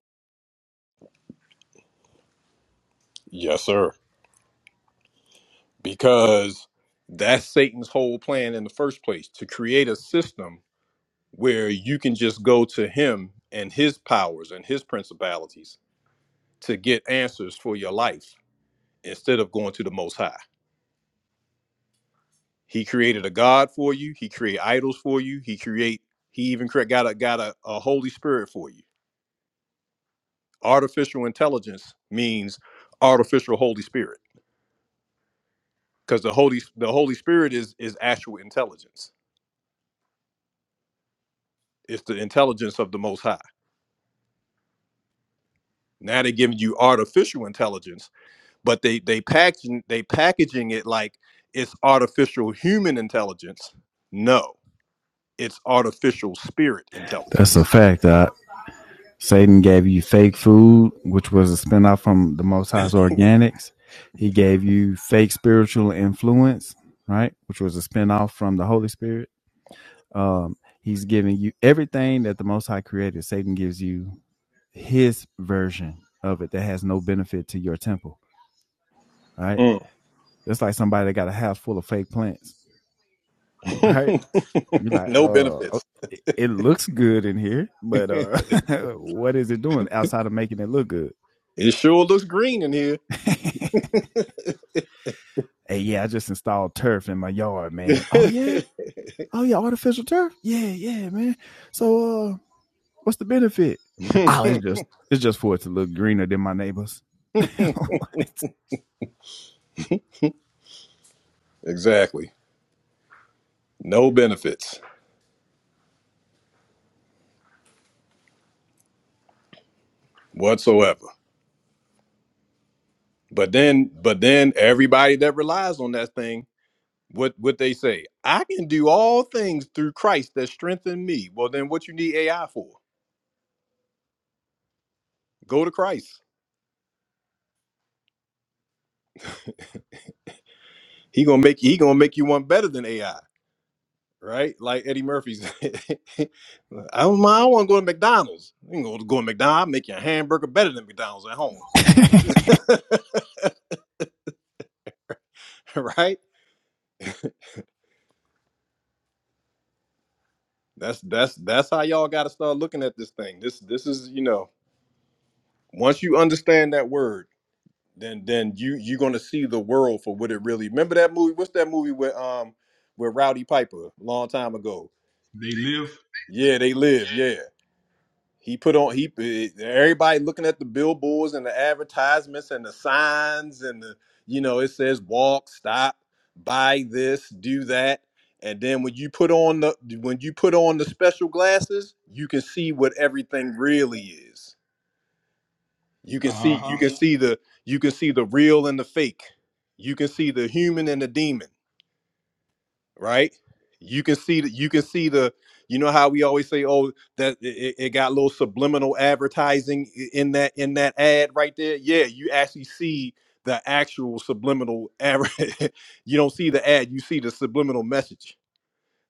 Speaker 1: Yes, sir. Because that's Satan's whole plan in the first place to create a system where you can just go to him and his powers and his principalities to get answers for your life instead of going to the Most High. He created a God for you. He create idols for you. He create. He even create, got a got a, a Holy Spirit for you. Artificial intelligence means artificial Holy Spirit because the Holy the Holy Spirit is is actual intelligence. It's the intelligence of the Most High. Now they're giving you artificial intelligence, but they they packaging they packaging it like it's artificial human intelligence. No, it's artificial spirit
Speaker 10: that's a
Speaker 1: intelligence.
Speaker 10: fact I, Satan gave you fake food, which was a spinoff from the Most High's Organics. He gave you fake spiritual influence, right, which was a spinoff from the Holy Spirit. Um, he's giving you everything that the Most High created. Satan gives you his version of it that has no benefit to your temple, right?
Speaker 1: Mm.
Speaker 10: That's like somebody that got a house full of fake plants, right? You're
Speaker 1: *laughs*
Speaker 10: like, uh,
Speaker 1: no benefits.
Speaker 10: oh, it it looks good in here, but uh,
Speaker 1: It
Speaker 10: *laughs* what is it doing outside of making it look good?
Speaker 1: sure looks green in here.
Speaker 10: *laughs* Hey, yeah, I just installed turf in my yard, man. Oh yeah, oh yeah, artificial turf. Yeah, yeah, man. So, uh, what's the benefit? Oh, it's
Speaker 1: *laughs*
Speaker 10: just it's just for it to look greener than my neighbors. *laughs* What?
Speaker 1: exactly. No benefits whatsoever. But then but then everybody that relies on that thing, what what they say, I can do all things through Christ that strengthen me. Well then what you need AI for? Go to Christ. He gonna make he gonna make you one better than AI, right? Like Eddie Murphy's. *laughs* I don't mind, I wanna go to McDonald's. You can go to go to McDonald's, I make your hamburger better than McDonald's at home. *laughs* right? That's that's that's how y'all got to start looking at this thing. This this is you know once you understand that word, then then you you're gonna see the world for what it really. Remember that movie? What's that movie with um with Rowdy Piper a long time ago?
Speaker 15: they live.
Speaker 1: Yeah, they live. Yeah, He put on he eh, everybody looking at the billboards and the advertisements and the signs and the you know it says walk, stop, buy this, do that. And then when you put on the when you put on the special glasses, you can see what everything really is. You can
Speaker 15: Uh
Speaker 1: see you
Speaker 15: huh.
Speaker 1: can see the you can see the real and the fake. You can see the human and the demon right? You can see that you can see the you know how we always say oh that it, it got a little subliminal advertising i- in that in that ad right there. Yeah, you actually see the actual subliminal adver- *laughs* you don't see the ad, you see the subliminal message,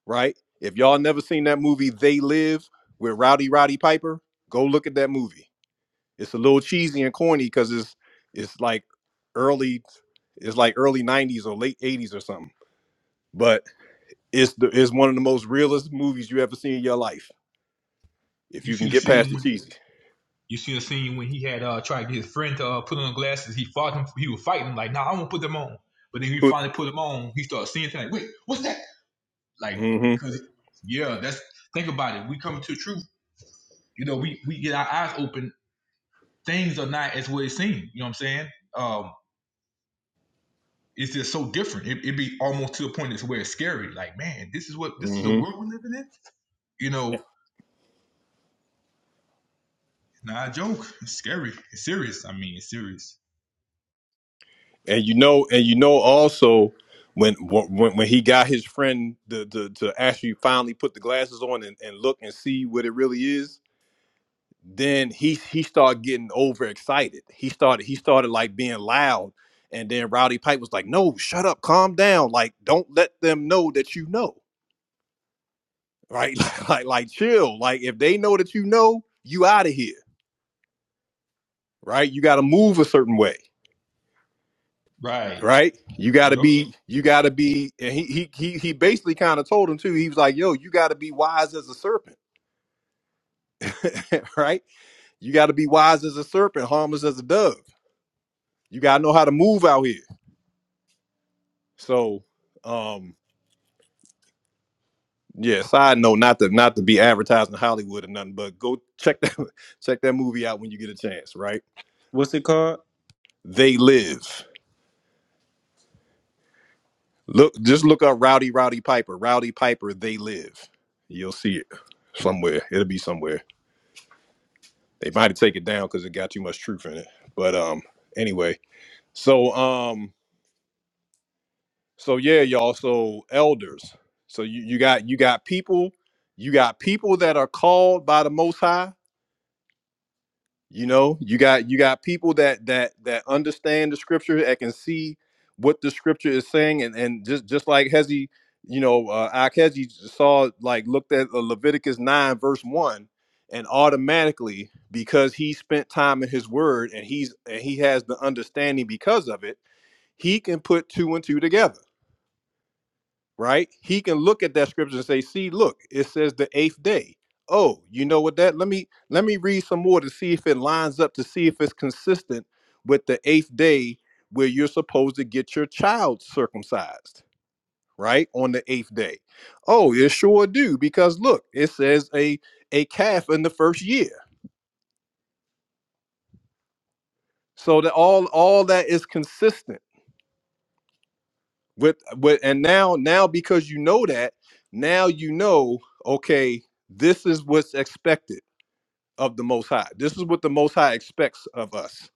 Speaker 1: right? If y'all never seen that movie They Live with Rowdy Roddy Piper, go look at that movie. It's a little cheesy and corny cuz it's it's like early it's like early 90s or late 80s or something. But it's the it's one of the most realest movies you ever seen in your life. If
Speaker 15: You
Speaker 1: you can
Speaker 15: seen the
Speaker 1: get past
Speaker 15: scene
Speaker 1: the
Speaker 15: when
Speaker 1: cheesy.
Speaker 15: You see a scene when he had uh tried to get his friend to uh, put on glasses. He fought him. He was fighting him, like, "Nah, i won't put them on." But then he finally put them on. He started seeing things like, "Wait, what's that?" Like,
Speaker 1: Mm-hmm.
Speaker 15: cause yeah, that's think about it. We coming to the truth. You know, we we get our eyes open. Things are not as what it seems. You know what I'm saying? Um, it's just so different. It it be almost to the point it's where it's scary. Like, man, this is what this is the
Speaker 1: Mm-hmm.
Speaker 15: world we're living in. You know, not a joke. It's scary. It's serious. I mean, it's serious.
Speaker 1: And you know, and you know also when when when he got his friend to to, to actually finally put the glasses on and, and look and see what it really is, then he he started getting overexcited. He started he started like being loud. And then Rowdy Pipe was like, "No, shut up, calm down. Like, don't let them know that you know, right? *laughs* like, like, chill. Like, if they know that you know, you out of here." right? You got to move a certain way,
Speaker 15: Right.
Speaker 1: right? You got to
Speaker 15: Yep.
Speaker 1: be, you got to be. And he he he he basically kind of told him too. He was like, "Yo, you got to be wise as a serpent, *laughs* right? You got to be wise as a serpent, harmless as a dove. You got to know how to move out here." So, um, yeah. Side note, not to not to be advertising Hollywood or nothing, but go check that *laughs* check that movie out when you get a chance, right?
Speaker 13: What's it called?
Speaker 1: They live. Look, just look up Rowdy Rowdy Piper. Rowdy Piper, they live. You'll see it somewhere. It'll be somewhere. They might have taken it down because it got too much truth in it. But um, anyway, so um, so yeah, y'all. So elders. So you, you got you got people, you got people that are called by the Most High, you know you got you got people that that that understand the scripture that can see what the scripture is saying and and just just like hezi you know uh Akhezi saw like looked at uh, leviticus 9 verse 1 and automatically because he spent time in his word and he's and he has the understanding because of it he can put two and two together right? He can look at that scripture and say, "See, look, it says the eighth day." Oh, you know what that? Let me let me read some more to see if it lines up to see if it's consistent with the eighth day where you're supposed to get your child circumcised, right? On the eighth day. Oh, it sure do because look, it says a a calf in the first year. So that all all that is consistent with with and now now because you know that, now you know, okay, this is what's expected of the Most High. This is what the Most High expects of us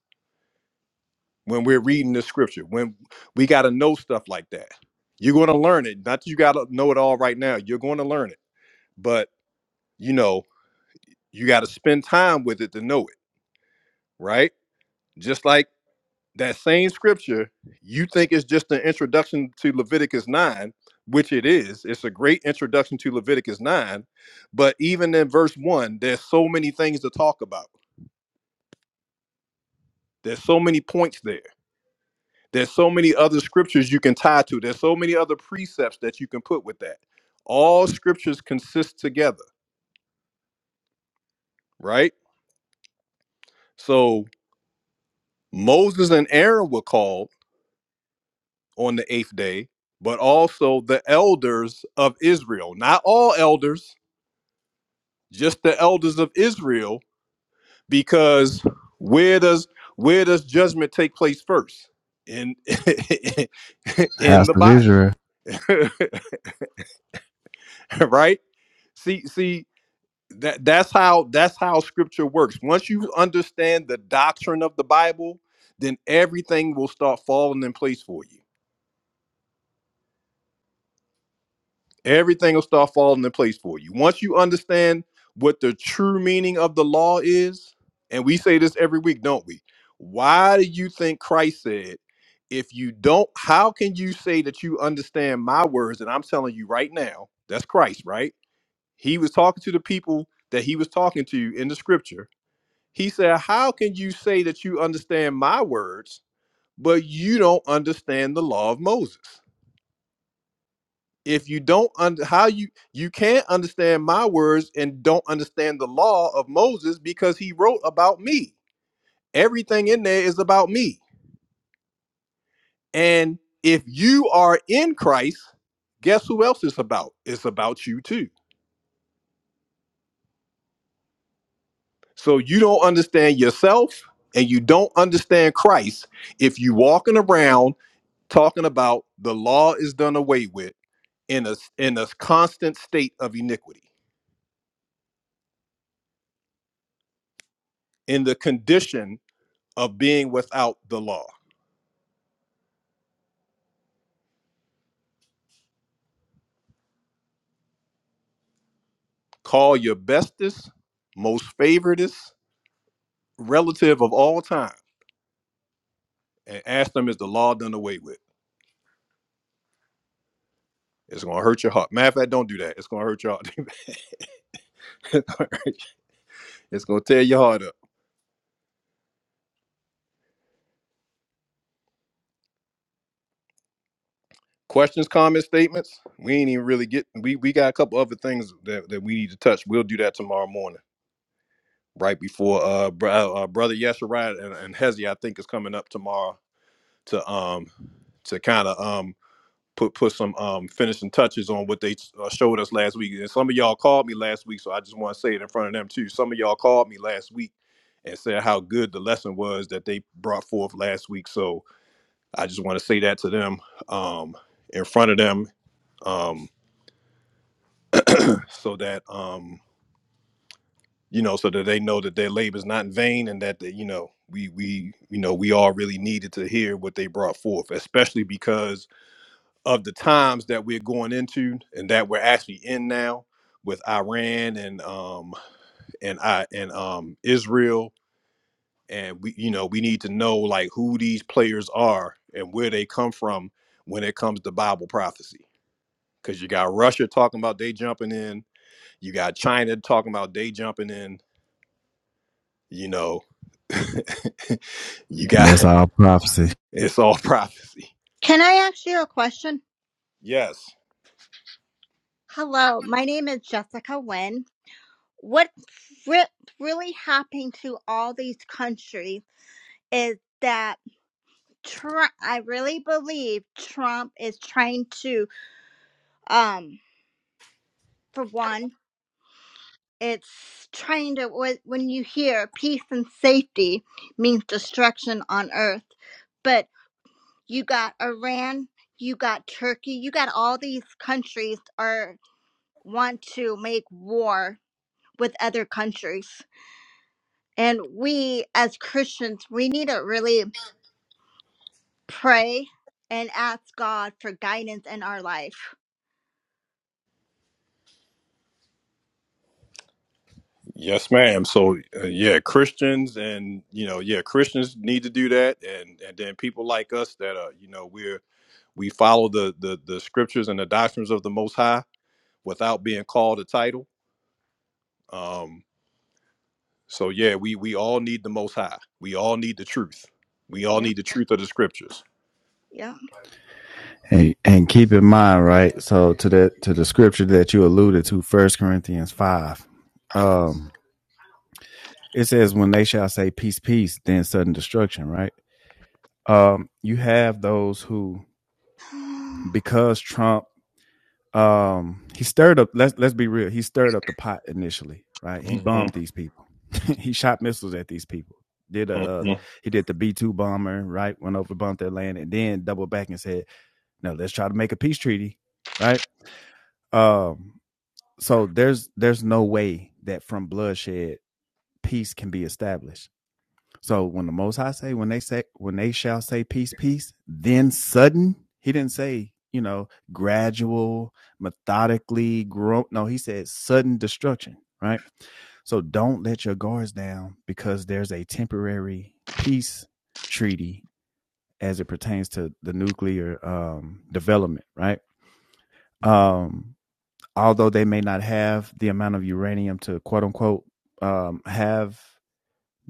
Speaker 1: when we're reading the scripture, when we got to know stuff like that. You're going to learn it. Not that you got to know it all right now. You're going to learn it. But, you know, you got to spend time with it to know it, right? Just like that same scripture, you think it's just an introduction to Leviticus 9, which it is. It's a great introduction to Leviticus 9. But even in verse 1, there's so many things to talk about, there's so many points there There's so many other scriptures you can tie to. There's so many other precepts that you can put with that. All scriptures consist together, right? So Moses and Aaron were called on the eighth day, but also the elders of Israel. Not all elders, just the elders of Israel, because where does where does judgment take place first? In *laughs*
Speaker 10: *laughs*
Speaker 1: in
Speaker 10: House
Speaker 1: the
Speaker 10: of
Speaker 1: body.
Speaker 10: Israel,
Speaker 1: *laughs* right? See, see, that that's how that's how scripture works once you understand the doctrine of the bible then everything will start falling in place for you everything will start falling in place for you once you understand what the true meaning of the law is and we say this every week don't we why do you think christ said if you don't how can you say that you understand my words that i'm telling you right now that's christ right he was talking to the people that he was talking to in the scripture He said, How can you say that you understand my words, but you don't understand the law of Moses? If you don't under how you you can't understand my words and don't understand the law of Moses because he wrote about me. Everything in there is about me. And if you are in Christ, guess who else it's about? It's about you too. So you don't understand yourself and you don't understand Christ if you walking around talking about the law is done away with in a in a constant state of iniquity in the condition of being without the law call your bestest most favoritest relative of all time and ask them is the law done away with it's gonna hurt your heart matter of fact don't do that it's gonna hurt your heart *laughs* it's gonna tear your heart up questions comments statements we ain't even really get we we got a couple other things that, that we need to touch we'll do that tomorrow morning right before uh, br- uh uh, brother Yesharai and, and Hezi, I think is coming up tomorrow to um to kind of um put put some um finishing touches on what they uh, showed us last week. And some of y'all called me last week, so I just want to say it in front of them too. Some of y'all called me last week and said how good the lesson was that they brought forth last week. So I just want to say that to them um in front of them um so that um you know, so that they know that their labor is not in vain and that, the, you know, we, we, you know, we all really needed to hear what they brought forth, especially because of the times that we're going into and that we're actually in now with Iran and, um, and I, and, um, Israel. And we, you know, we need to know like who these players are and where they come from when it comes to Bible prophecy. Cause you got Russia talking about they jumping in, you got China talking about they jumping in, you know, you
Speaker 10: and
Speaker 1: got *laughs*
Speaker 10: that's all prophecy.
Speaker 1: It's all *laughs* prophecy.
Speaker 16: Can I ask you a question?
Speaker 1: Yes.
Speaker 16: Hello, my name is Jessica Wynn. What re- really happened to all these countries is that Trump, I really believe Trump is trying to, um, for one, it's trying to, wh- when you hear peace and safety means destruction on earth. But you got Iran, you got Turkey, you got all these countries are want to make war with other countries. And we as Christians, we need to really pray and ask God for guidance in our life.
Speaker 1: Yes, ma'am. So, uh, yeah, Christians and, you know, yeah, Christians need to do that. And, and then people like us that are, you know, we're, we follow the, the, the scriptures and the doctrines of the Most High without being called a title. Um, so, yeah, we, we all need the Most High. We all need the truth. We all
Speaker 16: Yeah,
Speaker 1: need the truth of the scriptures.
Speaker 16: yeah.
Speaker 10: And, and keep in mind, right? So to that to the scripture that you alluded to, First Corinthians five, um, it says, "When they shall say peace, peace, then sudden destruction." Right? Um, you have those who,
Speaker 16: *sighs*
Speaker 10: because Trump um he stirred up let's let's be real he stirred up the pot initially right he bombed
Speaker 1: Mm-hmm,
Speaker 10: these people *laughs* he shot missiles at these people did a uh,
Speaker 1: mm-hmm,
Speaker 10: he did the b2 bomber right went over bumped their land and then doubled back and said no let's try to make a peace treaty right um so there's there's no way that from bloodshed peace can be established so when the Most High say, when they say, when they shall say peace, peace, then sudden, he didn't say, you know, gradual, methodically grow. No, he said sudden destruction, right? So don't let your guards down because there's a temporary peace treaty as it pertains to the nuclear um, development, right? Um, although they may not have the amount of uranium to quote unquote um, have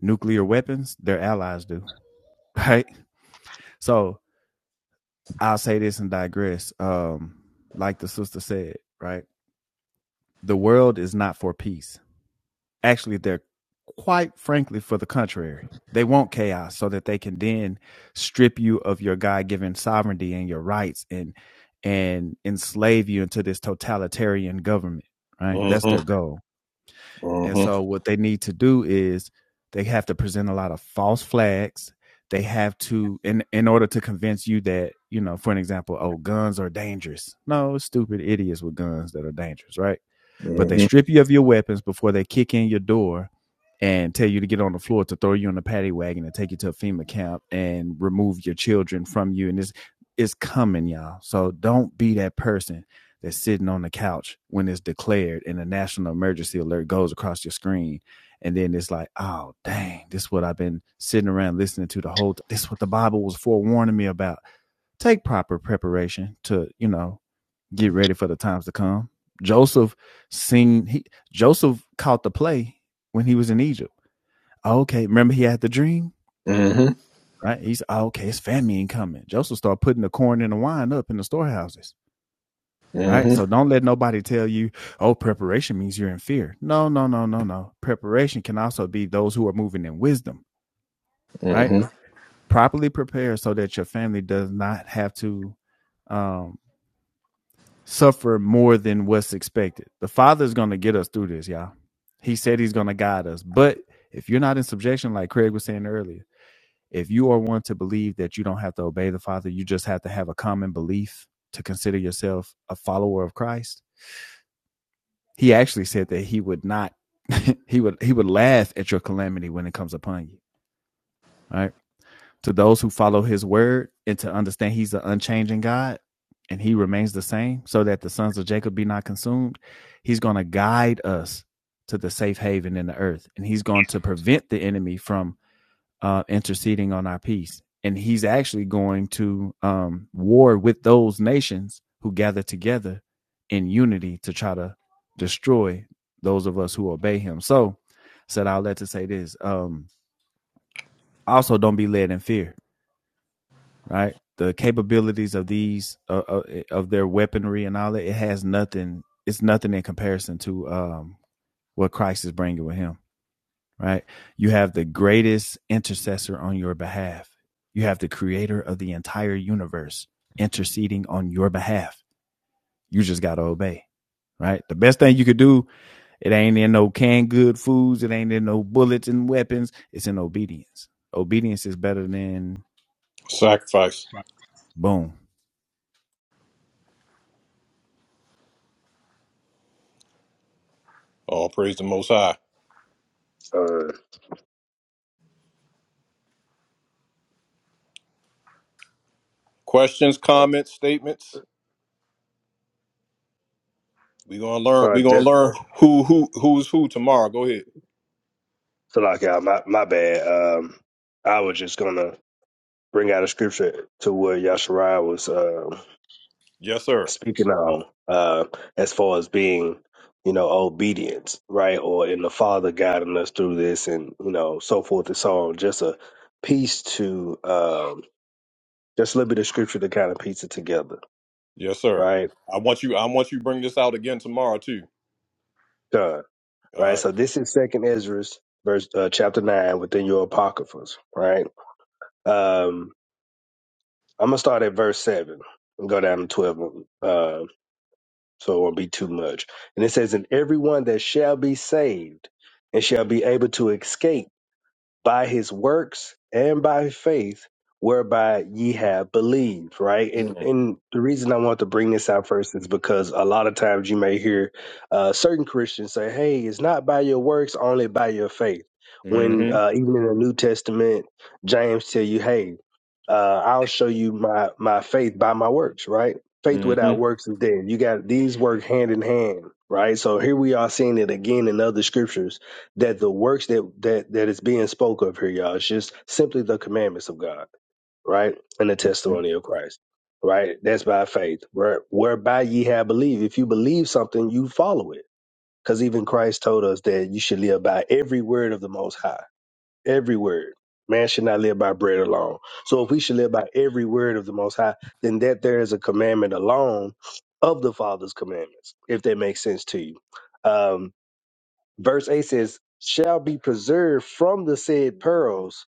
Speaker 10: nuclear weapons, their allies do, *laughs* right? So I'll say this and digress. Um, like the sister said, right? The world is not for peace. Actually, they're quite frankly for the contrary. They want chaos so that they can then strip you of your God given sovereignty and your rights and and enslave you into this totalitarian government,
Speaker 1: mm-hmm,
Speaker 10: right? That's their goal. And
Speaker 1: mm-hmm,
Speaker 10: so what they need to do is they have to present a lot of false flags. They have to in in order to convince you that, you know, for an example, oh, guns are dangerous. No, it's stupid idiots with guns that are dangerous, right? But they strip you of your weapons before they kick in your door and tell you to get on the floor to throw you in a paddy wagon and take you to a FEMA camp and remove your children from you. And it's it's coming, y'all. So don't be that person that's sitting on the couch when it's declared and a national emergency alert goes across your screen. And then it's like, oh dang, this is what I've been sitting around listening to the whole. T- this is what the Bible was forewarning me about take proper preparation to you know get ready for the times to come. Joseph seen he Joseph caught the play when he was in Egypt. Okay, remember he had the dream,
Speaker 1: mm-hmm,
Speaker 10: right? He's okay, it's famine coming. Joseph started putting the corn and the wine up in the storehouses, right? So
Speaker 1: mm-hmm,
Speaker 10: don't let nobody tell you, oh, preparation means you're in fear. No, no, no, no, no. Preparation can also be those who are moving in wisdom, right?
Speaker 1: mm-hmm.
Speaker 10: Properly prepared so that your family does not have to um suffer more than what's expected. The Father's going to get us through this, y'all. He said He's going to guide us. But if you're not in subjection, like Craig was saying earlier, if you are one to believe that you don't have to obey the Father, you just have to have a common belief to consider yourself a follower of Christ. He actually said that He would not, *laughs* He would, He would laugh at your calamity when it comes upon you, right? to those who follow his word and to understand he's an unchanging God and he remains the same so that the sons of Jacob be not consumed, he's going to guide us to the safe haven in the earth and he's going to prevent the enemy from uh, interceding on our peace. And he's actually going to um, war with those nations who gather together in unity to try to destroy those of us who obey him. So, said I'll let to say this. Um, also, don't be led in fear right? The capabilities of these uh, uh, eh, of their weaponry and all that it has nothing. It's nothing in comparison to um, what Christ is bringing with Him, right? You have the greatest intercessor on your behalf. You have the Creator of the entire universe interceding on your behalf. You just got to obey, right? The best thing you could do. It ain't in no canned good foods. It ain't in no bullets and weapons. It's in obedience. Obedience is better than
Speaker 1: Sacrifice.
Speaker 10: boom
Speaker 1: All praise the Most High.
Speaker 14: Uh,
Speaker 1: Questions, comments, statements. We gonna learn. We gonna learn who who who's who tomorrow. Go ahead.
Speaker 14: So like, yeah, my my bad. Um, I was just gonna bring out a scripture to what Yashariah was um
Speaker 1: Yes, sir.
Speaker 14: speaking on, uh, as far as being, you know, obedience, right? Or in the Father guiding us through this, and you know, so forth and so on. Just a piece to, um, just a little bit of scripture to kind of piece it together,
Speaker 1: Yes, sir.
Speaker 14: right?
Speaker 1: I want you. I want you to bring this out again tomorrow too.
Speaker 14: Done,
Speaker 1: All
Speaker 14: right?
Speaker 1: right.
Speaker 14: So this is Second Ezra, verse uh, chapter nine, within your apocryphas, right? Um, I'm gonna start at verse seven and go down to twelve, uh, so it won't be too much. And it says, "And everyone that shall be saved and shall be able to escape by his works and by faith, whereby ye have believed." Right, and
Speaker 1: Mm-hmm.
Speaker 14: and the reason I want to bring this out first is because a lot of times you may hear uh, certain Christians say, "Hey, it's not by your works, only by your faith." When
Speaker 1: Mm-hmm.
Speaker 14: uh, even in the New Testament, James tell you, "Hey." uh, I'll show you my my faith by my works, right? Faith without
Speaker 1: Mm-hmm.
Speaker 14: works is dead. You got these work hand in hand, right? So here we are seeing it again in other scriptures that the works that that that is being spoke of here, y'all, is just simply the commandments of God, right, and the testimony of Christ, right? That's by faith, where, whereby ye have believed. If you believe something, you follow it, because even Christ told us that you should live by every word of the Most High every word. Man should not live by bread alone. So if we should live by every word of the Most High, then that there is a commandment alone of the Father's commandments, if that makes sense to you. Um, verse 8 says, Shall be preserved from the said pearls,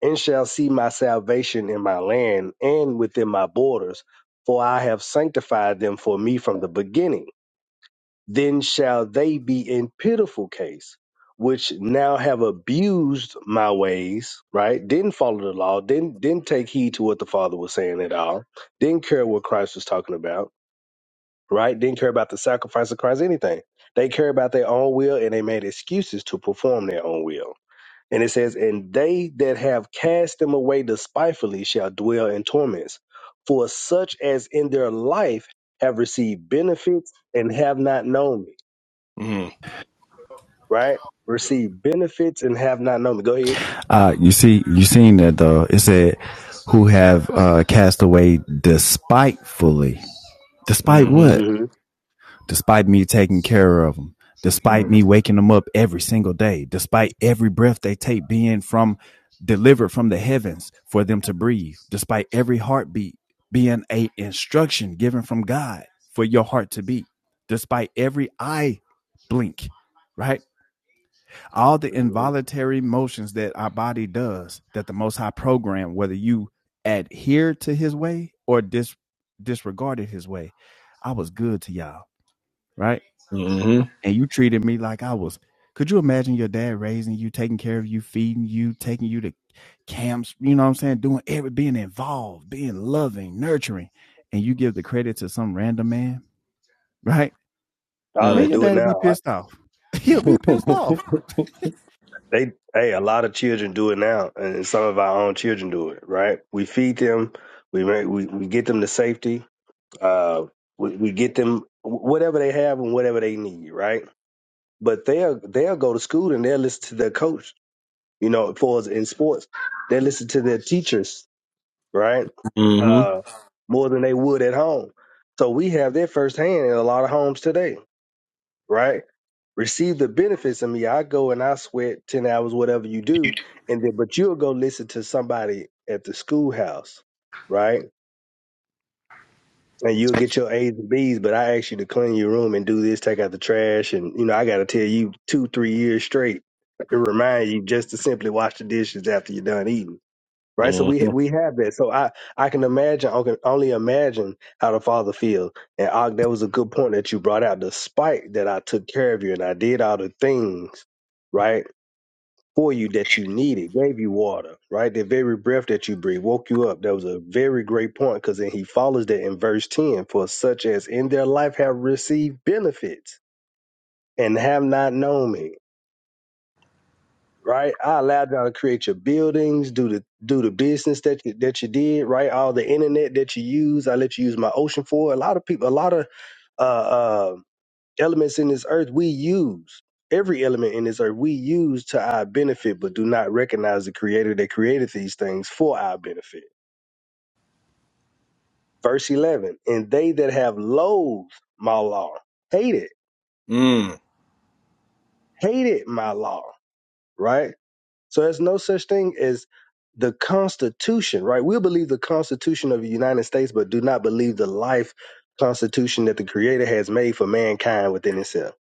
Speaker 14: and shall see my salvation in my land and within my borders, for I have sanctified them for me from the beginning then shall they be in pitiful case, which now have abused my ways, right? Didn't follow the law, didn't didn't take heed to what the Father was saying at all, didn't care what Christ was talking about, right? Didn't care about the sacrifice of Christ, anything. They care about their own will and they made excuses to perform their own will. And it says, And they that have cast them away despitefully shall dwell in torments, for such as in their life have received benefits and have not known me. right? Receive benefits and have not known. Go ahead.
Speaker 10: Uh, you see, you seen that though. It said, "Who have uh, cast away despitefully? Despite
Speaker 1: Mm-hmm.
Speaker 10: what?
Speaker 14: hmm
Speaker 10: Despite me taking care of them. Despite me
Speaker 1: Mm-hmm.
Speaker 10: waking them up every single day. Despite every breath they take being from delivered from the heavens for them to breathe. Despite every heartbeat being a instruction given from God for your heart to beat. Despite every eye blink, right? all the
Speaker 14: hmm
Speaker 10: involuntary motions that our body does that the most high program whether you adhere to his way or dis- disregarded his way i was good to y'all right
Speaker 1: Mm-hmm.
Speaker 10: and you treated me like i was could you imagine your dad raising you taking care of you feeding you taking you to camps you know what i'm saying doing every being involved being loving nurturing and you give the credit to some random man right
Speaker 14: Oh,
Speaker 10: man
Speaker 14: they
Speaker 10: your
Speaker 14: do it
Speaker 10: dad'll be
Speaker 14: now.
Speaker 10: pissed off *laughs* he'll be pissed off
Speaker 14: They hey, a lot of children do it now, and some of our own children do it. Right? We feed them. We make, we we get them to safety. Uh, we, we get them whatever they have and whatever they need. Right? But they'll they'll go to school and they'll listen to their coach. You know, for us in sports, they listen to their teachers. Right? Uh, more than they would at home. So we have that firsthand in a lot of homes today right? Receive the benefits of me. I go and I sweat 10 hours, whatever you do. And then, but you'll go listen to somebody at the schoolhouse, right? And you'll get your A's and B's, but I ask you to clean your room and do this, take out the trash. And, you know, I got to tell you two, three years straight. It reminds you just to simply wash the dishes after you're done eating right? So we
Speaker 1: Mm-hmm.
Speaker 14: we have that. So I I can imagine, I can only imagine how the father feels. And Og, that was a good point that you brought out. Despite that, I took care of you and I did all the things, right, for you that you needed, gave you water, right, the very breath that you breathe, woke you up. That was a very great point because then he follows that in verse ten. For such as in their life have received benefits and have not known me right? I allowed y'all to create your buildings, do the do the business that you, that you did, right? All the internet that you use, I let you use my ocean for. A lot of people, a lot of uh, uh, elements in this earth we use. Every element in this earth we use to our benefit, but do not recognize the creator that created these things for our benefit. Verse 11, and they that have loathed my law, hate it, hate it, my law, right? So there's no such thing as the Constitution, right? We'll believe the Constitution of the United States, but do not believe the life Constitution that the Creator has made for mankind within itself,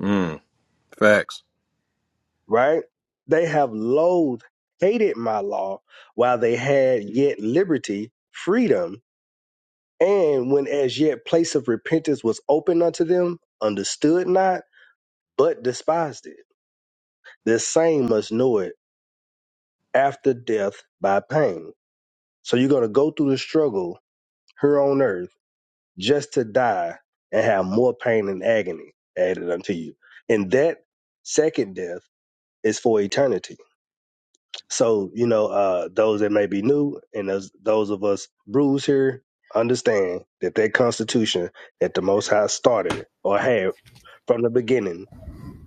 Speaker 1: Mm-hmm. Facts.
Speaker 14: right? They have loathed, hated my law while they had yet liberty, freedom, and when as yet place of repentance was open unto them, understood not, but despised it. The same must know it after death by pain. So you're going to go through the struggle here on earth just to die and have more pain and agony added unto you. And that second death is for eternity. So, you know, uh, those that may be new and those, those of us bruised here understand that that constitution that the Most High started or had from the beginning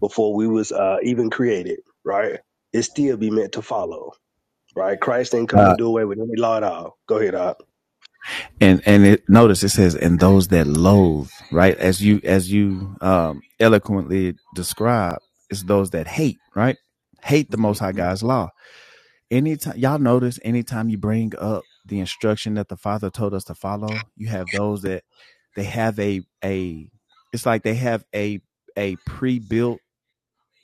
Speaker 14: before we was uh, even created, right? It still be meant to follow, right? Christ didn't
Speaker 10: Uh,
Speaker 14: come and do away with any law at all. Go ahead, Op.
Speaker 10: and and it notice it says and those that loathe right as you as you um eloquently describe it's those that hate right hate the most high
Speaker 1: Mm-hmm.
Speaker 10: god's law anytime y'all notice anytime you bring up the instruction that the father told us to follow you have those that they have a a it's like they have a a pre-built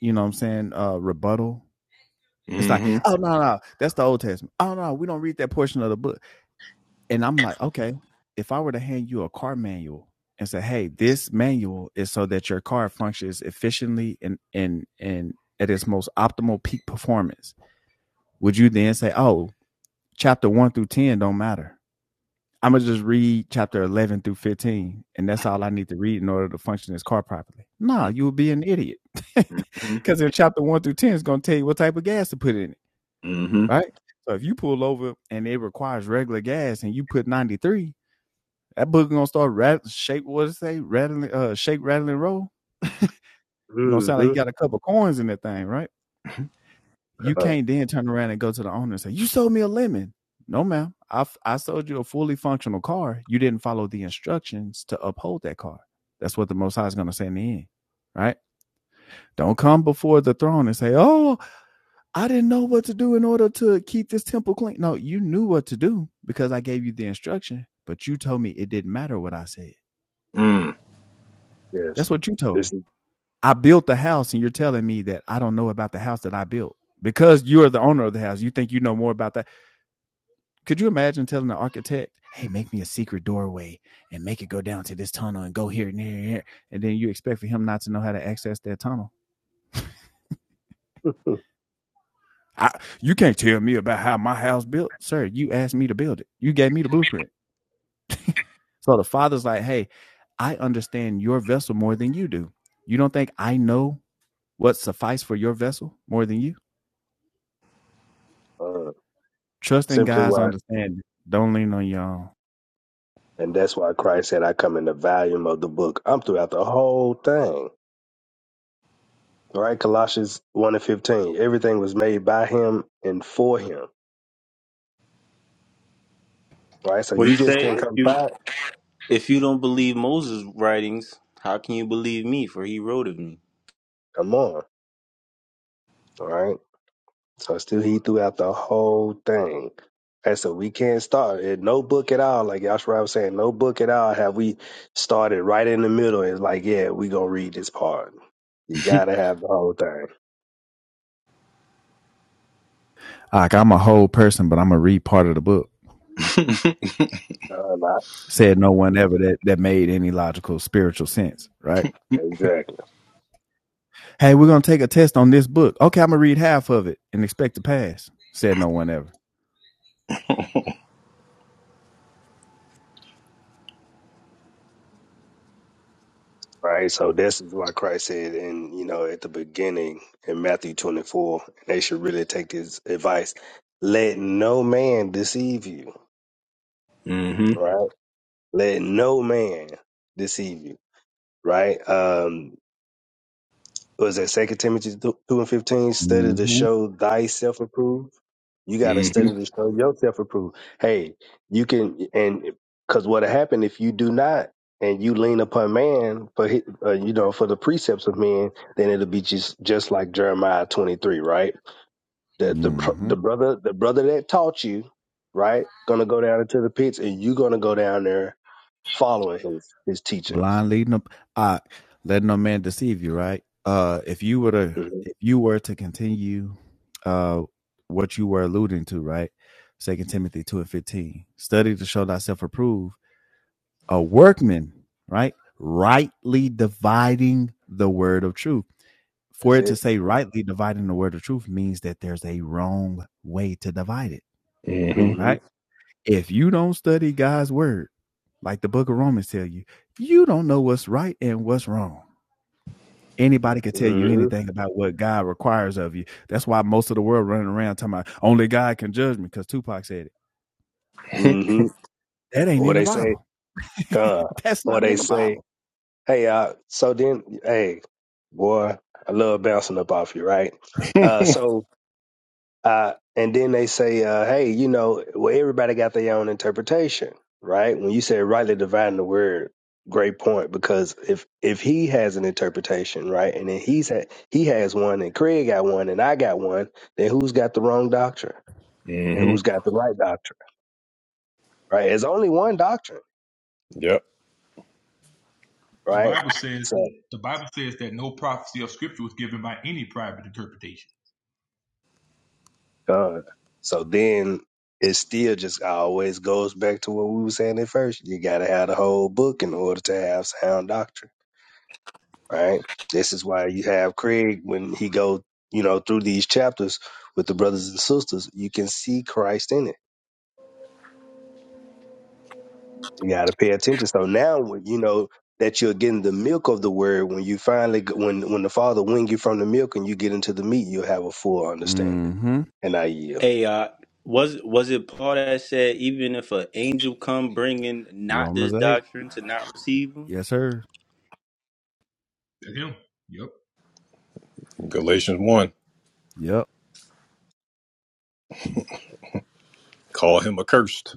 Speaker 10: you know what i'm saying uh rebuttal it's like
Speaker 1: Mm-hmm.
Speaker 10: oh no no that's the old testament oh no we don't read that portion of the book and I'm like, okay, if I were to hand you a car manual and say, hey, this manual is so that your car functions efficiently and and and at its most optimal peak performance, would you then say, oh, chapter one through ten don't matter? I'm gonna just read chapter eleven through fifteen, and that's all I need to read in order to function this car properly. Nah, you would be an idiot,
Speaker 1: Mm-hmm. Mm-hmm.
Speaker 10: because *laughs* in chapter one through ten, it's gonna tell you what type of gas to put in it, right? So if you pull over and it requires regular gas, and you put ninety three, that book gonna start rat shake. What it say? Rattling, uh, shake, rattling, roll. It's gonna sound like you
Speaker 14: Mm-hmm.
Speaker 10: got a couple coins in that thing, right? You
Speaker 14: Uh,
Speaker 10: can't then turn around and go to the owner and say, "You sold me a lemon." No, ma'am. I I I sold you a fully functional car. You didn't follow the instructions to uphold that car. That's what the Most High is gonna say in the end, right? Don't come before the throne and say, "Oh, I didn't know what to do in order to keep this temple clean." No, you knew what to do because I gave you the instruction, but you told me it didn't matter what I said. That's
Speaker 14: yes.
Speaker 10: what you told me.
Speaker 14: This is.
Speaker 10: I built the house and you're telling me that I don't know about the house that I built because you are the owner of the house. You think you know more about that. Could you imagine telling the architect, hey, make me a secret doorway and make it go down to this tunnel and go here and here and here? And then you expect for him not to know how to access that tunnel.
Speaker 14: *laughs*
Speaker 10: I, you can't tell me about how my house built. Sir, you asked me to build it. You gave me the blueprint. So the father's like, hey, I understand your vessel more than you do. You don't think I know what suffice for your vessel more than you?
Speaker 14: Uh,
Speaker 10: Trust in
Speaker 14: simply
Speaker 10: God's
Speaker 14: why,
Speaker 10: understanding. Don't lean on your own.
Speaker 14: and that's why Christ said, I come in the volume of the book. I'm throughout the whole thing. All right, Colossians 1 and 15. Everything was made by him and for him. All right, so
Speaker 13: What do
Speaker 14: you
Speaker 13: you
Speaker 14: just
Speaker 13: say?
Speaker 14: can't
Speaker 13: If
Speaker 14: come
Speaker 13: you
Speaker 14: by.
Speaker 13: if you don't believe Moses' writings, how can you believe me? For he wrote of me.
Speaker 14: Come on. All right. So still he throughout the whole thing. And so we can't start at no book at all. Like Yashua was saying, no book at all have we started right in the middle. It's like, yeah, we gonna read this part. You gotta have the whole thing.
Speaker 10: Like I'm a whole person, but I'm gonna read part of the book.
Speaker 1: *laughs*
Speaker 14: Uh, not-
Speaker 10: Said no one ever that that made any logical spiritual sense, right?
Speaker 14: exactly.
Speaker 10: Hey, we're gonna take a test on this book. Okay, I'm gonna read half of it and expect to pass. Said no one ever.
Speaker 14: Right. So that's why Christ said, and you know, at the beginning in Matthew 24, they should really take his advice. Let no man deceive you.
Speaker 1: Mm-hmm.
Speaker 14: Right. Let no man deceive you. Right. Um, was that Second Timothy 2 and 15 study to
Speaker 10: Mm-hmm.
Speaker 14: show thyself approved? You got to
Speaker 1: Mm-hmm.
Speaker 14: study to show yourself approved. Hey, you can, and because what happened if you do not, and you lean upon man for hi- uh, you know for the precepts of men, then it'll be just just like Jeremiah twenty three, right? The the br-
Speaker 10: Mm-hmm.
Speaker 14: the brother the brother that taught you, right, gonna go down into the pits, and you gonna go down there following his his teachings.
Speaker 10: Blind leading up uh let no man deceive you, right? Uh if you were to
Speaker 14: hmm
Speaker 10: if you were to continue uh what you were alluding to, right? Second Timothy two and fifteen. Study to show thyself approved a workman, right? Rightly dividing the word of truth. For
Speaker 14: That's
Speaker 10: it to
Speaker 14: it.
Speaker 10: say rightly dividing the word of truth means that there's a wrong way to divide it,
Speaker 14: hmm
Speaker 10: right? If you don't study God's word, like the book of Romans tell you, you don't know what's right and what's wrong. Anybody could tell you
Speaker 14: hmm
Speaker 10: anything about what God requires of you. That's why most of the world running around talking about only God can judge me because Tupac said it.
Speaker 14: hmm
Speaker 10: That ain't
Speaker 14: Or
Speaker 10: in the
Speaker 14: they say
Speaker 10: Bible. *laughs*
Speaker 14: God,
Speaker 10: That's
Speaker 14: or
Speaker 10: not
Speaker 14: they
Speaker 10: in the
Speaker 14: say
Speaker 10: Bible.
Speaker 14: Hey, uh, so then, hey, boy, I love bouncing up off you, right?
Speaker 1: Mm-hmm. *laughs*
Speaker 14: Uh, so, uh, and then they say, uh, hey, you know, well, everybody got their own interpretation, right? When you said rightly dividing the word, great point, because if if he has an interpretation, right, and then he's ha- he has one, and Craig got one, and I got one, then who's got the wrong doctrine and
Speaker 1: hmm
Speaker 14: who's got the right doctrine, right? There's only one doctrine,
Speaker 1: Yep.
Speaker 15: The
Speaker 14: right?
Speaker 15: Bible says
Speaker 14: So
Speaker 15: that the Bible says that no prophecy of Scripture was given by any private interpretation.
Speaker 14: God. So then it still just always goes back to what we were saying at first. You got to have the whole book in order to have sound doctrine, right? This is why you have Craig when he go, you know, through these chapters with the brothers and sisters. You can see Christ in it. You got to pay attention. So now, when you know that you're getting the milk of the word, when you finally, when when the Father wing you from the milk and you get into the meat, you'll have a full understanding.
Speaker 10: mm hmm
Speaker 14: And I yield.
Speaker 13: Hey, uh, was was it Paul that said even if an angel come bringing not
Speaker 10: Romans
Speaker 13: this
Speaker 10: 8.
Speaker 13: doctrine to not receive him?
Speaker 10: Yes, sir.
Speaker 15: That's him. Yep.
Speaker 1: Galatians one.
Speaker 10: Yep.
Speaker 1: Call him accursed.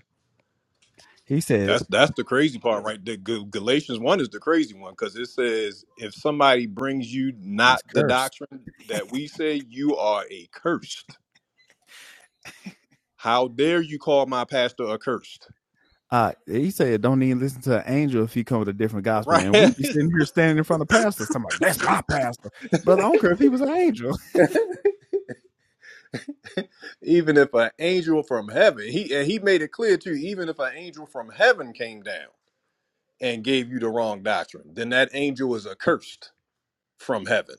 Speaker 10: He said
Speaker 1: That's that's the crazy part, right? The Gal- Galatians one is the crazy one because it says if somebody brings you not
Speaker 10: He's
Speaker 1: the
Speaker 10: cursed.
Speaker 1: doctrine that we say, you are accursed. How dare you call my pastor accursed?
Speaker 10: Uh, he said, "Don't even listen to an angel if he come with a different gospel."
Speaker 1: Right?
Speaker 10: And we
Speaker 1: *laughs*
Speaker 10: be sitting here standing in front of pastors, talking about that's my pastor, brother. I don't care if he was an angel.
Speaker 1: even if an angel from heaven, he and he made it clear too. Even if an angel from heaven came down and gave you the wrong doctrine, then that angel is accursed from heaven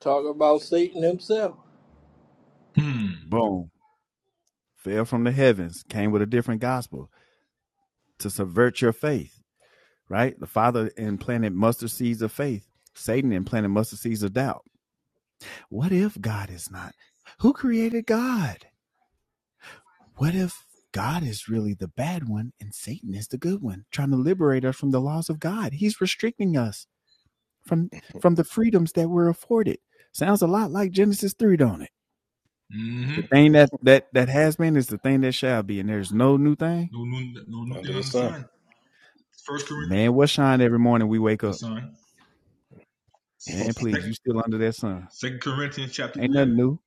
Speaker 3: Talk about Satan himself.
Speaker 15: Hmm.
Speaker 10: *laughs* Boom, fell from the heavens, came with a different gospel to subvert your faith. Right? The Father implanted mustard seeds of faith. Satan implanted mustard seeds of doubt. What if God is not? Who created God? what if God is really the bad one and Satan is the good one, trying to liberate us from the laws of God? He's restricting us from from the freedoms that we're afforded. Sounds a lot like Genesis 3, don't it?
Speaker 15: Mm-hmm.
Speaker 10: The thing that that that has been is the thing that shall be, and there's no new thing.
Speaker 15: No new, no new
Speaker 1: under
Speaker 15: thing
Speaker 1: the
Speaker 15: on the
Speaker 1: sun.
Speaker 15: sun. First Corinthians,
Speaker 10: Man, what shine every morning we wake
Speaker 15: the
Speaker 10: up?
Speaker 15: sun.
Speaker 1: *laughs*
Speaker 10: Man, please,
Speaker 15: Second,
Speaker 10: you still under that sun.
Speaker 15: Second Corinthians chapter
Speaker 10: Ain't
Speaker 15: eleven.
Speaker 10: nothing new.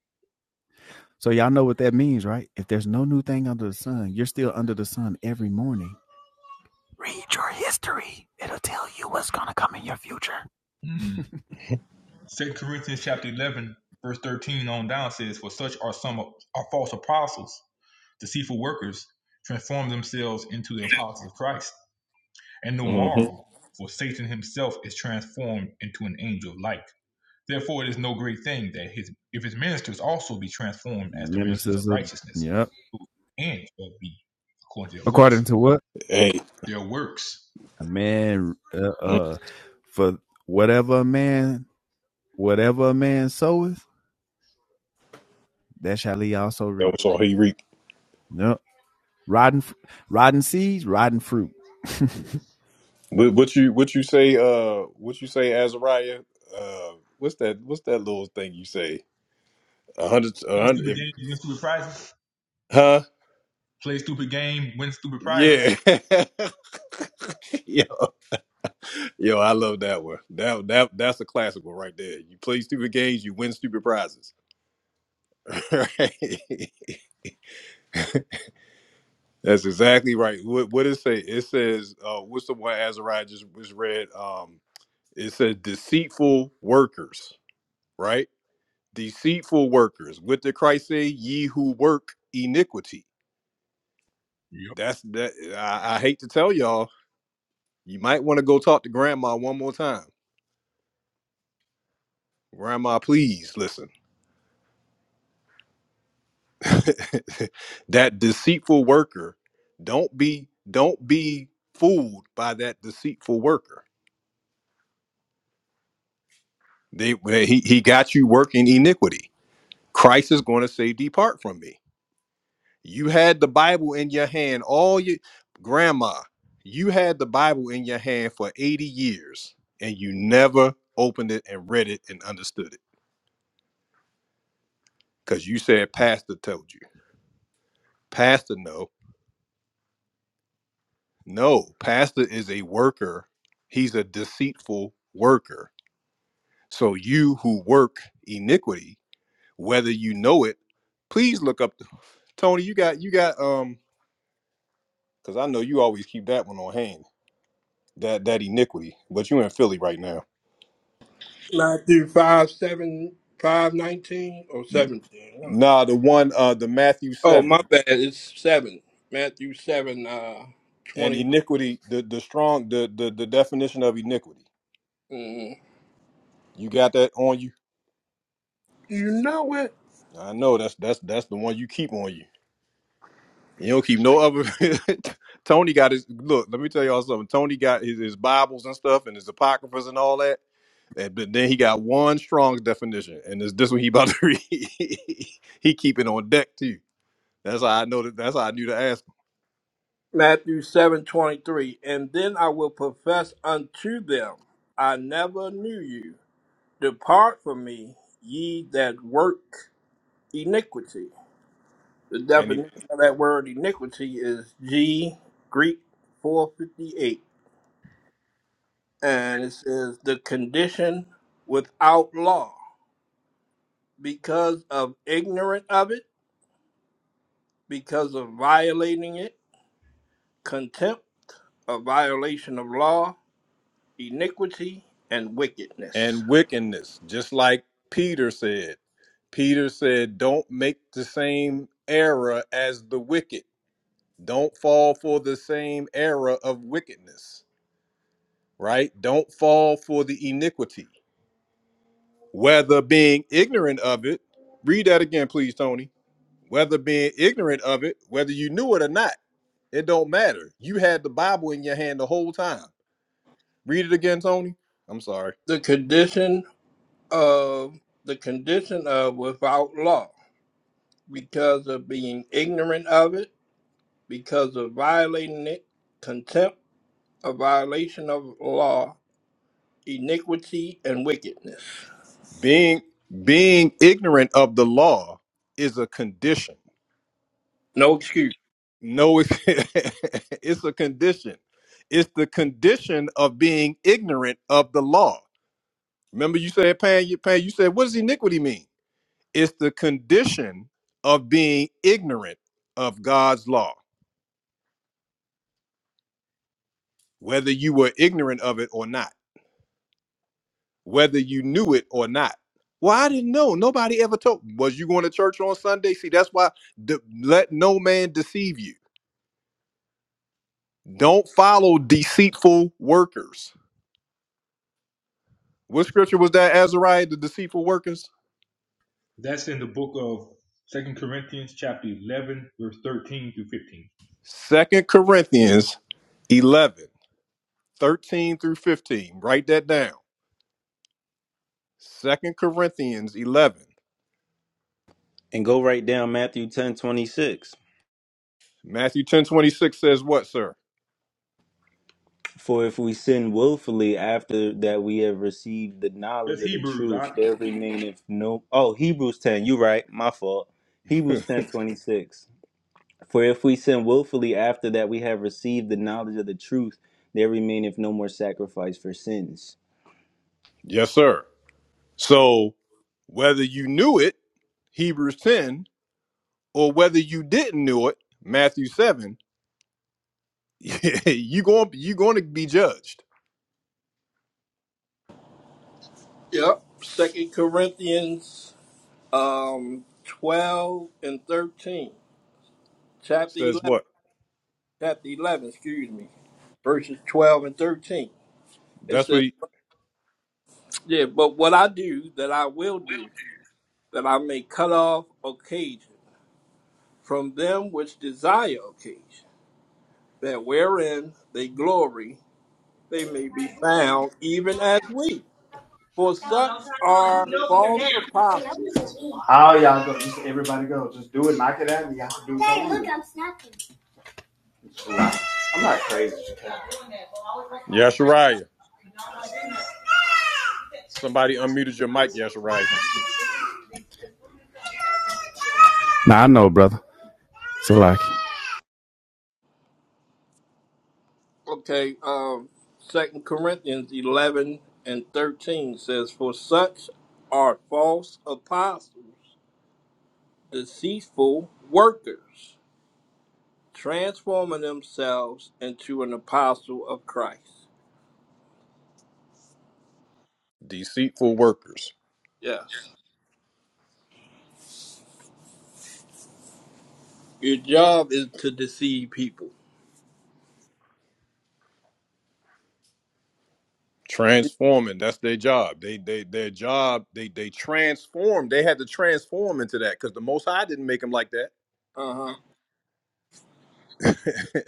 Speaker 10: So y'all know what that means, right? If there's no new thing under the sun, you're still under the sun every morning. Read your history. It'll tell you what's gonna come in your future.
Speaker 15: Hmm. Second Corinthians chapter eleven, verse thirteen on down says, "For such are some of- are false apostles, deceitful workers, transform themselves into the apostles of Christ, and no
Speaker 1: hmm
Speaker 15: marvel, for Satan himself is transformed into an angel of light." Therefore, it is no great thing that his if his ministers also be transformed as the ministers of
Speaker 10: ministers of
Speaker 15: righteousness,
Speaker 10: yep.
Speaker 15: and shall be according to their works.
Speaker 10: According to what
Speaker 1: Hey.
Speaker 15: Their works.
Speaker 10: a man uh, uh for whatever a man whatever a man soweth, that shall he also
Speaker 1: That
Speaker 10: reap.
Speaker 1: was all he reaped.
Speaker 10: Yep. Rotten f- rotten seeds, rotten fruit. *laughs*
Speaker 1: What, what you what you say? Uh, what you say, Azariah? Uh, what's that? What's that little thing you say? A hundred, a
Speaker 15: Play
Speaker 1: hundred,
Speaker 15: stupid
Speaker 1: if-
Speaker 15: games, win stupid prizes.
Speaker 1: huh?
Speaker 15: Play stupid game, win stupid prizes.
Speaker 1: Yeah, *laughs* yo, yo, I love that one. That that that's a classic one right there. You play stupid games, you win stupid prizes. *laughs* right? That's exactly right. What what it say? It says, uh, what's the one Azariah just was read? Um, it said deceitful workers. Right? deceitful workers. What did Christ say? Ye who work iniquity.
Speaker 15: Yep.
Speaker 1: That's that. I, I hate to tell y'all, you might want to go talk to grandma one more time. Grandma, please listen. *laughs* that deceitful worker, don't be don't be fooled by that deceitful worker. They he he got you working iniquity. Christ is going to say, "Depart from me." You had the Bible in your hand all your grandma. You had the Bible in your hand for 80 years and you never opened it and read it and understood it cuz you said pastor told you. Pastor no. No, pastor is a worker. He's a deceitful worker. So you who work iniquity, whether you know it, please look up The, Tony, you got you got um cuz I know you always keep that one on hand. That that iniquity, but you in Philly right now.
Speaker 3: Matthew 5 7 5 19 or 17. one of them.
Speaker 1: Nah, the one uh the Matthew
Speaker 3: Oh,
Speaker 1: seven
Speaker 3: my bad. It's 7. Matthew 7, uh,
Speaker 1: and
Speaker 3: 21.
Speaker 1: iniquity, the the strong the the, the definition of iniquity.
Speaker 3: Mm.
Speaker 1: You got that on you?
Speaker 3: You know it.
Speaker 1: I know that's that's that's the one you keep on you. You don't keep no other *laughs* Tony got his look, let me tell y'all something. Tony got his, his Bibles and stuff and his apocryphas and all that. And but then he got one strong definition, and it's this one he about to *laughs* read. he keep it on deck too. That's how I know that that's how I knew to ask
Speaker 3: Matthew 7 23, And then I will profess unto them, I never knew you. Depart from me, ye that work iniquity. The
Speaker 1: him.
Speaker 3: definition of that word iniquity is G Greek 458. And it says the condition without law because of ignorant of it, because of violating it, contempt, a violation of law, iniquity, and wickedness.
Speaker 1: and wickedness, just like Peter said. Peter said, Don't make the same error as the wicked. Don't fall for the same error of wickedness, right? Don't fall for the iniquity. Whether being ignorant of it, read that again, please, Tony. Whether being ignorant of it, whether you knew it or not, it don't matter. You had the Bible in your hand the whole time. Read it again, Tony. I'm sorry.
Speaker 3: The condition of the condition of without law. because of being ignorant of it, because of violating it, contempt, a violation of law, iniquity, and wickedness.
Speaker 1: Being being ignorant of the law is a condition.
Speaker 3: No excuse.
Speaker 1: No, it's, *laughs* it's a condition. It's the condition of being ignorant of the law. Remember, you said, Pan, you Pan, you said, what does iniquity mean? It's the condition of being ignorant of God's law, whether you were ignorant of it or not, whether you knew it or not. Well, I didn't know. Nobody ever told. Was you going to church on Sunday? See, that's why de- let no man deceive you Don't follow deceitful workers. What scripture was that, Azariah, the deceitful workers?
Speaker 15: That's in the book of Second Corinthians, chapter eleven, verse thirteen through fifteen.
Speaker 1: Second Corinthians 11 13 through 15. Write that down. Second Corinthians 11.
Speaker 13: And go right down Matthew ten twenty six.
Speaker 1: Matthew ten twenty six says what, sir?
Speaker 13: For if we sin willfully after that we have received the knowledge
Speaker 15: That's
Speaker 13: of the
Speaker 15: Hebrews.
Speaker 13: truth,
Speaker 15: Doc.
Speaker 13: there remaineth no. Oh, Hebrews 10, you right, my fault. Hebrews
Speaker 1: *laughs*
Speaker 13: 10 26. For if we sin willfully after that we have received the knowledge of the truth, there remaineth no more sacrifice for sins.
Speaker 1: Yes, sir. So whether you knew it, Hebrews 10, or whether you didn't know it, Matthew 7, *laughs* you going you going to be judged.
Speaker 3: Yep. Second Corinthians um twelve and thirteen. Chapter
Speaker 1: Says
Speaker 3: eleven
Speaker 1: what?
Speaker 3: chapter eleven, excuse me. Verses twelve and thirteen. It
Speaker 1: That's what
Speaker 3: says,
Speaker 1: he,
Speaker 3: Yeah, but what I do that I will do, that I may cut off occasion from them which desire occasion that wherein they glory they may be found even as we. For
Speaker 10: Hey, no,
Speaker 3: such
Speaker 10: don't try to run.
Speaker 3: are
Speaker 10: Get over here
Speaker 3: false apostles.
Speaker 10: now. Oh, y'all go? Just everybody go. Just do it. Knock it out. Y'all do it. Hey, Look, I'm snapping. I'm not I'm not crazy.
Speaker 1: Yeshariah. Somebody unmuted your mic, Yashirai.
Speaker 10: Now I know, brother. So like,
Speaker 3: Okay, um, 2 Corinthians 11 and 13 says, For such are false apostles, deceitful workers, transforming themselves into an apostle of Christ.
Speaker 1: Deceitful workers.
Speaker 3: Yes. Your job is to deceive people.
Speaker 1: Transforming. That's their job. They they their job, they they transform. They had to transform into that because the most high didn't make them like
Speaker 3: Uh huh.
Speaker 1: that.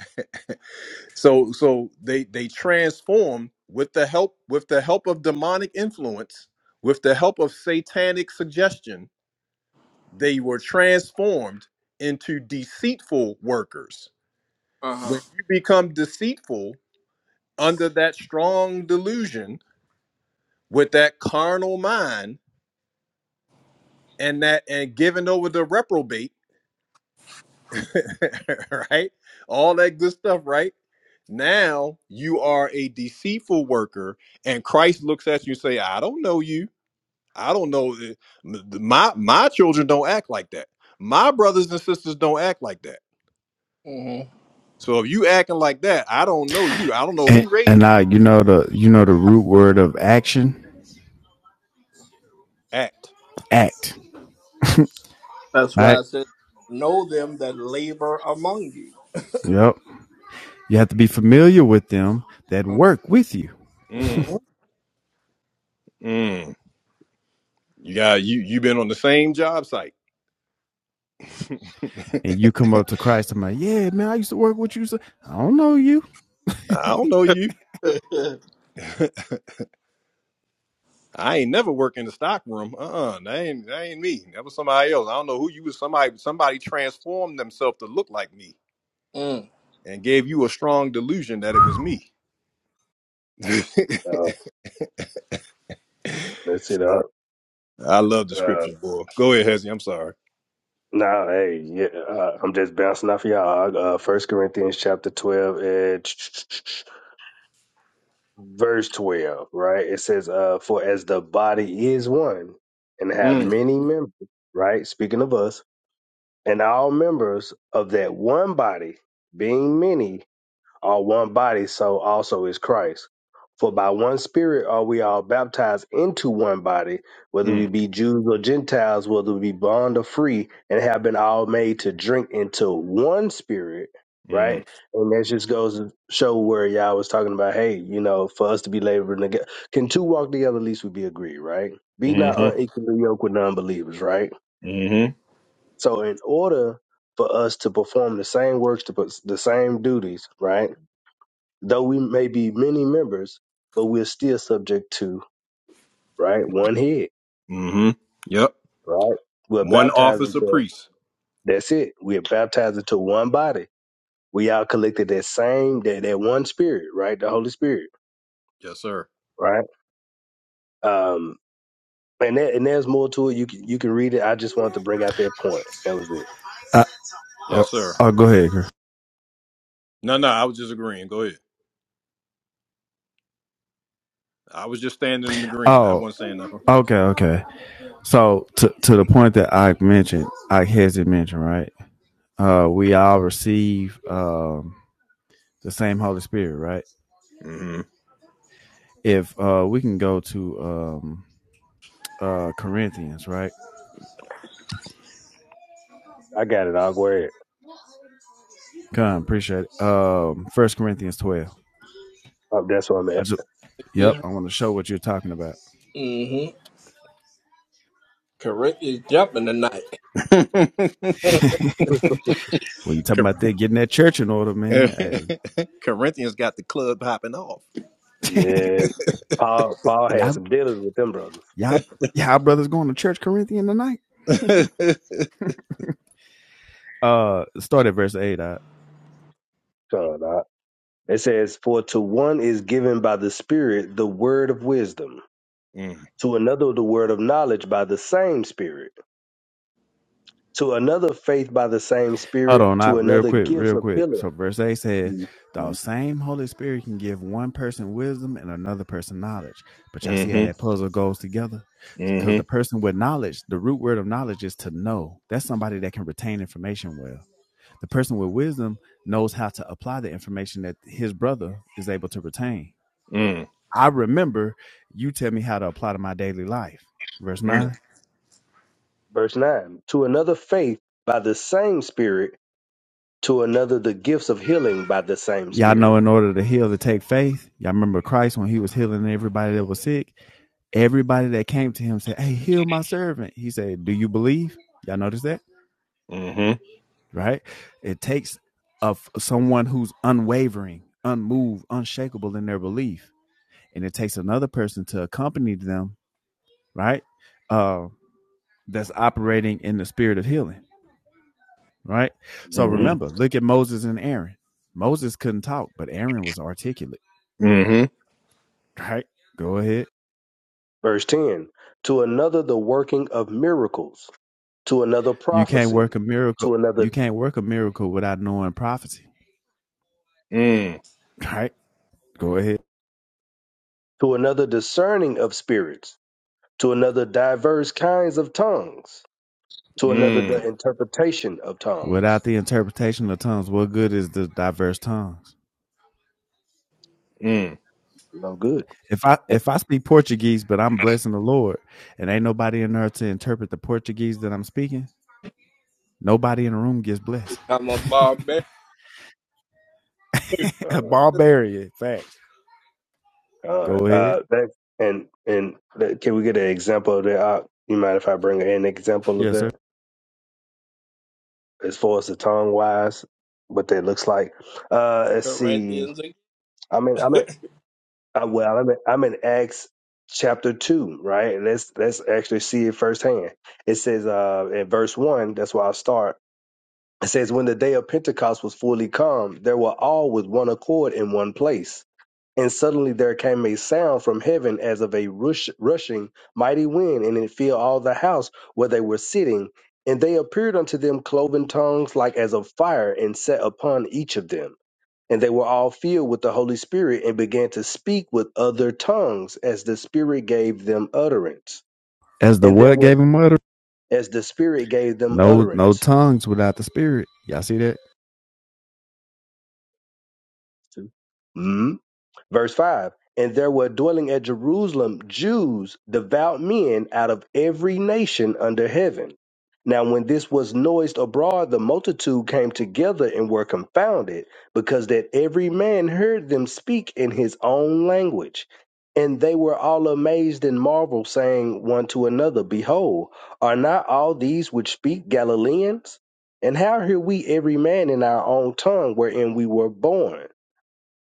Speaker 1: *laughs* so so they they transform with the help with the help of demonic influence, with the help of satanic suggestion, they were transformed into deceitful workers.
Speaker 3: Uh
Speaker 1: When you become deceitful under that strong delusion, with that carnal mind and that and giving over the reprobate, *laughs* right? All that good stuff, right? Now you are a deceitful worker, and Christ looks at you and say, "I don't know you. I don't know th- my my children don't act like that. My brothers and sisters don't act like that.
Speaker 3: huh.
Speaker 1: So if you acting like that, I don't know you. I don't know
Speaker 10: and,
Speaker 1: who
Speaker 10: and
Speaker 1: raised you.
Speaker 10: I, you know the, you know the root word of action,
Speaker 1: Act.
Speaker 10: act. *laughs*
Speaker 3: That's why
Speaker 10: Right?
Speaker 3: I said, know them that labor among you.
Speaker 10: Yep. You have to be familiar with them that work with you.
Speaker 1: Mm,
Speaker 3: Mm-hmm.
Speaker 1: mm. You got you. You've been on the same job site."
Speaker 10: And you come up to Christ. I'm like, yeah, man, I used to work with you. So I don't know you.
Speaker 1: I don't know you.
Speaker 3: *laughs*
Speaker 1: I ain't never worked in the stock room. Uh-uh. That ain't that ain't me. That was somebody else. I don't know who you was. Somebody somebody transformed themselves to look like me
Speaker 3: mm.
Speaker 1: and gave you a strong delusion that it was me. *laughs*
Speaker 14: Uh, that's it. Uh,
Speaker 1: Uh, I love the
Speaker 14: uh,
Speaker 1: scriptures, boy. Go ahead, Hezzy. I'm sorry.
Speaker 14: Nah, hey, yeah, uh, I'm just bouncing off of y'all. Uh, uh, First Corinthians chapter twelve, uh, verse twelve, right? It says, "Uh, for as the body is one, and have
Speaker 1: Mm,
Speaker 14: many members, right? Speaking of us, and all members of that one body, being many, are one body, so also is Christ. For by one Spirit are we all baptized into one body, whether we
Speaker 1: mm,
Speaker 14: be Jews or Gentiles, whether we be bond or free, and have been all made to drink into one Spirit,
Speaker 1: mm,
Speaker 14: right? And that just goes to show where y'all was talking about, hey, you know, for us to be laboring together, can two walk together, at least we be agreed, right? Be not
Speaker 1: mm-hmm,
Speaker 14: unequally yoked with non-believers, right?
Speaker 1: mm-hmm,
Speaker 14: So in order for us to perform the same works, to put the same duties, right? though we may be many members, but we're still subject to, right, one head,
Speaker 1: mm-hmm. Yep.
Speaker 14: right? We're
Speaker 1: One
Speaker 14: baptized
Speaker 1: office of
Speaker 14: into,
Speaker 1: priest.
Speaker 14: that's it. We're baptized into one body. We all collected that same, that, that one spirit, right? The Holy Spirit,
Speaker 1: Yes, sir.
Speaker 14: right? Um, and that, and there's more to it. You can, you can read it. I just wanted to bring out that point. That was it.
Speaker 10: Uh, oh,
Speaker 1: Yes, sir.
Speaker 10: oh, go ahead. Chris.
Speaker 1: No, no, I was just agreeing. Go ahead. I was just standing in the green. I
Speaker 10: Oh,
Speaker 1: wasn't saying
Speaker 10: okay, okay. So to to the point that I mentioned, I hasn't mentioned, right? Uh, we all receive um, the same Holy Spirit, right?
Speaker 1: nothing.
Speaker 10: If uh, we can go to um, uh, Corinthians, right?
Speaker 14: I got it. I'll go ahead.
Speaker 10: Come, appreciate it. Um, First Corinthians twelve.
Speaker 14: Oh, that's where I'm
Speaker 10: I
Speaker 14: at.
Speaker 10: just, yep,
Speaker 3: Just,
Speaker 10: I want to show what you're talking about.
Speaker 3: hmm Correct is jumping tonight.
Speaker 1: Mm-hmm.
Speaker 10: *laughs* Well, you talking
Speaker 1: *laughs*
Speaker 10: about that getting that church in order, man?
Speaker 1: *laughs* Corinthians got the club hopping off.
Speaker 10: Hey,
Speaker 14: Yeah, Paul,
Speaker 10: *laughs*
Speaker 14: Paul had
Speaker 10: y'all,
Speaker 14: some dealings with them brothers.
Speaker 10: y'all, y'all brothers going to church Corinthian tonight?
Speaker 1: *laughs* mm,
Speaker 10: Uh, start at verse eight. I.
Speaker 14: Come on, dog. It says, for to one is given by the Spirit the word of wisdom to another the word of knowledge by the same spirit to another faith by the same
Speaker 10: Hold on,
Speaker 14: spirit to
Speaker 10: not real
Speaker 14: another
Speaker 10: quick,
Speaker 14: gifts
Speaker 10: real
Speaker 14: of
Speaker 10: quick.
Speaker 14: healing
Speaker 10: So verse eight says,
Speaker 14: Mhm.
Speaker 10: "The same Holy Spirit can give one person wisdom and another person knowledge." But y'all see how
Speaker 1: mm-hmm,
Speaker 10: that puzzle goes together, because the
Speaker 1: mm-hmm,
Speaker 10: person with knowledge, the root word of knowledge is to know. That's somebody that can retain information well. The person with wisdom knows how to apply the information that his brother is able to retain.
Speaker 1: mm,
Speaker 10: I remember you tell me how to apply to my daily life. Verse
Speaker 1: mm,
Speaker 10: 9.
Speaker 14: verse 9 to another faith by the same spirit to another the gifts of healing by the same
Speaker 10: Y'all know
Speaker 14: spirit
Speaker 10: in order to heal to take faith. Y'all remember Christ when he was healing everybody that was sick. Everybody that came to him said, Hey, heal my servant. He said, Do you believe? Y'all notice that?
Speaker 1: mm-hmm,
Speaker 10: Right? It takes of someone who's unwavering, unmoved, unshakable in their belief. And it takes another person to accompany them, right? Uh, that's operating in the spirit of healing. right? So
Speaker 14: Mhm.
Speaker 1: mm-hmm,
Speaker 10: remember, look at Moses and Aaron. Moses couldn't talk, but Aaron was articulate,
Speaker 1: mm-hmm,
Speaker 10: right? Go ahead.
Speaker 14: verse 10 to another the working of miracles to another
Speaker 10: You can't
Speaker 14: prophecy
Speaker 10: work a miracle.
Speaker 14: to
Speaker 10: You
Speaker 14: another
Speaker 10: can't work a miracle without knowing prophecy,
Speaker 1: mm,
Speaker 10: right? Go ahead.
Speaker 14: to another discerning of spirits to another diverse kinds of tongues to another
Speaker 1: mm,
Speaker 14: the interpretation of tongues
Speaker 10: Without the interpretation of tongues, what good is the diverse tongues?
Speaker 14: no good
Speaker 10: If I if I speak Portuguese, but I'm blessing the Lord, and ain't nobody in there to interpret the Portuguese that I'm speaking, nobody in the room gets blessed.
Speaker 3: *laughs* I'm a barbarian. *laughs*
Speaker 10: *laughs*
Speaker 14: God,
Speaker 10: a barbarian, fact. Go
Speaker 14: God.
Speaker 10: ahead.
Speaker 14: Uh, that and and that, can we get an example of that? Uh, you mind if I bring an example of
Speaker 10: Yes, sir.
Speaker 14: that as far as the tongue wise, what that looks like? Uh, let's see.
Speaker 3: Corinthians again.
Speaker 14: I mean, I'm in. Uh, well, I'm in, I'm in Acts chapter two, right? Let's let's actually see it firsthand. It says uh, in verse one. That's where I start. It says, "When the day of Pentecost was fully come, there were all with one accord in one place." And suddenly there came a sound from heaven as of a rush, rushing mighty wind, and it filled all the house where they were sitting. And they appeared unto them cloven tongues like as of fire, and sat upon each of them. And they were all filled with the Holy Spirit, and began to speak with other tongues as the Spirit gave them utterance.
Speaker 10: As the
Speaker 14: And there
Speaker 10: what gave
Speaker 14: were
Speaker 10: him utterance?
Speaker 14: as the Spirit gave them
Speaker 10: No, no
Speaker 14: utterance.
Speaker 10: tongues without the spirit. Y'all see that?
Speaker 14: Hmm? Verse 5 And there were dwelling at Jerusalem Jews, devout men out of every nation under heaven. Now, when this was noised abroad, the multitude came together and were confounded, because that every man heard them speak in his own language. And they were all amazed and marveled, saying one to another, Behold, are not all these which speak Galileans? And how hear we every man in our own tongue wherein we were born?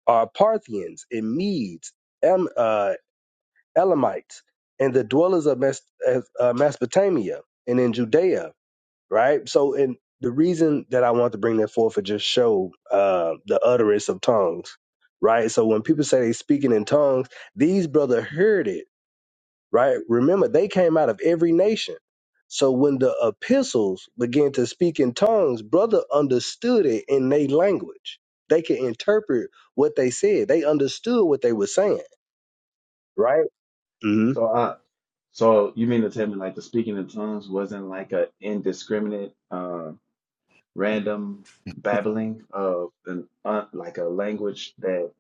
Speaker 14: are Parthians and Medes, Am, uh, Elamites, and the dwellers of Mes- uh, uh, Mesopotamia and in Judea, right? So, and the reason that I want to bring that forth is just show uh, the utterance of tongues, right? So when people say they speaking in tongues, these brother heard it right? Remember, they came out of every nation. So when the epistles began to speak in tongues, brother understood it in their language. They could interpret what they said. They understood what they were saying, right? hmm
Speaker 10: So, uh, so you mean to tell me like the speaking in tongues wasn't like a indiscriminate, uh, random babbling of an uh, like a language that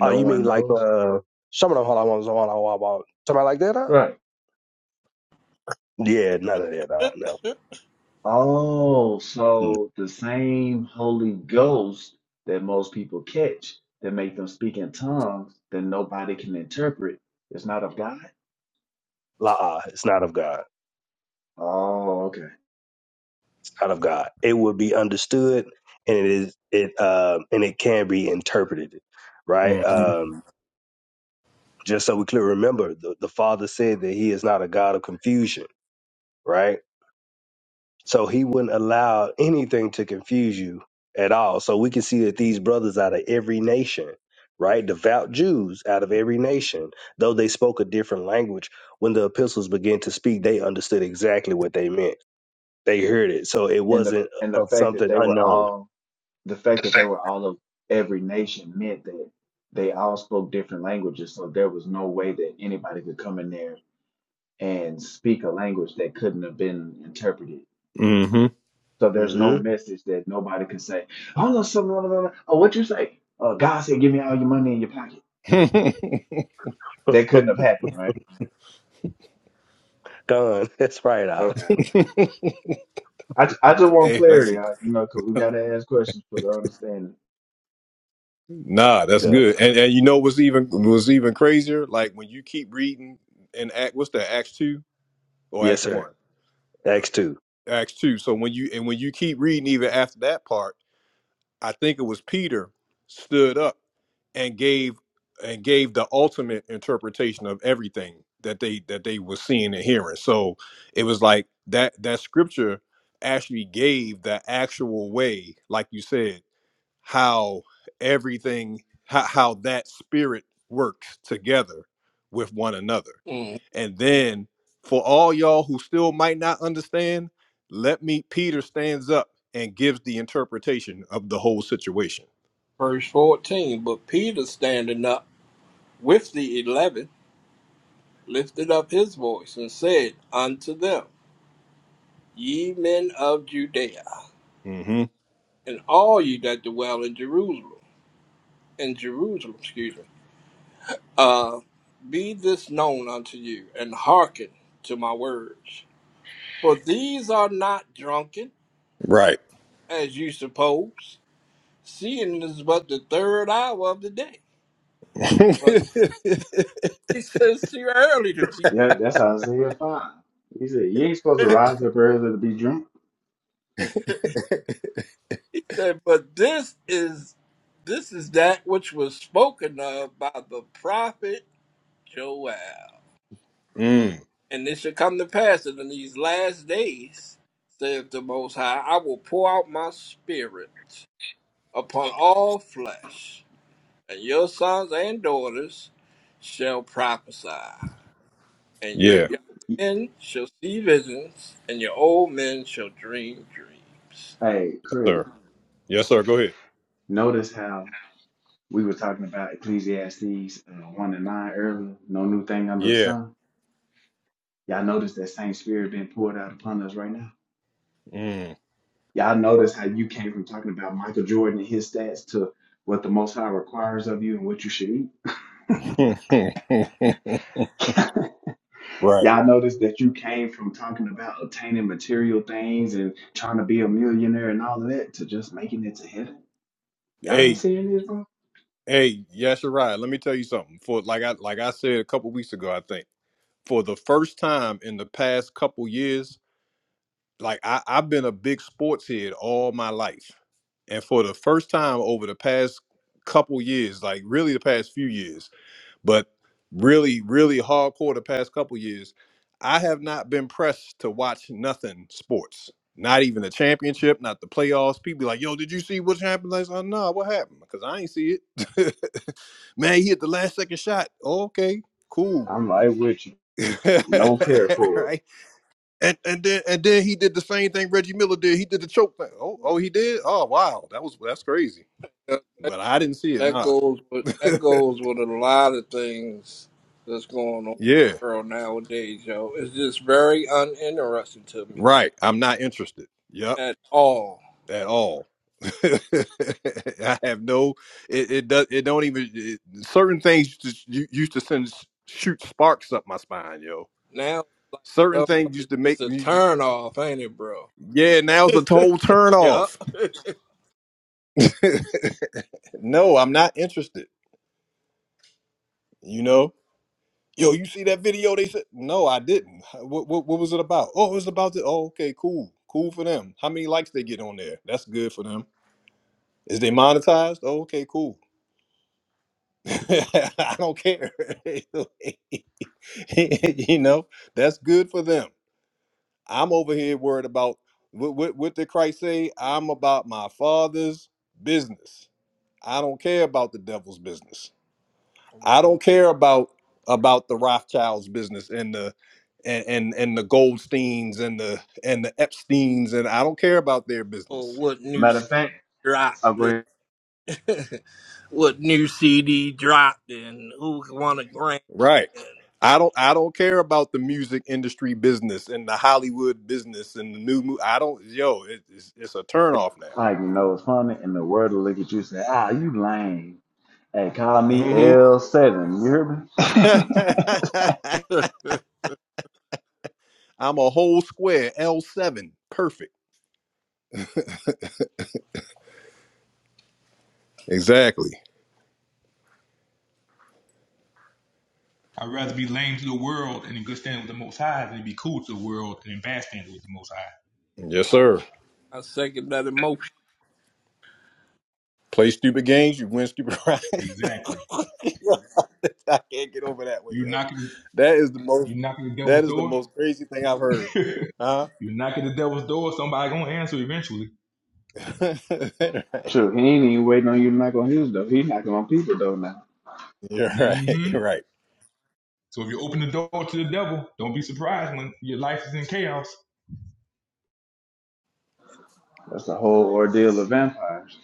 Speaker 14: Oh, you mean
Speaker 10: one
Speaker 14: like
Speaker 10: knows?
Speaker 14: uh, some of them hold on, hold on, hold on, hold on, somebody like that? Huh?
Speaker 10: Right.
Speaker 14: Yeah, none of that. Uh, no,
Speaker 10: Oh,
Speaker 14: Mm.
Speaker 10: so the same Holy Ghost that most people catch that make them speak in tongues that nobody can interpret is not of God?
Speaker 14: la, it's not of God.
Speaker 10: Oh, okay.
Speaker 14: It's not of God. It will be understood, and it is it uh, and it can be interpreted,
Speaker 1: mm,
Speaker 14: right?
Speaker 1: mm-hmm.
Speaker 14: Um, just so we clear remember the, the father said that he is not a god of confusion right so he wouldn't allow anything to confuse you at all so we can see that these brothers out of every nation right devout jews out of every nation though they spoke a different language when the epistles began to speak they understood exactly what they meant they heard it so it
Speaker 10: And the
Speaker 14: wasn't
Speaker 10: and the
Speaker 14: of
Speaker 10: fact that
Speaker 14: something
Speaker 10: they were
Speaker 14: unknown
Speaker 10: all the fact that they were all of every nation meant that they all spoke different languages. So there was no way that anybody could come in there and speak a language that couldn't have been interpreted. So there's no
Speaker 14: Mm
Speaker 10: message that nobody could say, oh, no, something, blah, blah, blah, oh, what you say? Uh, God said, give me all your money in your pocket.
Speaker 1: Mm-hmm.
Speaker 10: That
Speaker 14: hmm
Speaker 10: couldn't have happened, right?
Speaker 14: *laughs* done that's right out
Speaker 10: Okay. I, I just
Speaker 1: *laughs*
Speaker 10: want
Speaker 1: hey, that's,
Speaker 10: clarity,
Speaker 1: it.
Speaker 10: I, you know, because we got to ask questions for the understanding.
Speaker 1: nah, that's
Speaker 14: good
Speaker 1: good. And and you know what's even was even crazier? Like when you keep reading in Act, what's that? Acts two or
Speaker 14: yes
Speaker 1: Acts
Speaker 14: sir
Speaker 1: one?
Speaker 14: acts 2
Speaker 1: Acts two. So when you and when you keep reading even after that part. I think it was Peter stood up and gave and gave the ultimate interpretation of everything that they that they were seeing and hearing. So it was like that that scripture actually gave the actual way, like you said, how everything how, how that spirit works together with one another
Speaker 3: Mm.
Speaker 1: and then for all y'all who still might not understand let me peter stands up and gives the interpretation of the whole situation
Speaker 3: Verse 14. But Peter standing up with the eleven lifted up his voice and said unto them, Ye men of Judea,
Speaker 1: hmm
Speaker 3: and all ye that dwell in Jerusalem, in Jerusalem, excuse me. Uh, be this known unto you, and hearken to my words. For these are not drunken,
Speaker 1: Right.
Speaker 3: as you suppose, seeing it is but the third hour of the day.
Speaker 1: *laughs*
Speaker 3: But
Speaker 1: mm,
Speaker 3: *laughs* he says too early to be
Speaker 10: Yeah, that's Isaiah 5. He said, you ain't supposed to
Speaker 3: drunk.
Speaker 10: rise up early to be drunk.
Speaker 3: *laughs* he said, But this is this is that which was spoken of by the prophet Joel. And it shall come to pass that in these last days, saith the Most High, I will pour out my spirit upon all flesh, and your sons and daughters shall prophesy, and your
Speaker 1: yeah,
Speaker 3: young men shall see visions, and your old men shall dream dreams.
Speaker 10: Hey, Craig.
Speaker 1: sir. yes sir go ahead
Speaker 10: Notice how we were talking about Ecclesiastes uh, 1 and 9 earlier. No new thing under the
Speaker 1: Yeah.
Speaker 10: sun. Y'all notice that same spirit being poured out upon us right now.
Speaker 1: Mm.
Speaker 10: Y'all notice how you came from talking about Michael Jordan and his stats to what the Most High requires of you and what you should eat.
Speaker 1: *laughs*
Speaker 10: *laughs*
Speaker 1: right.
Speaker 10: Y'all notice that you came from talking about obtaining material things and trying to be a millionaire and all of that to just making it to heaven. Y'all ain't
Speaker 1: hey
Speaker 10: seeing this, bro?
Speaker 1: hey yes you're right let me tell you something for like i like i said a couple weeks ago i think for the first time in the past couple years, like I, I've been a big sports head all my life. And for the first time over the past couple years, like really the past few years, but really, really hardcore the past couple years, I have not been pressed to watch nothing sports. Not even the championship, not the playoffs. People be like, yo, did you see what happened last night? Nah, what happened? Because I ain't see it. *laughs* Man, he hit the last second shot. Oh, okay, cool.
Speaker 10: I'm right with you.
Speaker 1: *laughs*
Speaker 10: No care for it.
Speaker 1: right? And and then and then he did the same thing Reggie Miller did. He did the choke thing. Oh, oh, he did. Oh, wow, that was that's crazy.
Speaker 3: That
Speaker 1: But I didn't see it.
Speaker 3: that
Speaker 1: Nah.
Speaker 3: goes with
Speaker 1: *laughs*
Speaker 3: that goes with a lot of things that's going on in
Speaker 1: yeah,
Speaker 3: the world nowadays, yo. It's just very uninteresting to me
Speaker 1: right. I'm not interested. Yep,
Speaker 3: at all.
Speaker 1: at all. *laughs* I have no. It, it does. It don't even. It, certain things used to, you used to send shoot sparks up my spine, yo.
Speaker 3: Now
Speaker 1: Certain
Speaker 3: some of
Speaker 1: things used
Speaker 3: it's
Speaker 1: to
Speaker 3: just
Speaker 1: make.
Speaker 3: a
Speaker 1: me-
Speaker 3: turn off, ain't it, bro?
Speaker 1: Yeah, now's a total
Speaker 3: *laughs*
Speaker 1: turn
Speaker 3: yeah.
Speaker 1: off. *laughs* no, I'm not interested. You know. Yo, you see that video? They said, no, I didn't. What, what, what was it about? Oh, it was about the. Oh, okay, cool, cool for them. How many likes they get on there? That's good for them. Is they monetized? Oh, okay, cool. *laughs* I don't care. *laughs* you know, that's good for them. I'm over here worried about what, what, what did Christ say? I'm about my father's business. I don't care about the devil's business.
Speaker 3: Come
Speaker 1: I
Speaker 3: on.
Speaker 1: don't care about about the Rothschilds business and the and and, and the Goldsteins and the and the Epsteins and I don't care about their
Speaker 3: Oh,
Speaker 1: business.
Speaker 3: what new
Speaker 10: Matter of fact,
Speaker 3: drop?
Speaker 10: I'll go ahead.
Speaker 3: *laughs* what new CD dropped and who won a Grammy.
Speaker 1: Right. I don't I don't care about the music industry business and the Hollywood business and the new movie. I don't yo, it, it's it's a turnoff
Speaker 10: Like you know, it's funny, and the world will look at you and say, ah, you lame. Hey, call
Speaker 1: now.
Speaker 10: me
Speaker 1: hmm
Speaker 10: L7. You hear me?
Speaker 1: *laughs*
Speaker 3: And
Speaker 1: I'm a whole square L7. Perfect. Exactly.
Speaker 15: I'd rather be lame to the world and in good standing with the Most High than be cool to the world and in bad standing with the Most High.
Speaker 1: Yes,
Speaker 3: *laughs* I,
Speaker 1: sir.
Speaker 3: I second that emotion,
Speaker 1: Play stupid games, you win stupid prizes.
Speaker 15: Exactly.
Speaker 1: *laughs* I can't get over that one,
Speaker 15: You
Speaker 1: yo.
Speaker 15: knocking,
Speaker 1: That is the most.
Speaker 15: you knocking the devil's
Speaker 1: That is the
Speaker 15: door.
Speaker 1: most crazy thing I've heard.
Speaker 15: *laughs*
Speaker 1: Huh?
Speaker 15: You knock at the devil's door, somebody gonna answer eventually.
Speaker 1: *laughs* right.
Speaker 10: *laughs* True, he ain't even waiting on you to knock on his door. He knocking on people though. now.
Speaker 1: You're right.
Speaker 15: hmm
Speaker 1: You're right.
Speaker 15: So if you open the door to the devil, don't be surprised when your life is in chaos.
Speaker 10: That's the whole ordeal of vampires.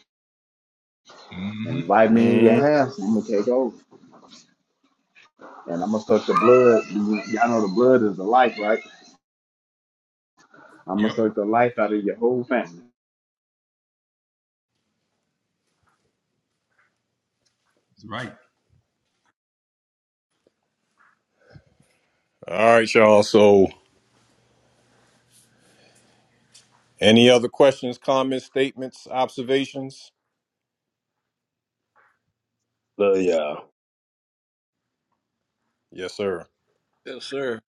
Speaker 15: hmm
Speaker 10: Invite me in your
Speaker 1: Mhm.
Speaker 10: house, I'm gonna take over. And I'm gonna suck the blood. Y'all know the blood is the life, right? I'm gonna
Speaker 15: Yep,
Speaker 10: suck the life out of your whole family.
Speaker 15: that's right.
Speaker 1: All right, y'all. So, any other questions, comments, statements, observations?
Speaker 14: love y'all
Speaker 1: Yes, sir.
Speaker 3: yes, sir.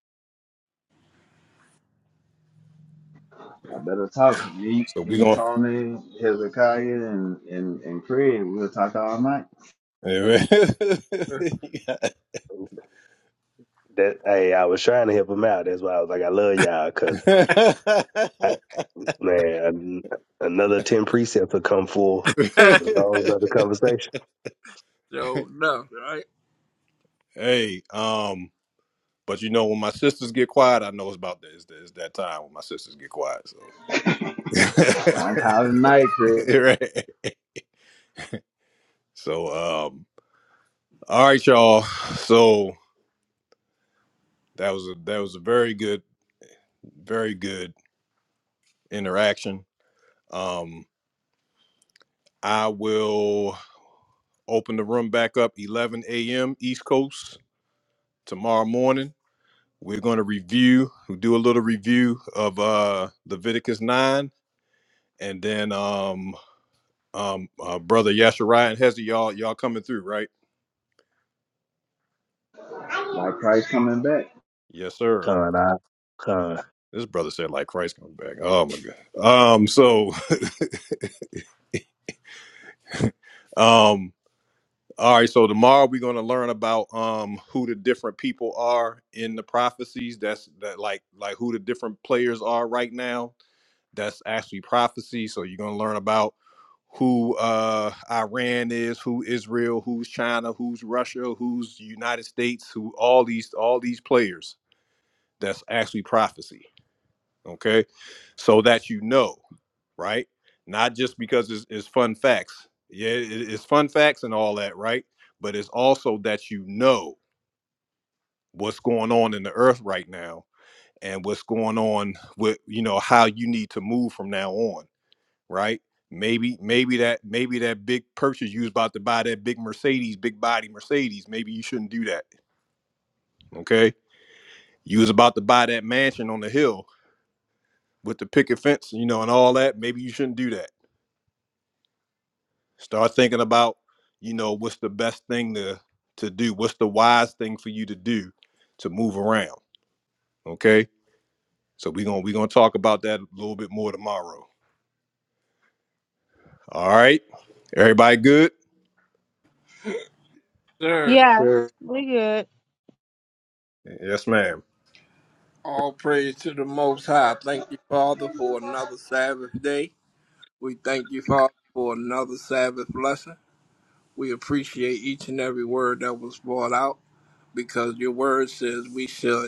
Speaker 10: I better talk to me,
Speaker 1: So we
Speaker 10: me,
Speaker 1: going.
Speaker 10: Tony, Hezekiah, and and and Craig. We'll talk all night.
Speaker 1: to
Speaker 3: *laughs*
Speaker 1: *laughs*
Speaker 14: That hey, I was trying to help him out. That's why I was like, I love y'all, cause I, man, another ten precepts will come full
Speaker 3: so
Speaker 14: with a whole another conversation.
Speaker 3: no, right,
Speaker 1: hey, um, But you know, when my sisters get quiet, I know it's about that. It's, that- it's that time when my sisters get quiet. So,
Speaker 10: *laughs* I'm calling night,
Speaker 1: *laughs*
Speaker 10: Craig.
Speaker 1: right. So, um, all right, y'all. So that was a that was a very good, very good interaction. Um, I will open the room back up 11 a.m. East Coast tomorrow morning. We're going to review, we'll do a little review of uh Leviticus 9 and then um Um, uh, brother Yashariah and Hezzy, y'all, y'all coming through, right?
Speaker 10: Like Christ coming back,
Speaker 1: Yes, sir.
Speaker 14: Con, I, con,
Speaker 1: This brother said like Christ coming back. Oh my God. Um, so, *laughs* um, all right. So tomorrow we're going to learn about um who the different people are in the prophecies. That's that like like who the different players are right now. That's actually prophecy. So you're going to learn about who uh Iran is, who Israel, who's China, who's Russia, who's United States, who all these all these players. That's actually prophecy okay so that you know right not just because it's, it's fun facts yeah it- it's fun facts and all that right but it's also that you know what's going on in the earth right now and what's going on with you know how you need to move from now on right maybe maybe that maybe that big purchase you was about to buy that big mercedes big body mercedes maybe you shouldn't do that okay you was about to buy that mansion on the hill with the picket fence you know and all that maybe you shouldn't do that Start thinking about, you know, what's the best thing to to do? What's the wise thing for you to do to move around? Okay. So we're gonna we're gonna talk about that a little bit more tomorrow. All right. Everybody good?
Speaker 3: sir.
Speaker 9: Yeah,
Speaker 10: sir.
Speaker 9: We good.
Speaker 1: Yes, ma'am.
Speaker 3: All praise to the Most High. Thank you, Father, for another Sabbath day. We thank you, Father, for another Sabbath blessing. We appreciate each and every word that was brought out because your word says we should.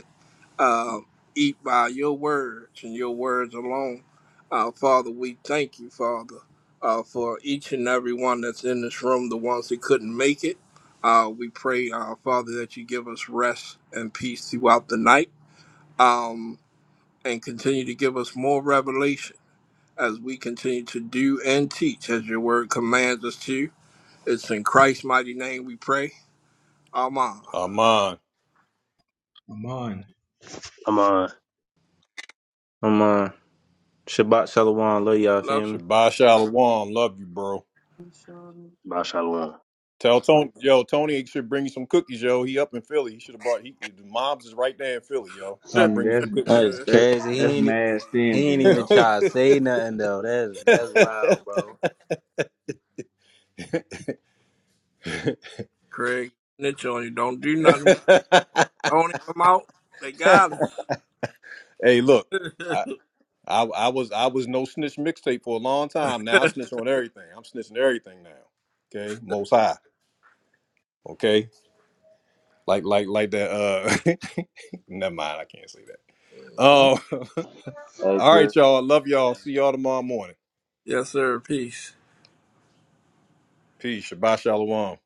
Speaker 3: uh, eat by your words and your words alone. Uh, Father, we thank you, Father, uh, for each and every one that's in this room, the ones that couldn't make it. Uh, we pray, uh, Father, that you give us rest and peace throughout the night um, and continue to give us more revelation as we continue to do and teach as your word commands us to. It's in Christ's mighty name we pray. Amen.
Speaker 1: Armand.
Speaker 15: Come on.
Speaker 14: I'm on.
Speaker 13: Come on. Shabbat Shalom, love y'all,
Speaker 3: Love
Speaker 13: family.
Speaker 1: Shabbat Shalom. Love you, bro.
Speaker 14: Mashallah.
Speaker 1: Tell Tony, yo, Tony should bring you some cookies, yo. He up in Philly. He should have brought. He, the mom's is right there in Philly, yo. Tell him
Speaker 3: you.
Speaker 1: to
Speaker 10: Tony,
Speaker 1: bring you
Speaker 10: that's
Speaker 1: some cookies.
Speaker 13: That is
Speaker 3: *laughs*
Speaker 10: that's
Speaker 13: crazy. He
Speaker 10: that's
Speaker 13: ain't,
Speaker 10: mad
Speaker 13: he
Speaker 10: stingy,
Speaker 13: ain't even
Speaker 10: yo.
Speaker 13: try to say nothing, though. That's, that's wild, bro.
Speaker 3: Craig, snitch on you. Don't do nothing. Only come out. They
Speaker 1: Yo.
Speaker 3: got
Speaker 1: *laughs* hey, look.
Speaker 3: *laughs*
Speaker 1: I I was I was no snitch mixtape for a long time. Now I snitch on everything. I'm snitching everything now. Okay, most high. Okay, like like like that. Uh, *laughs* never mind. I can't say that. Oh, *laughs*
Speaker 10: Hey,
Speaker 1: all
Speaker 10: Chris.
Speaker 1: right, y'all. I Love y'all. See y'all tomorrow morning.
Speaker 3: yes, sir. Peace.
Speaker 1: Peace. Shabbat shalom.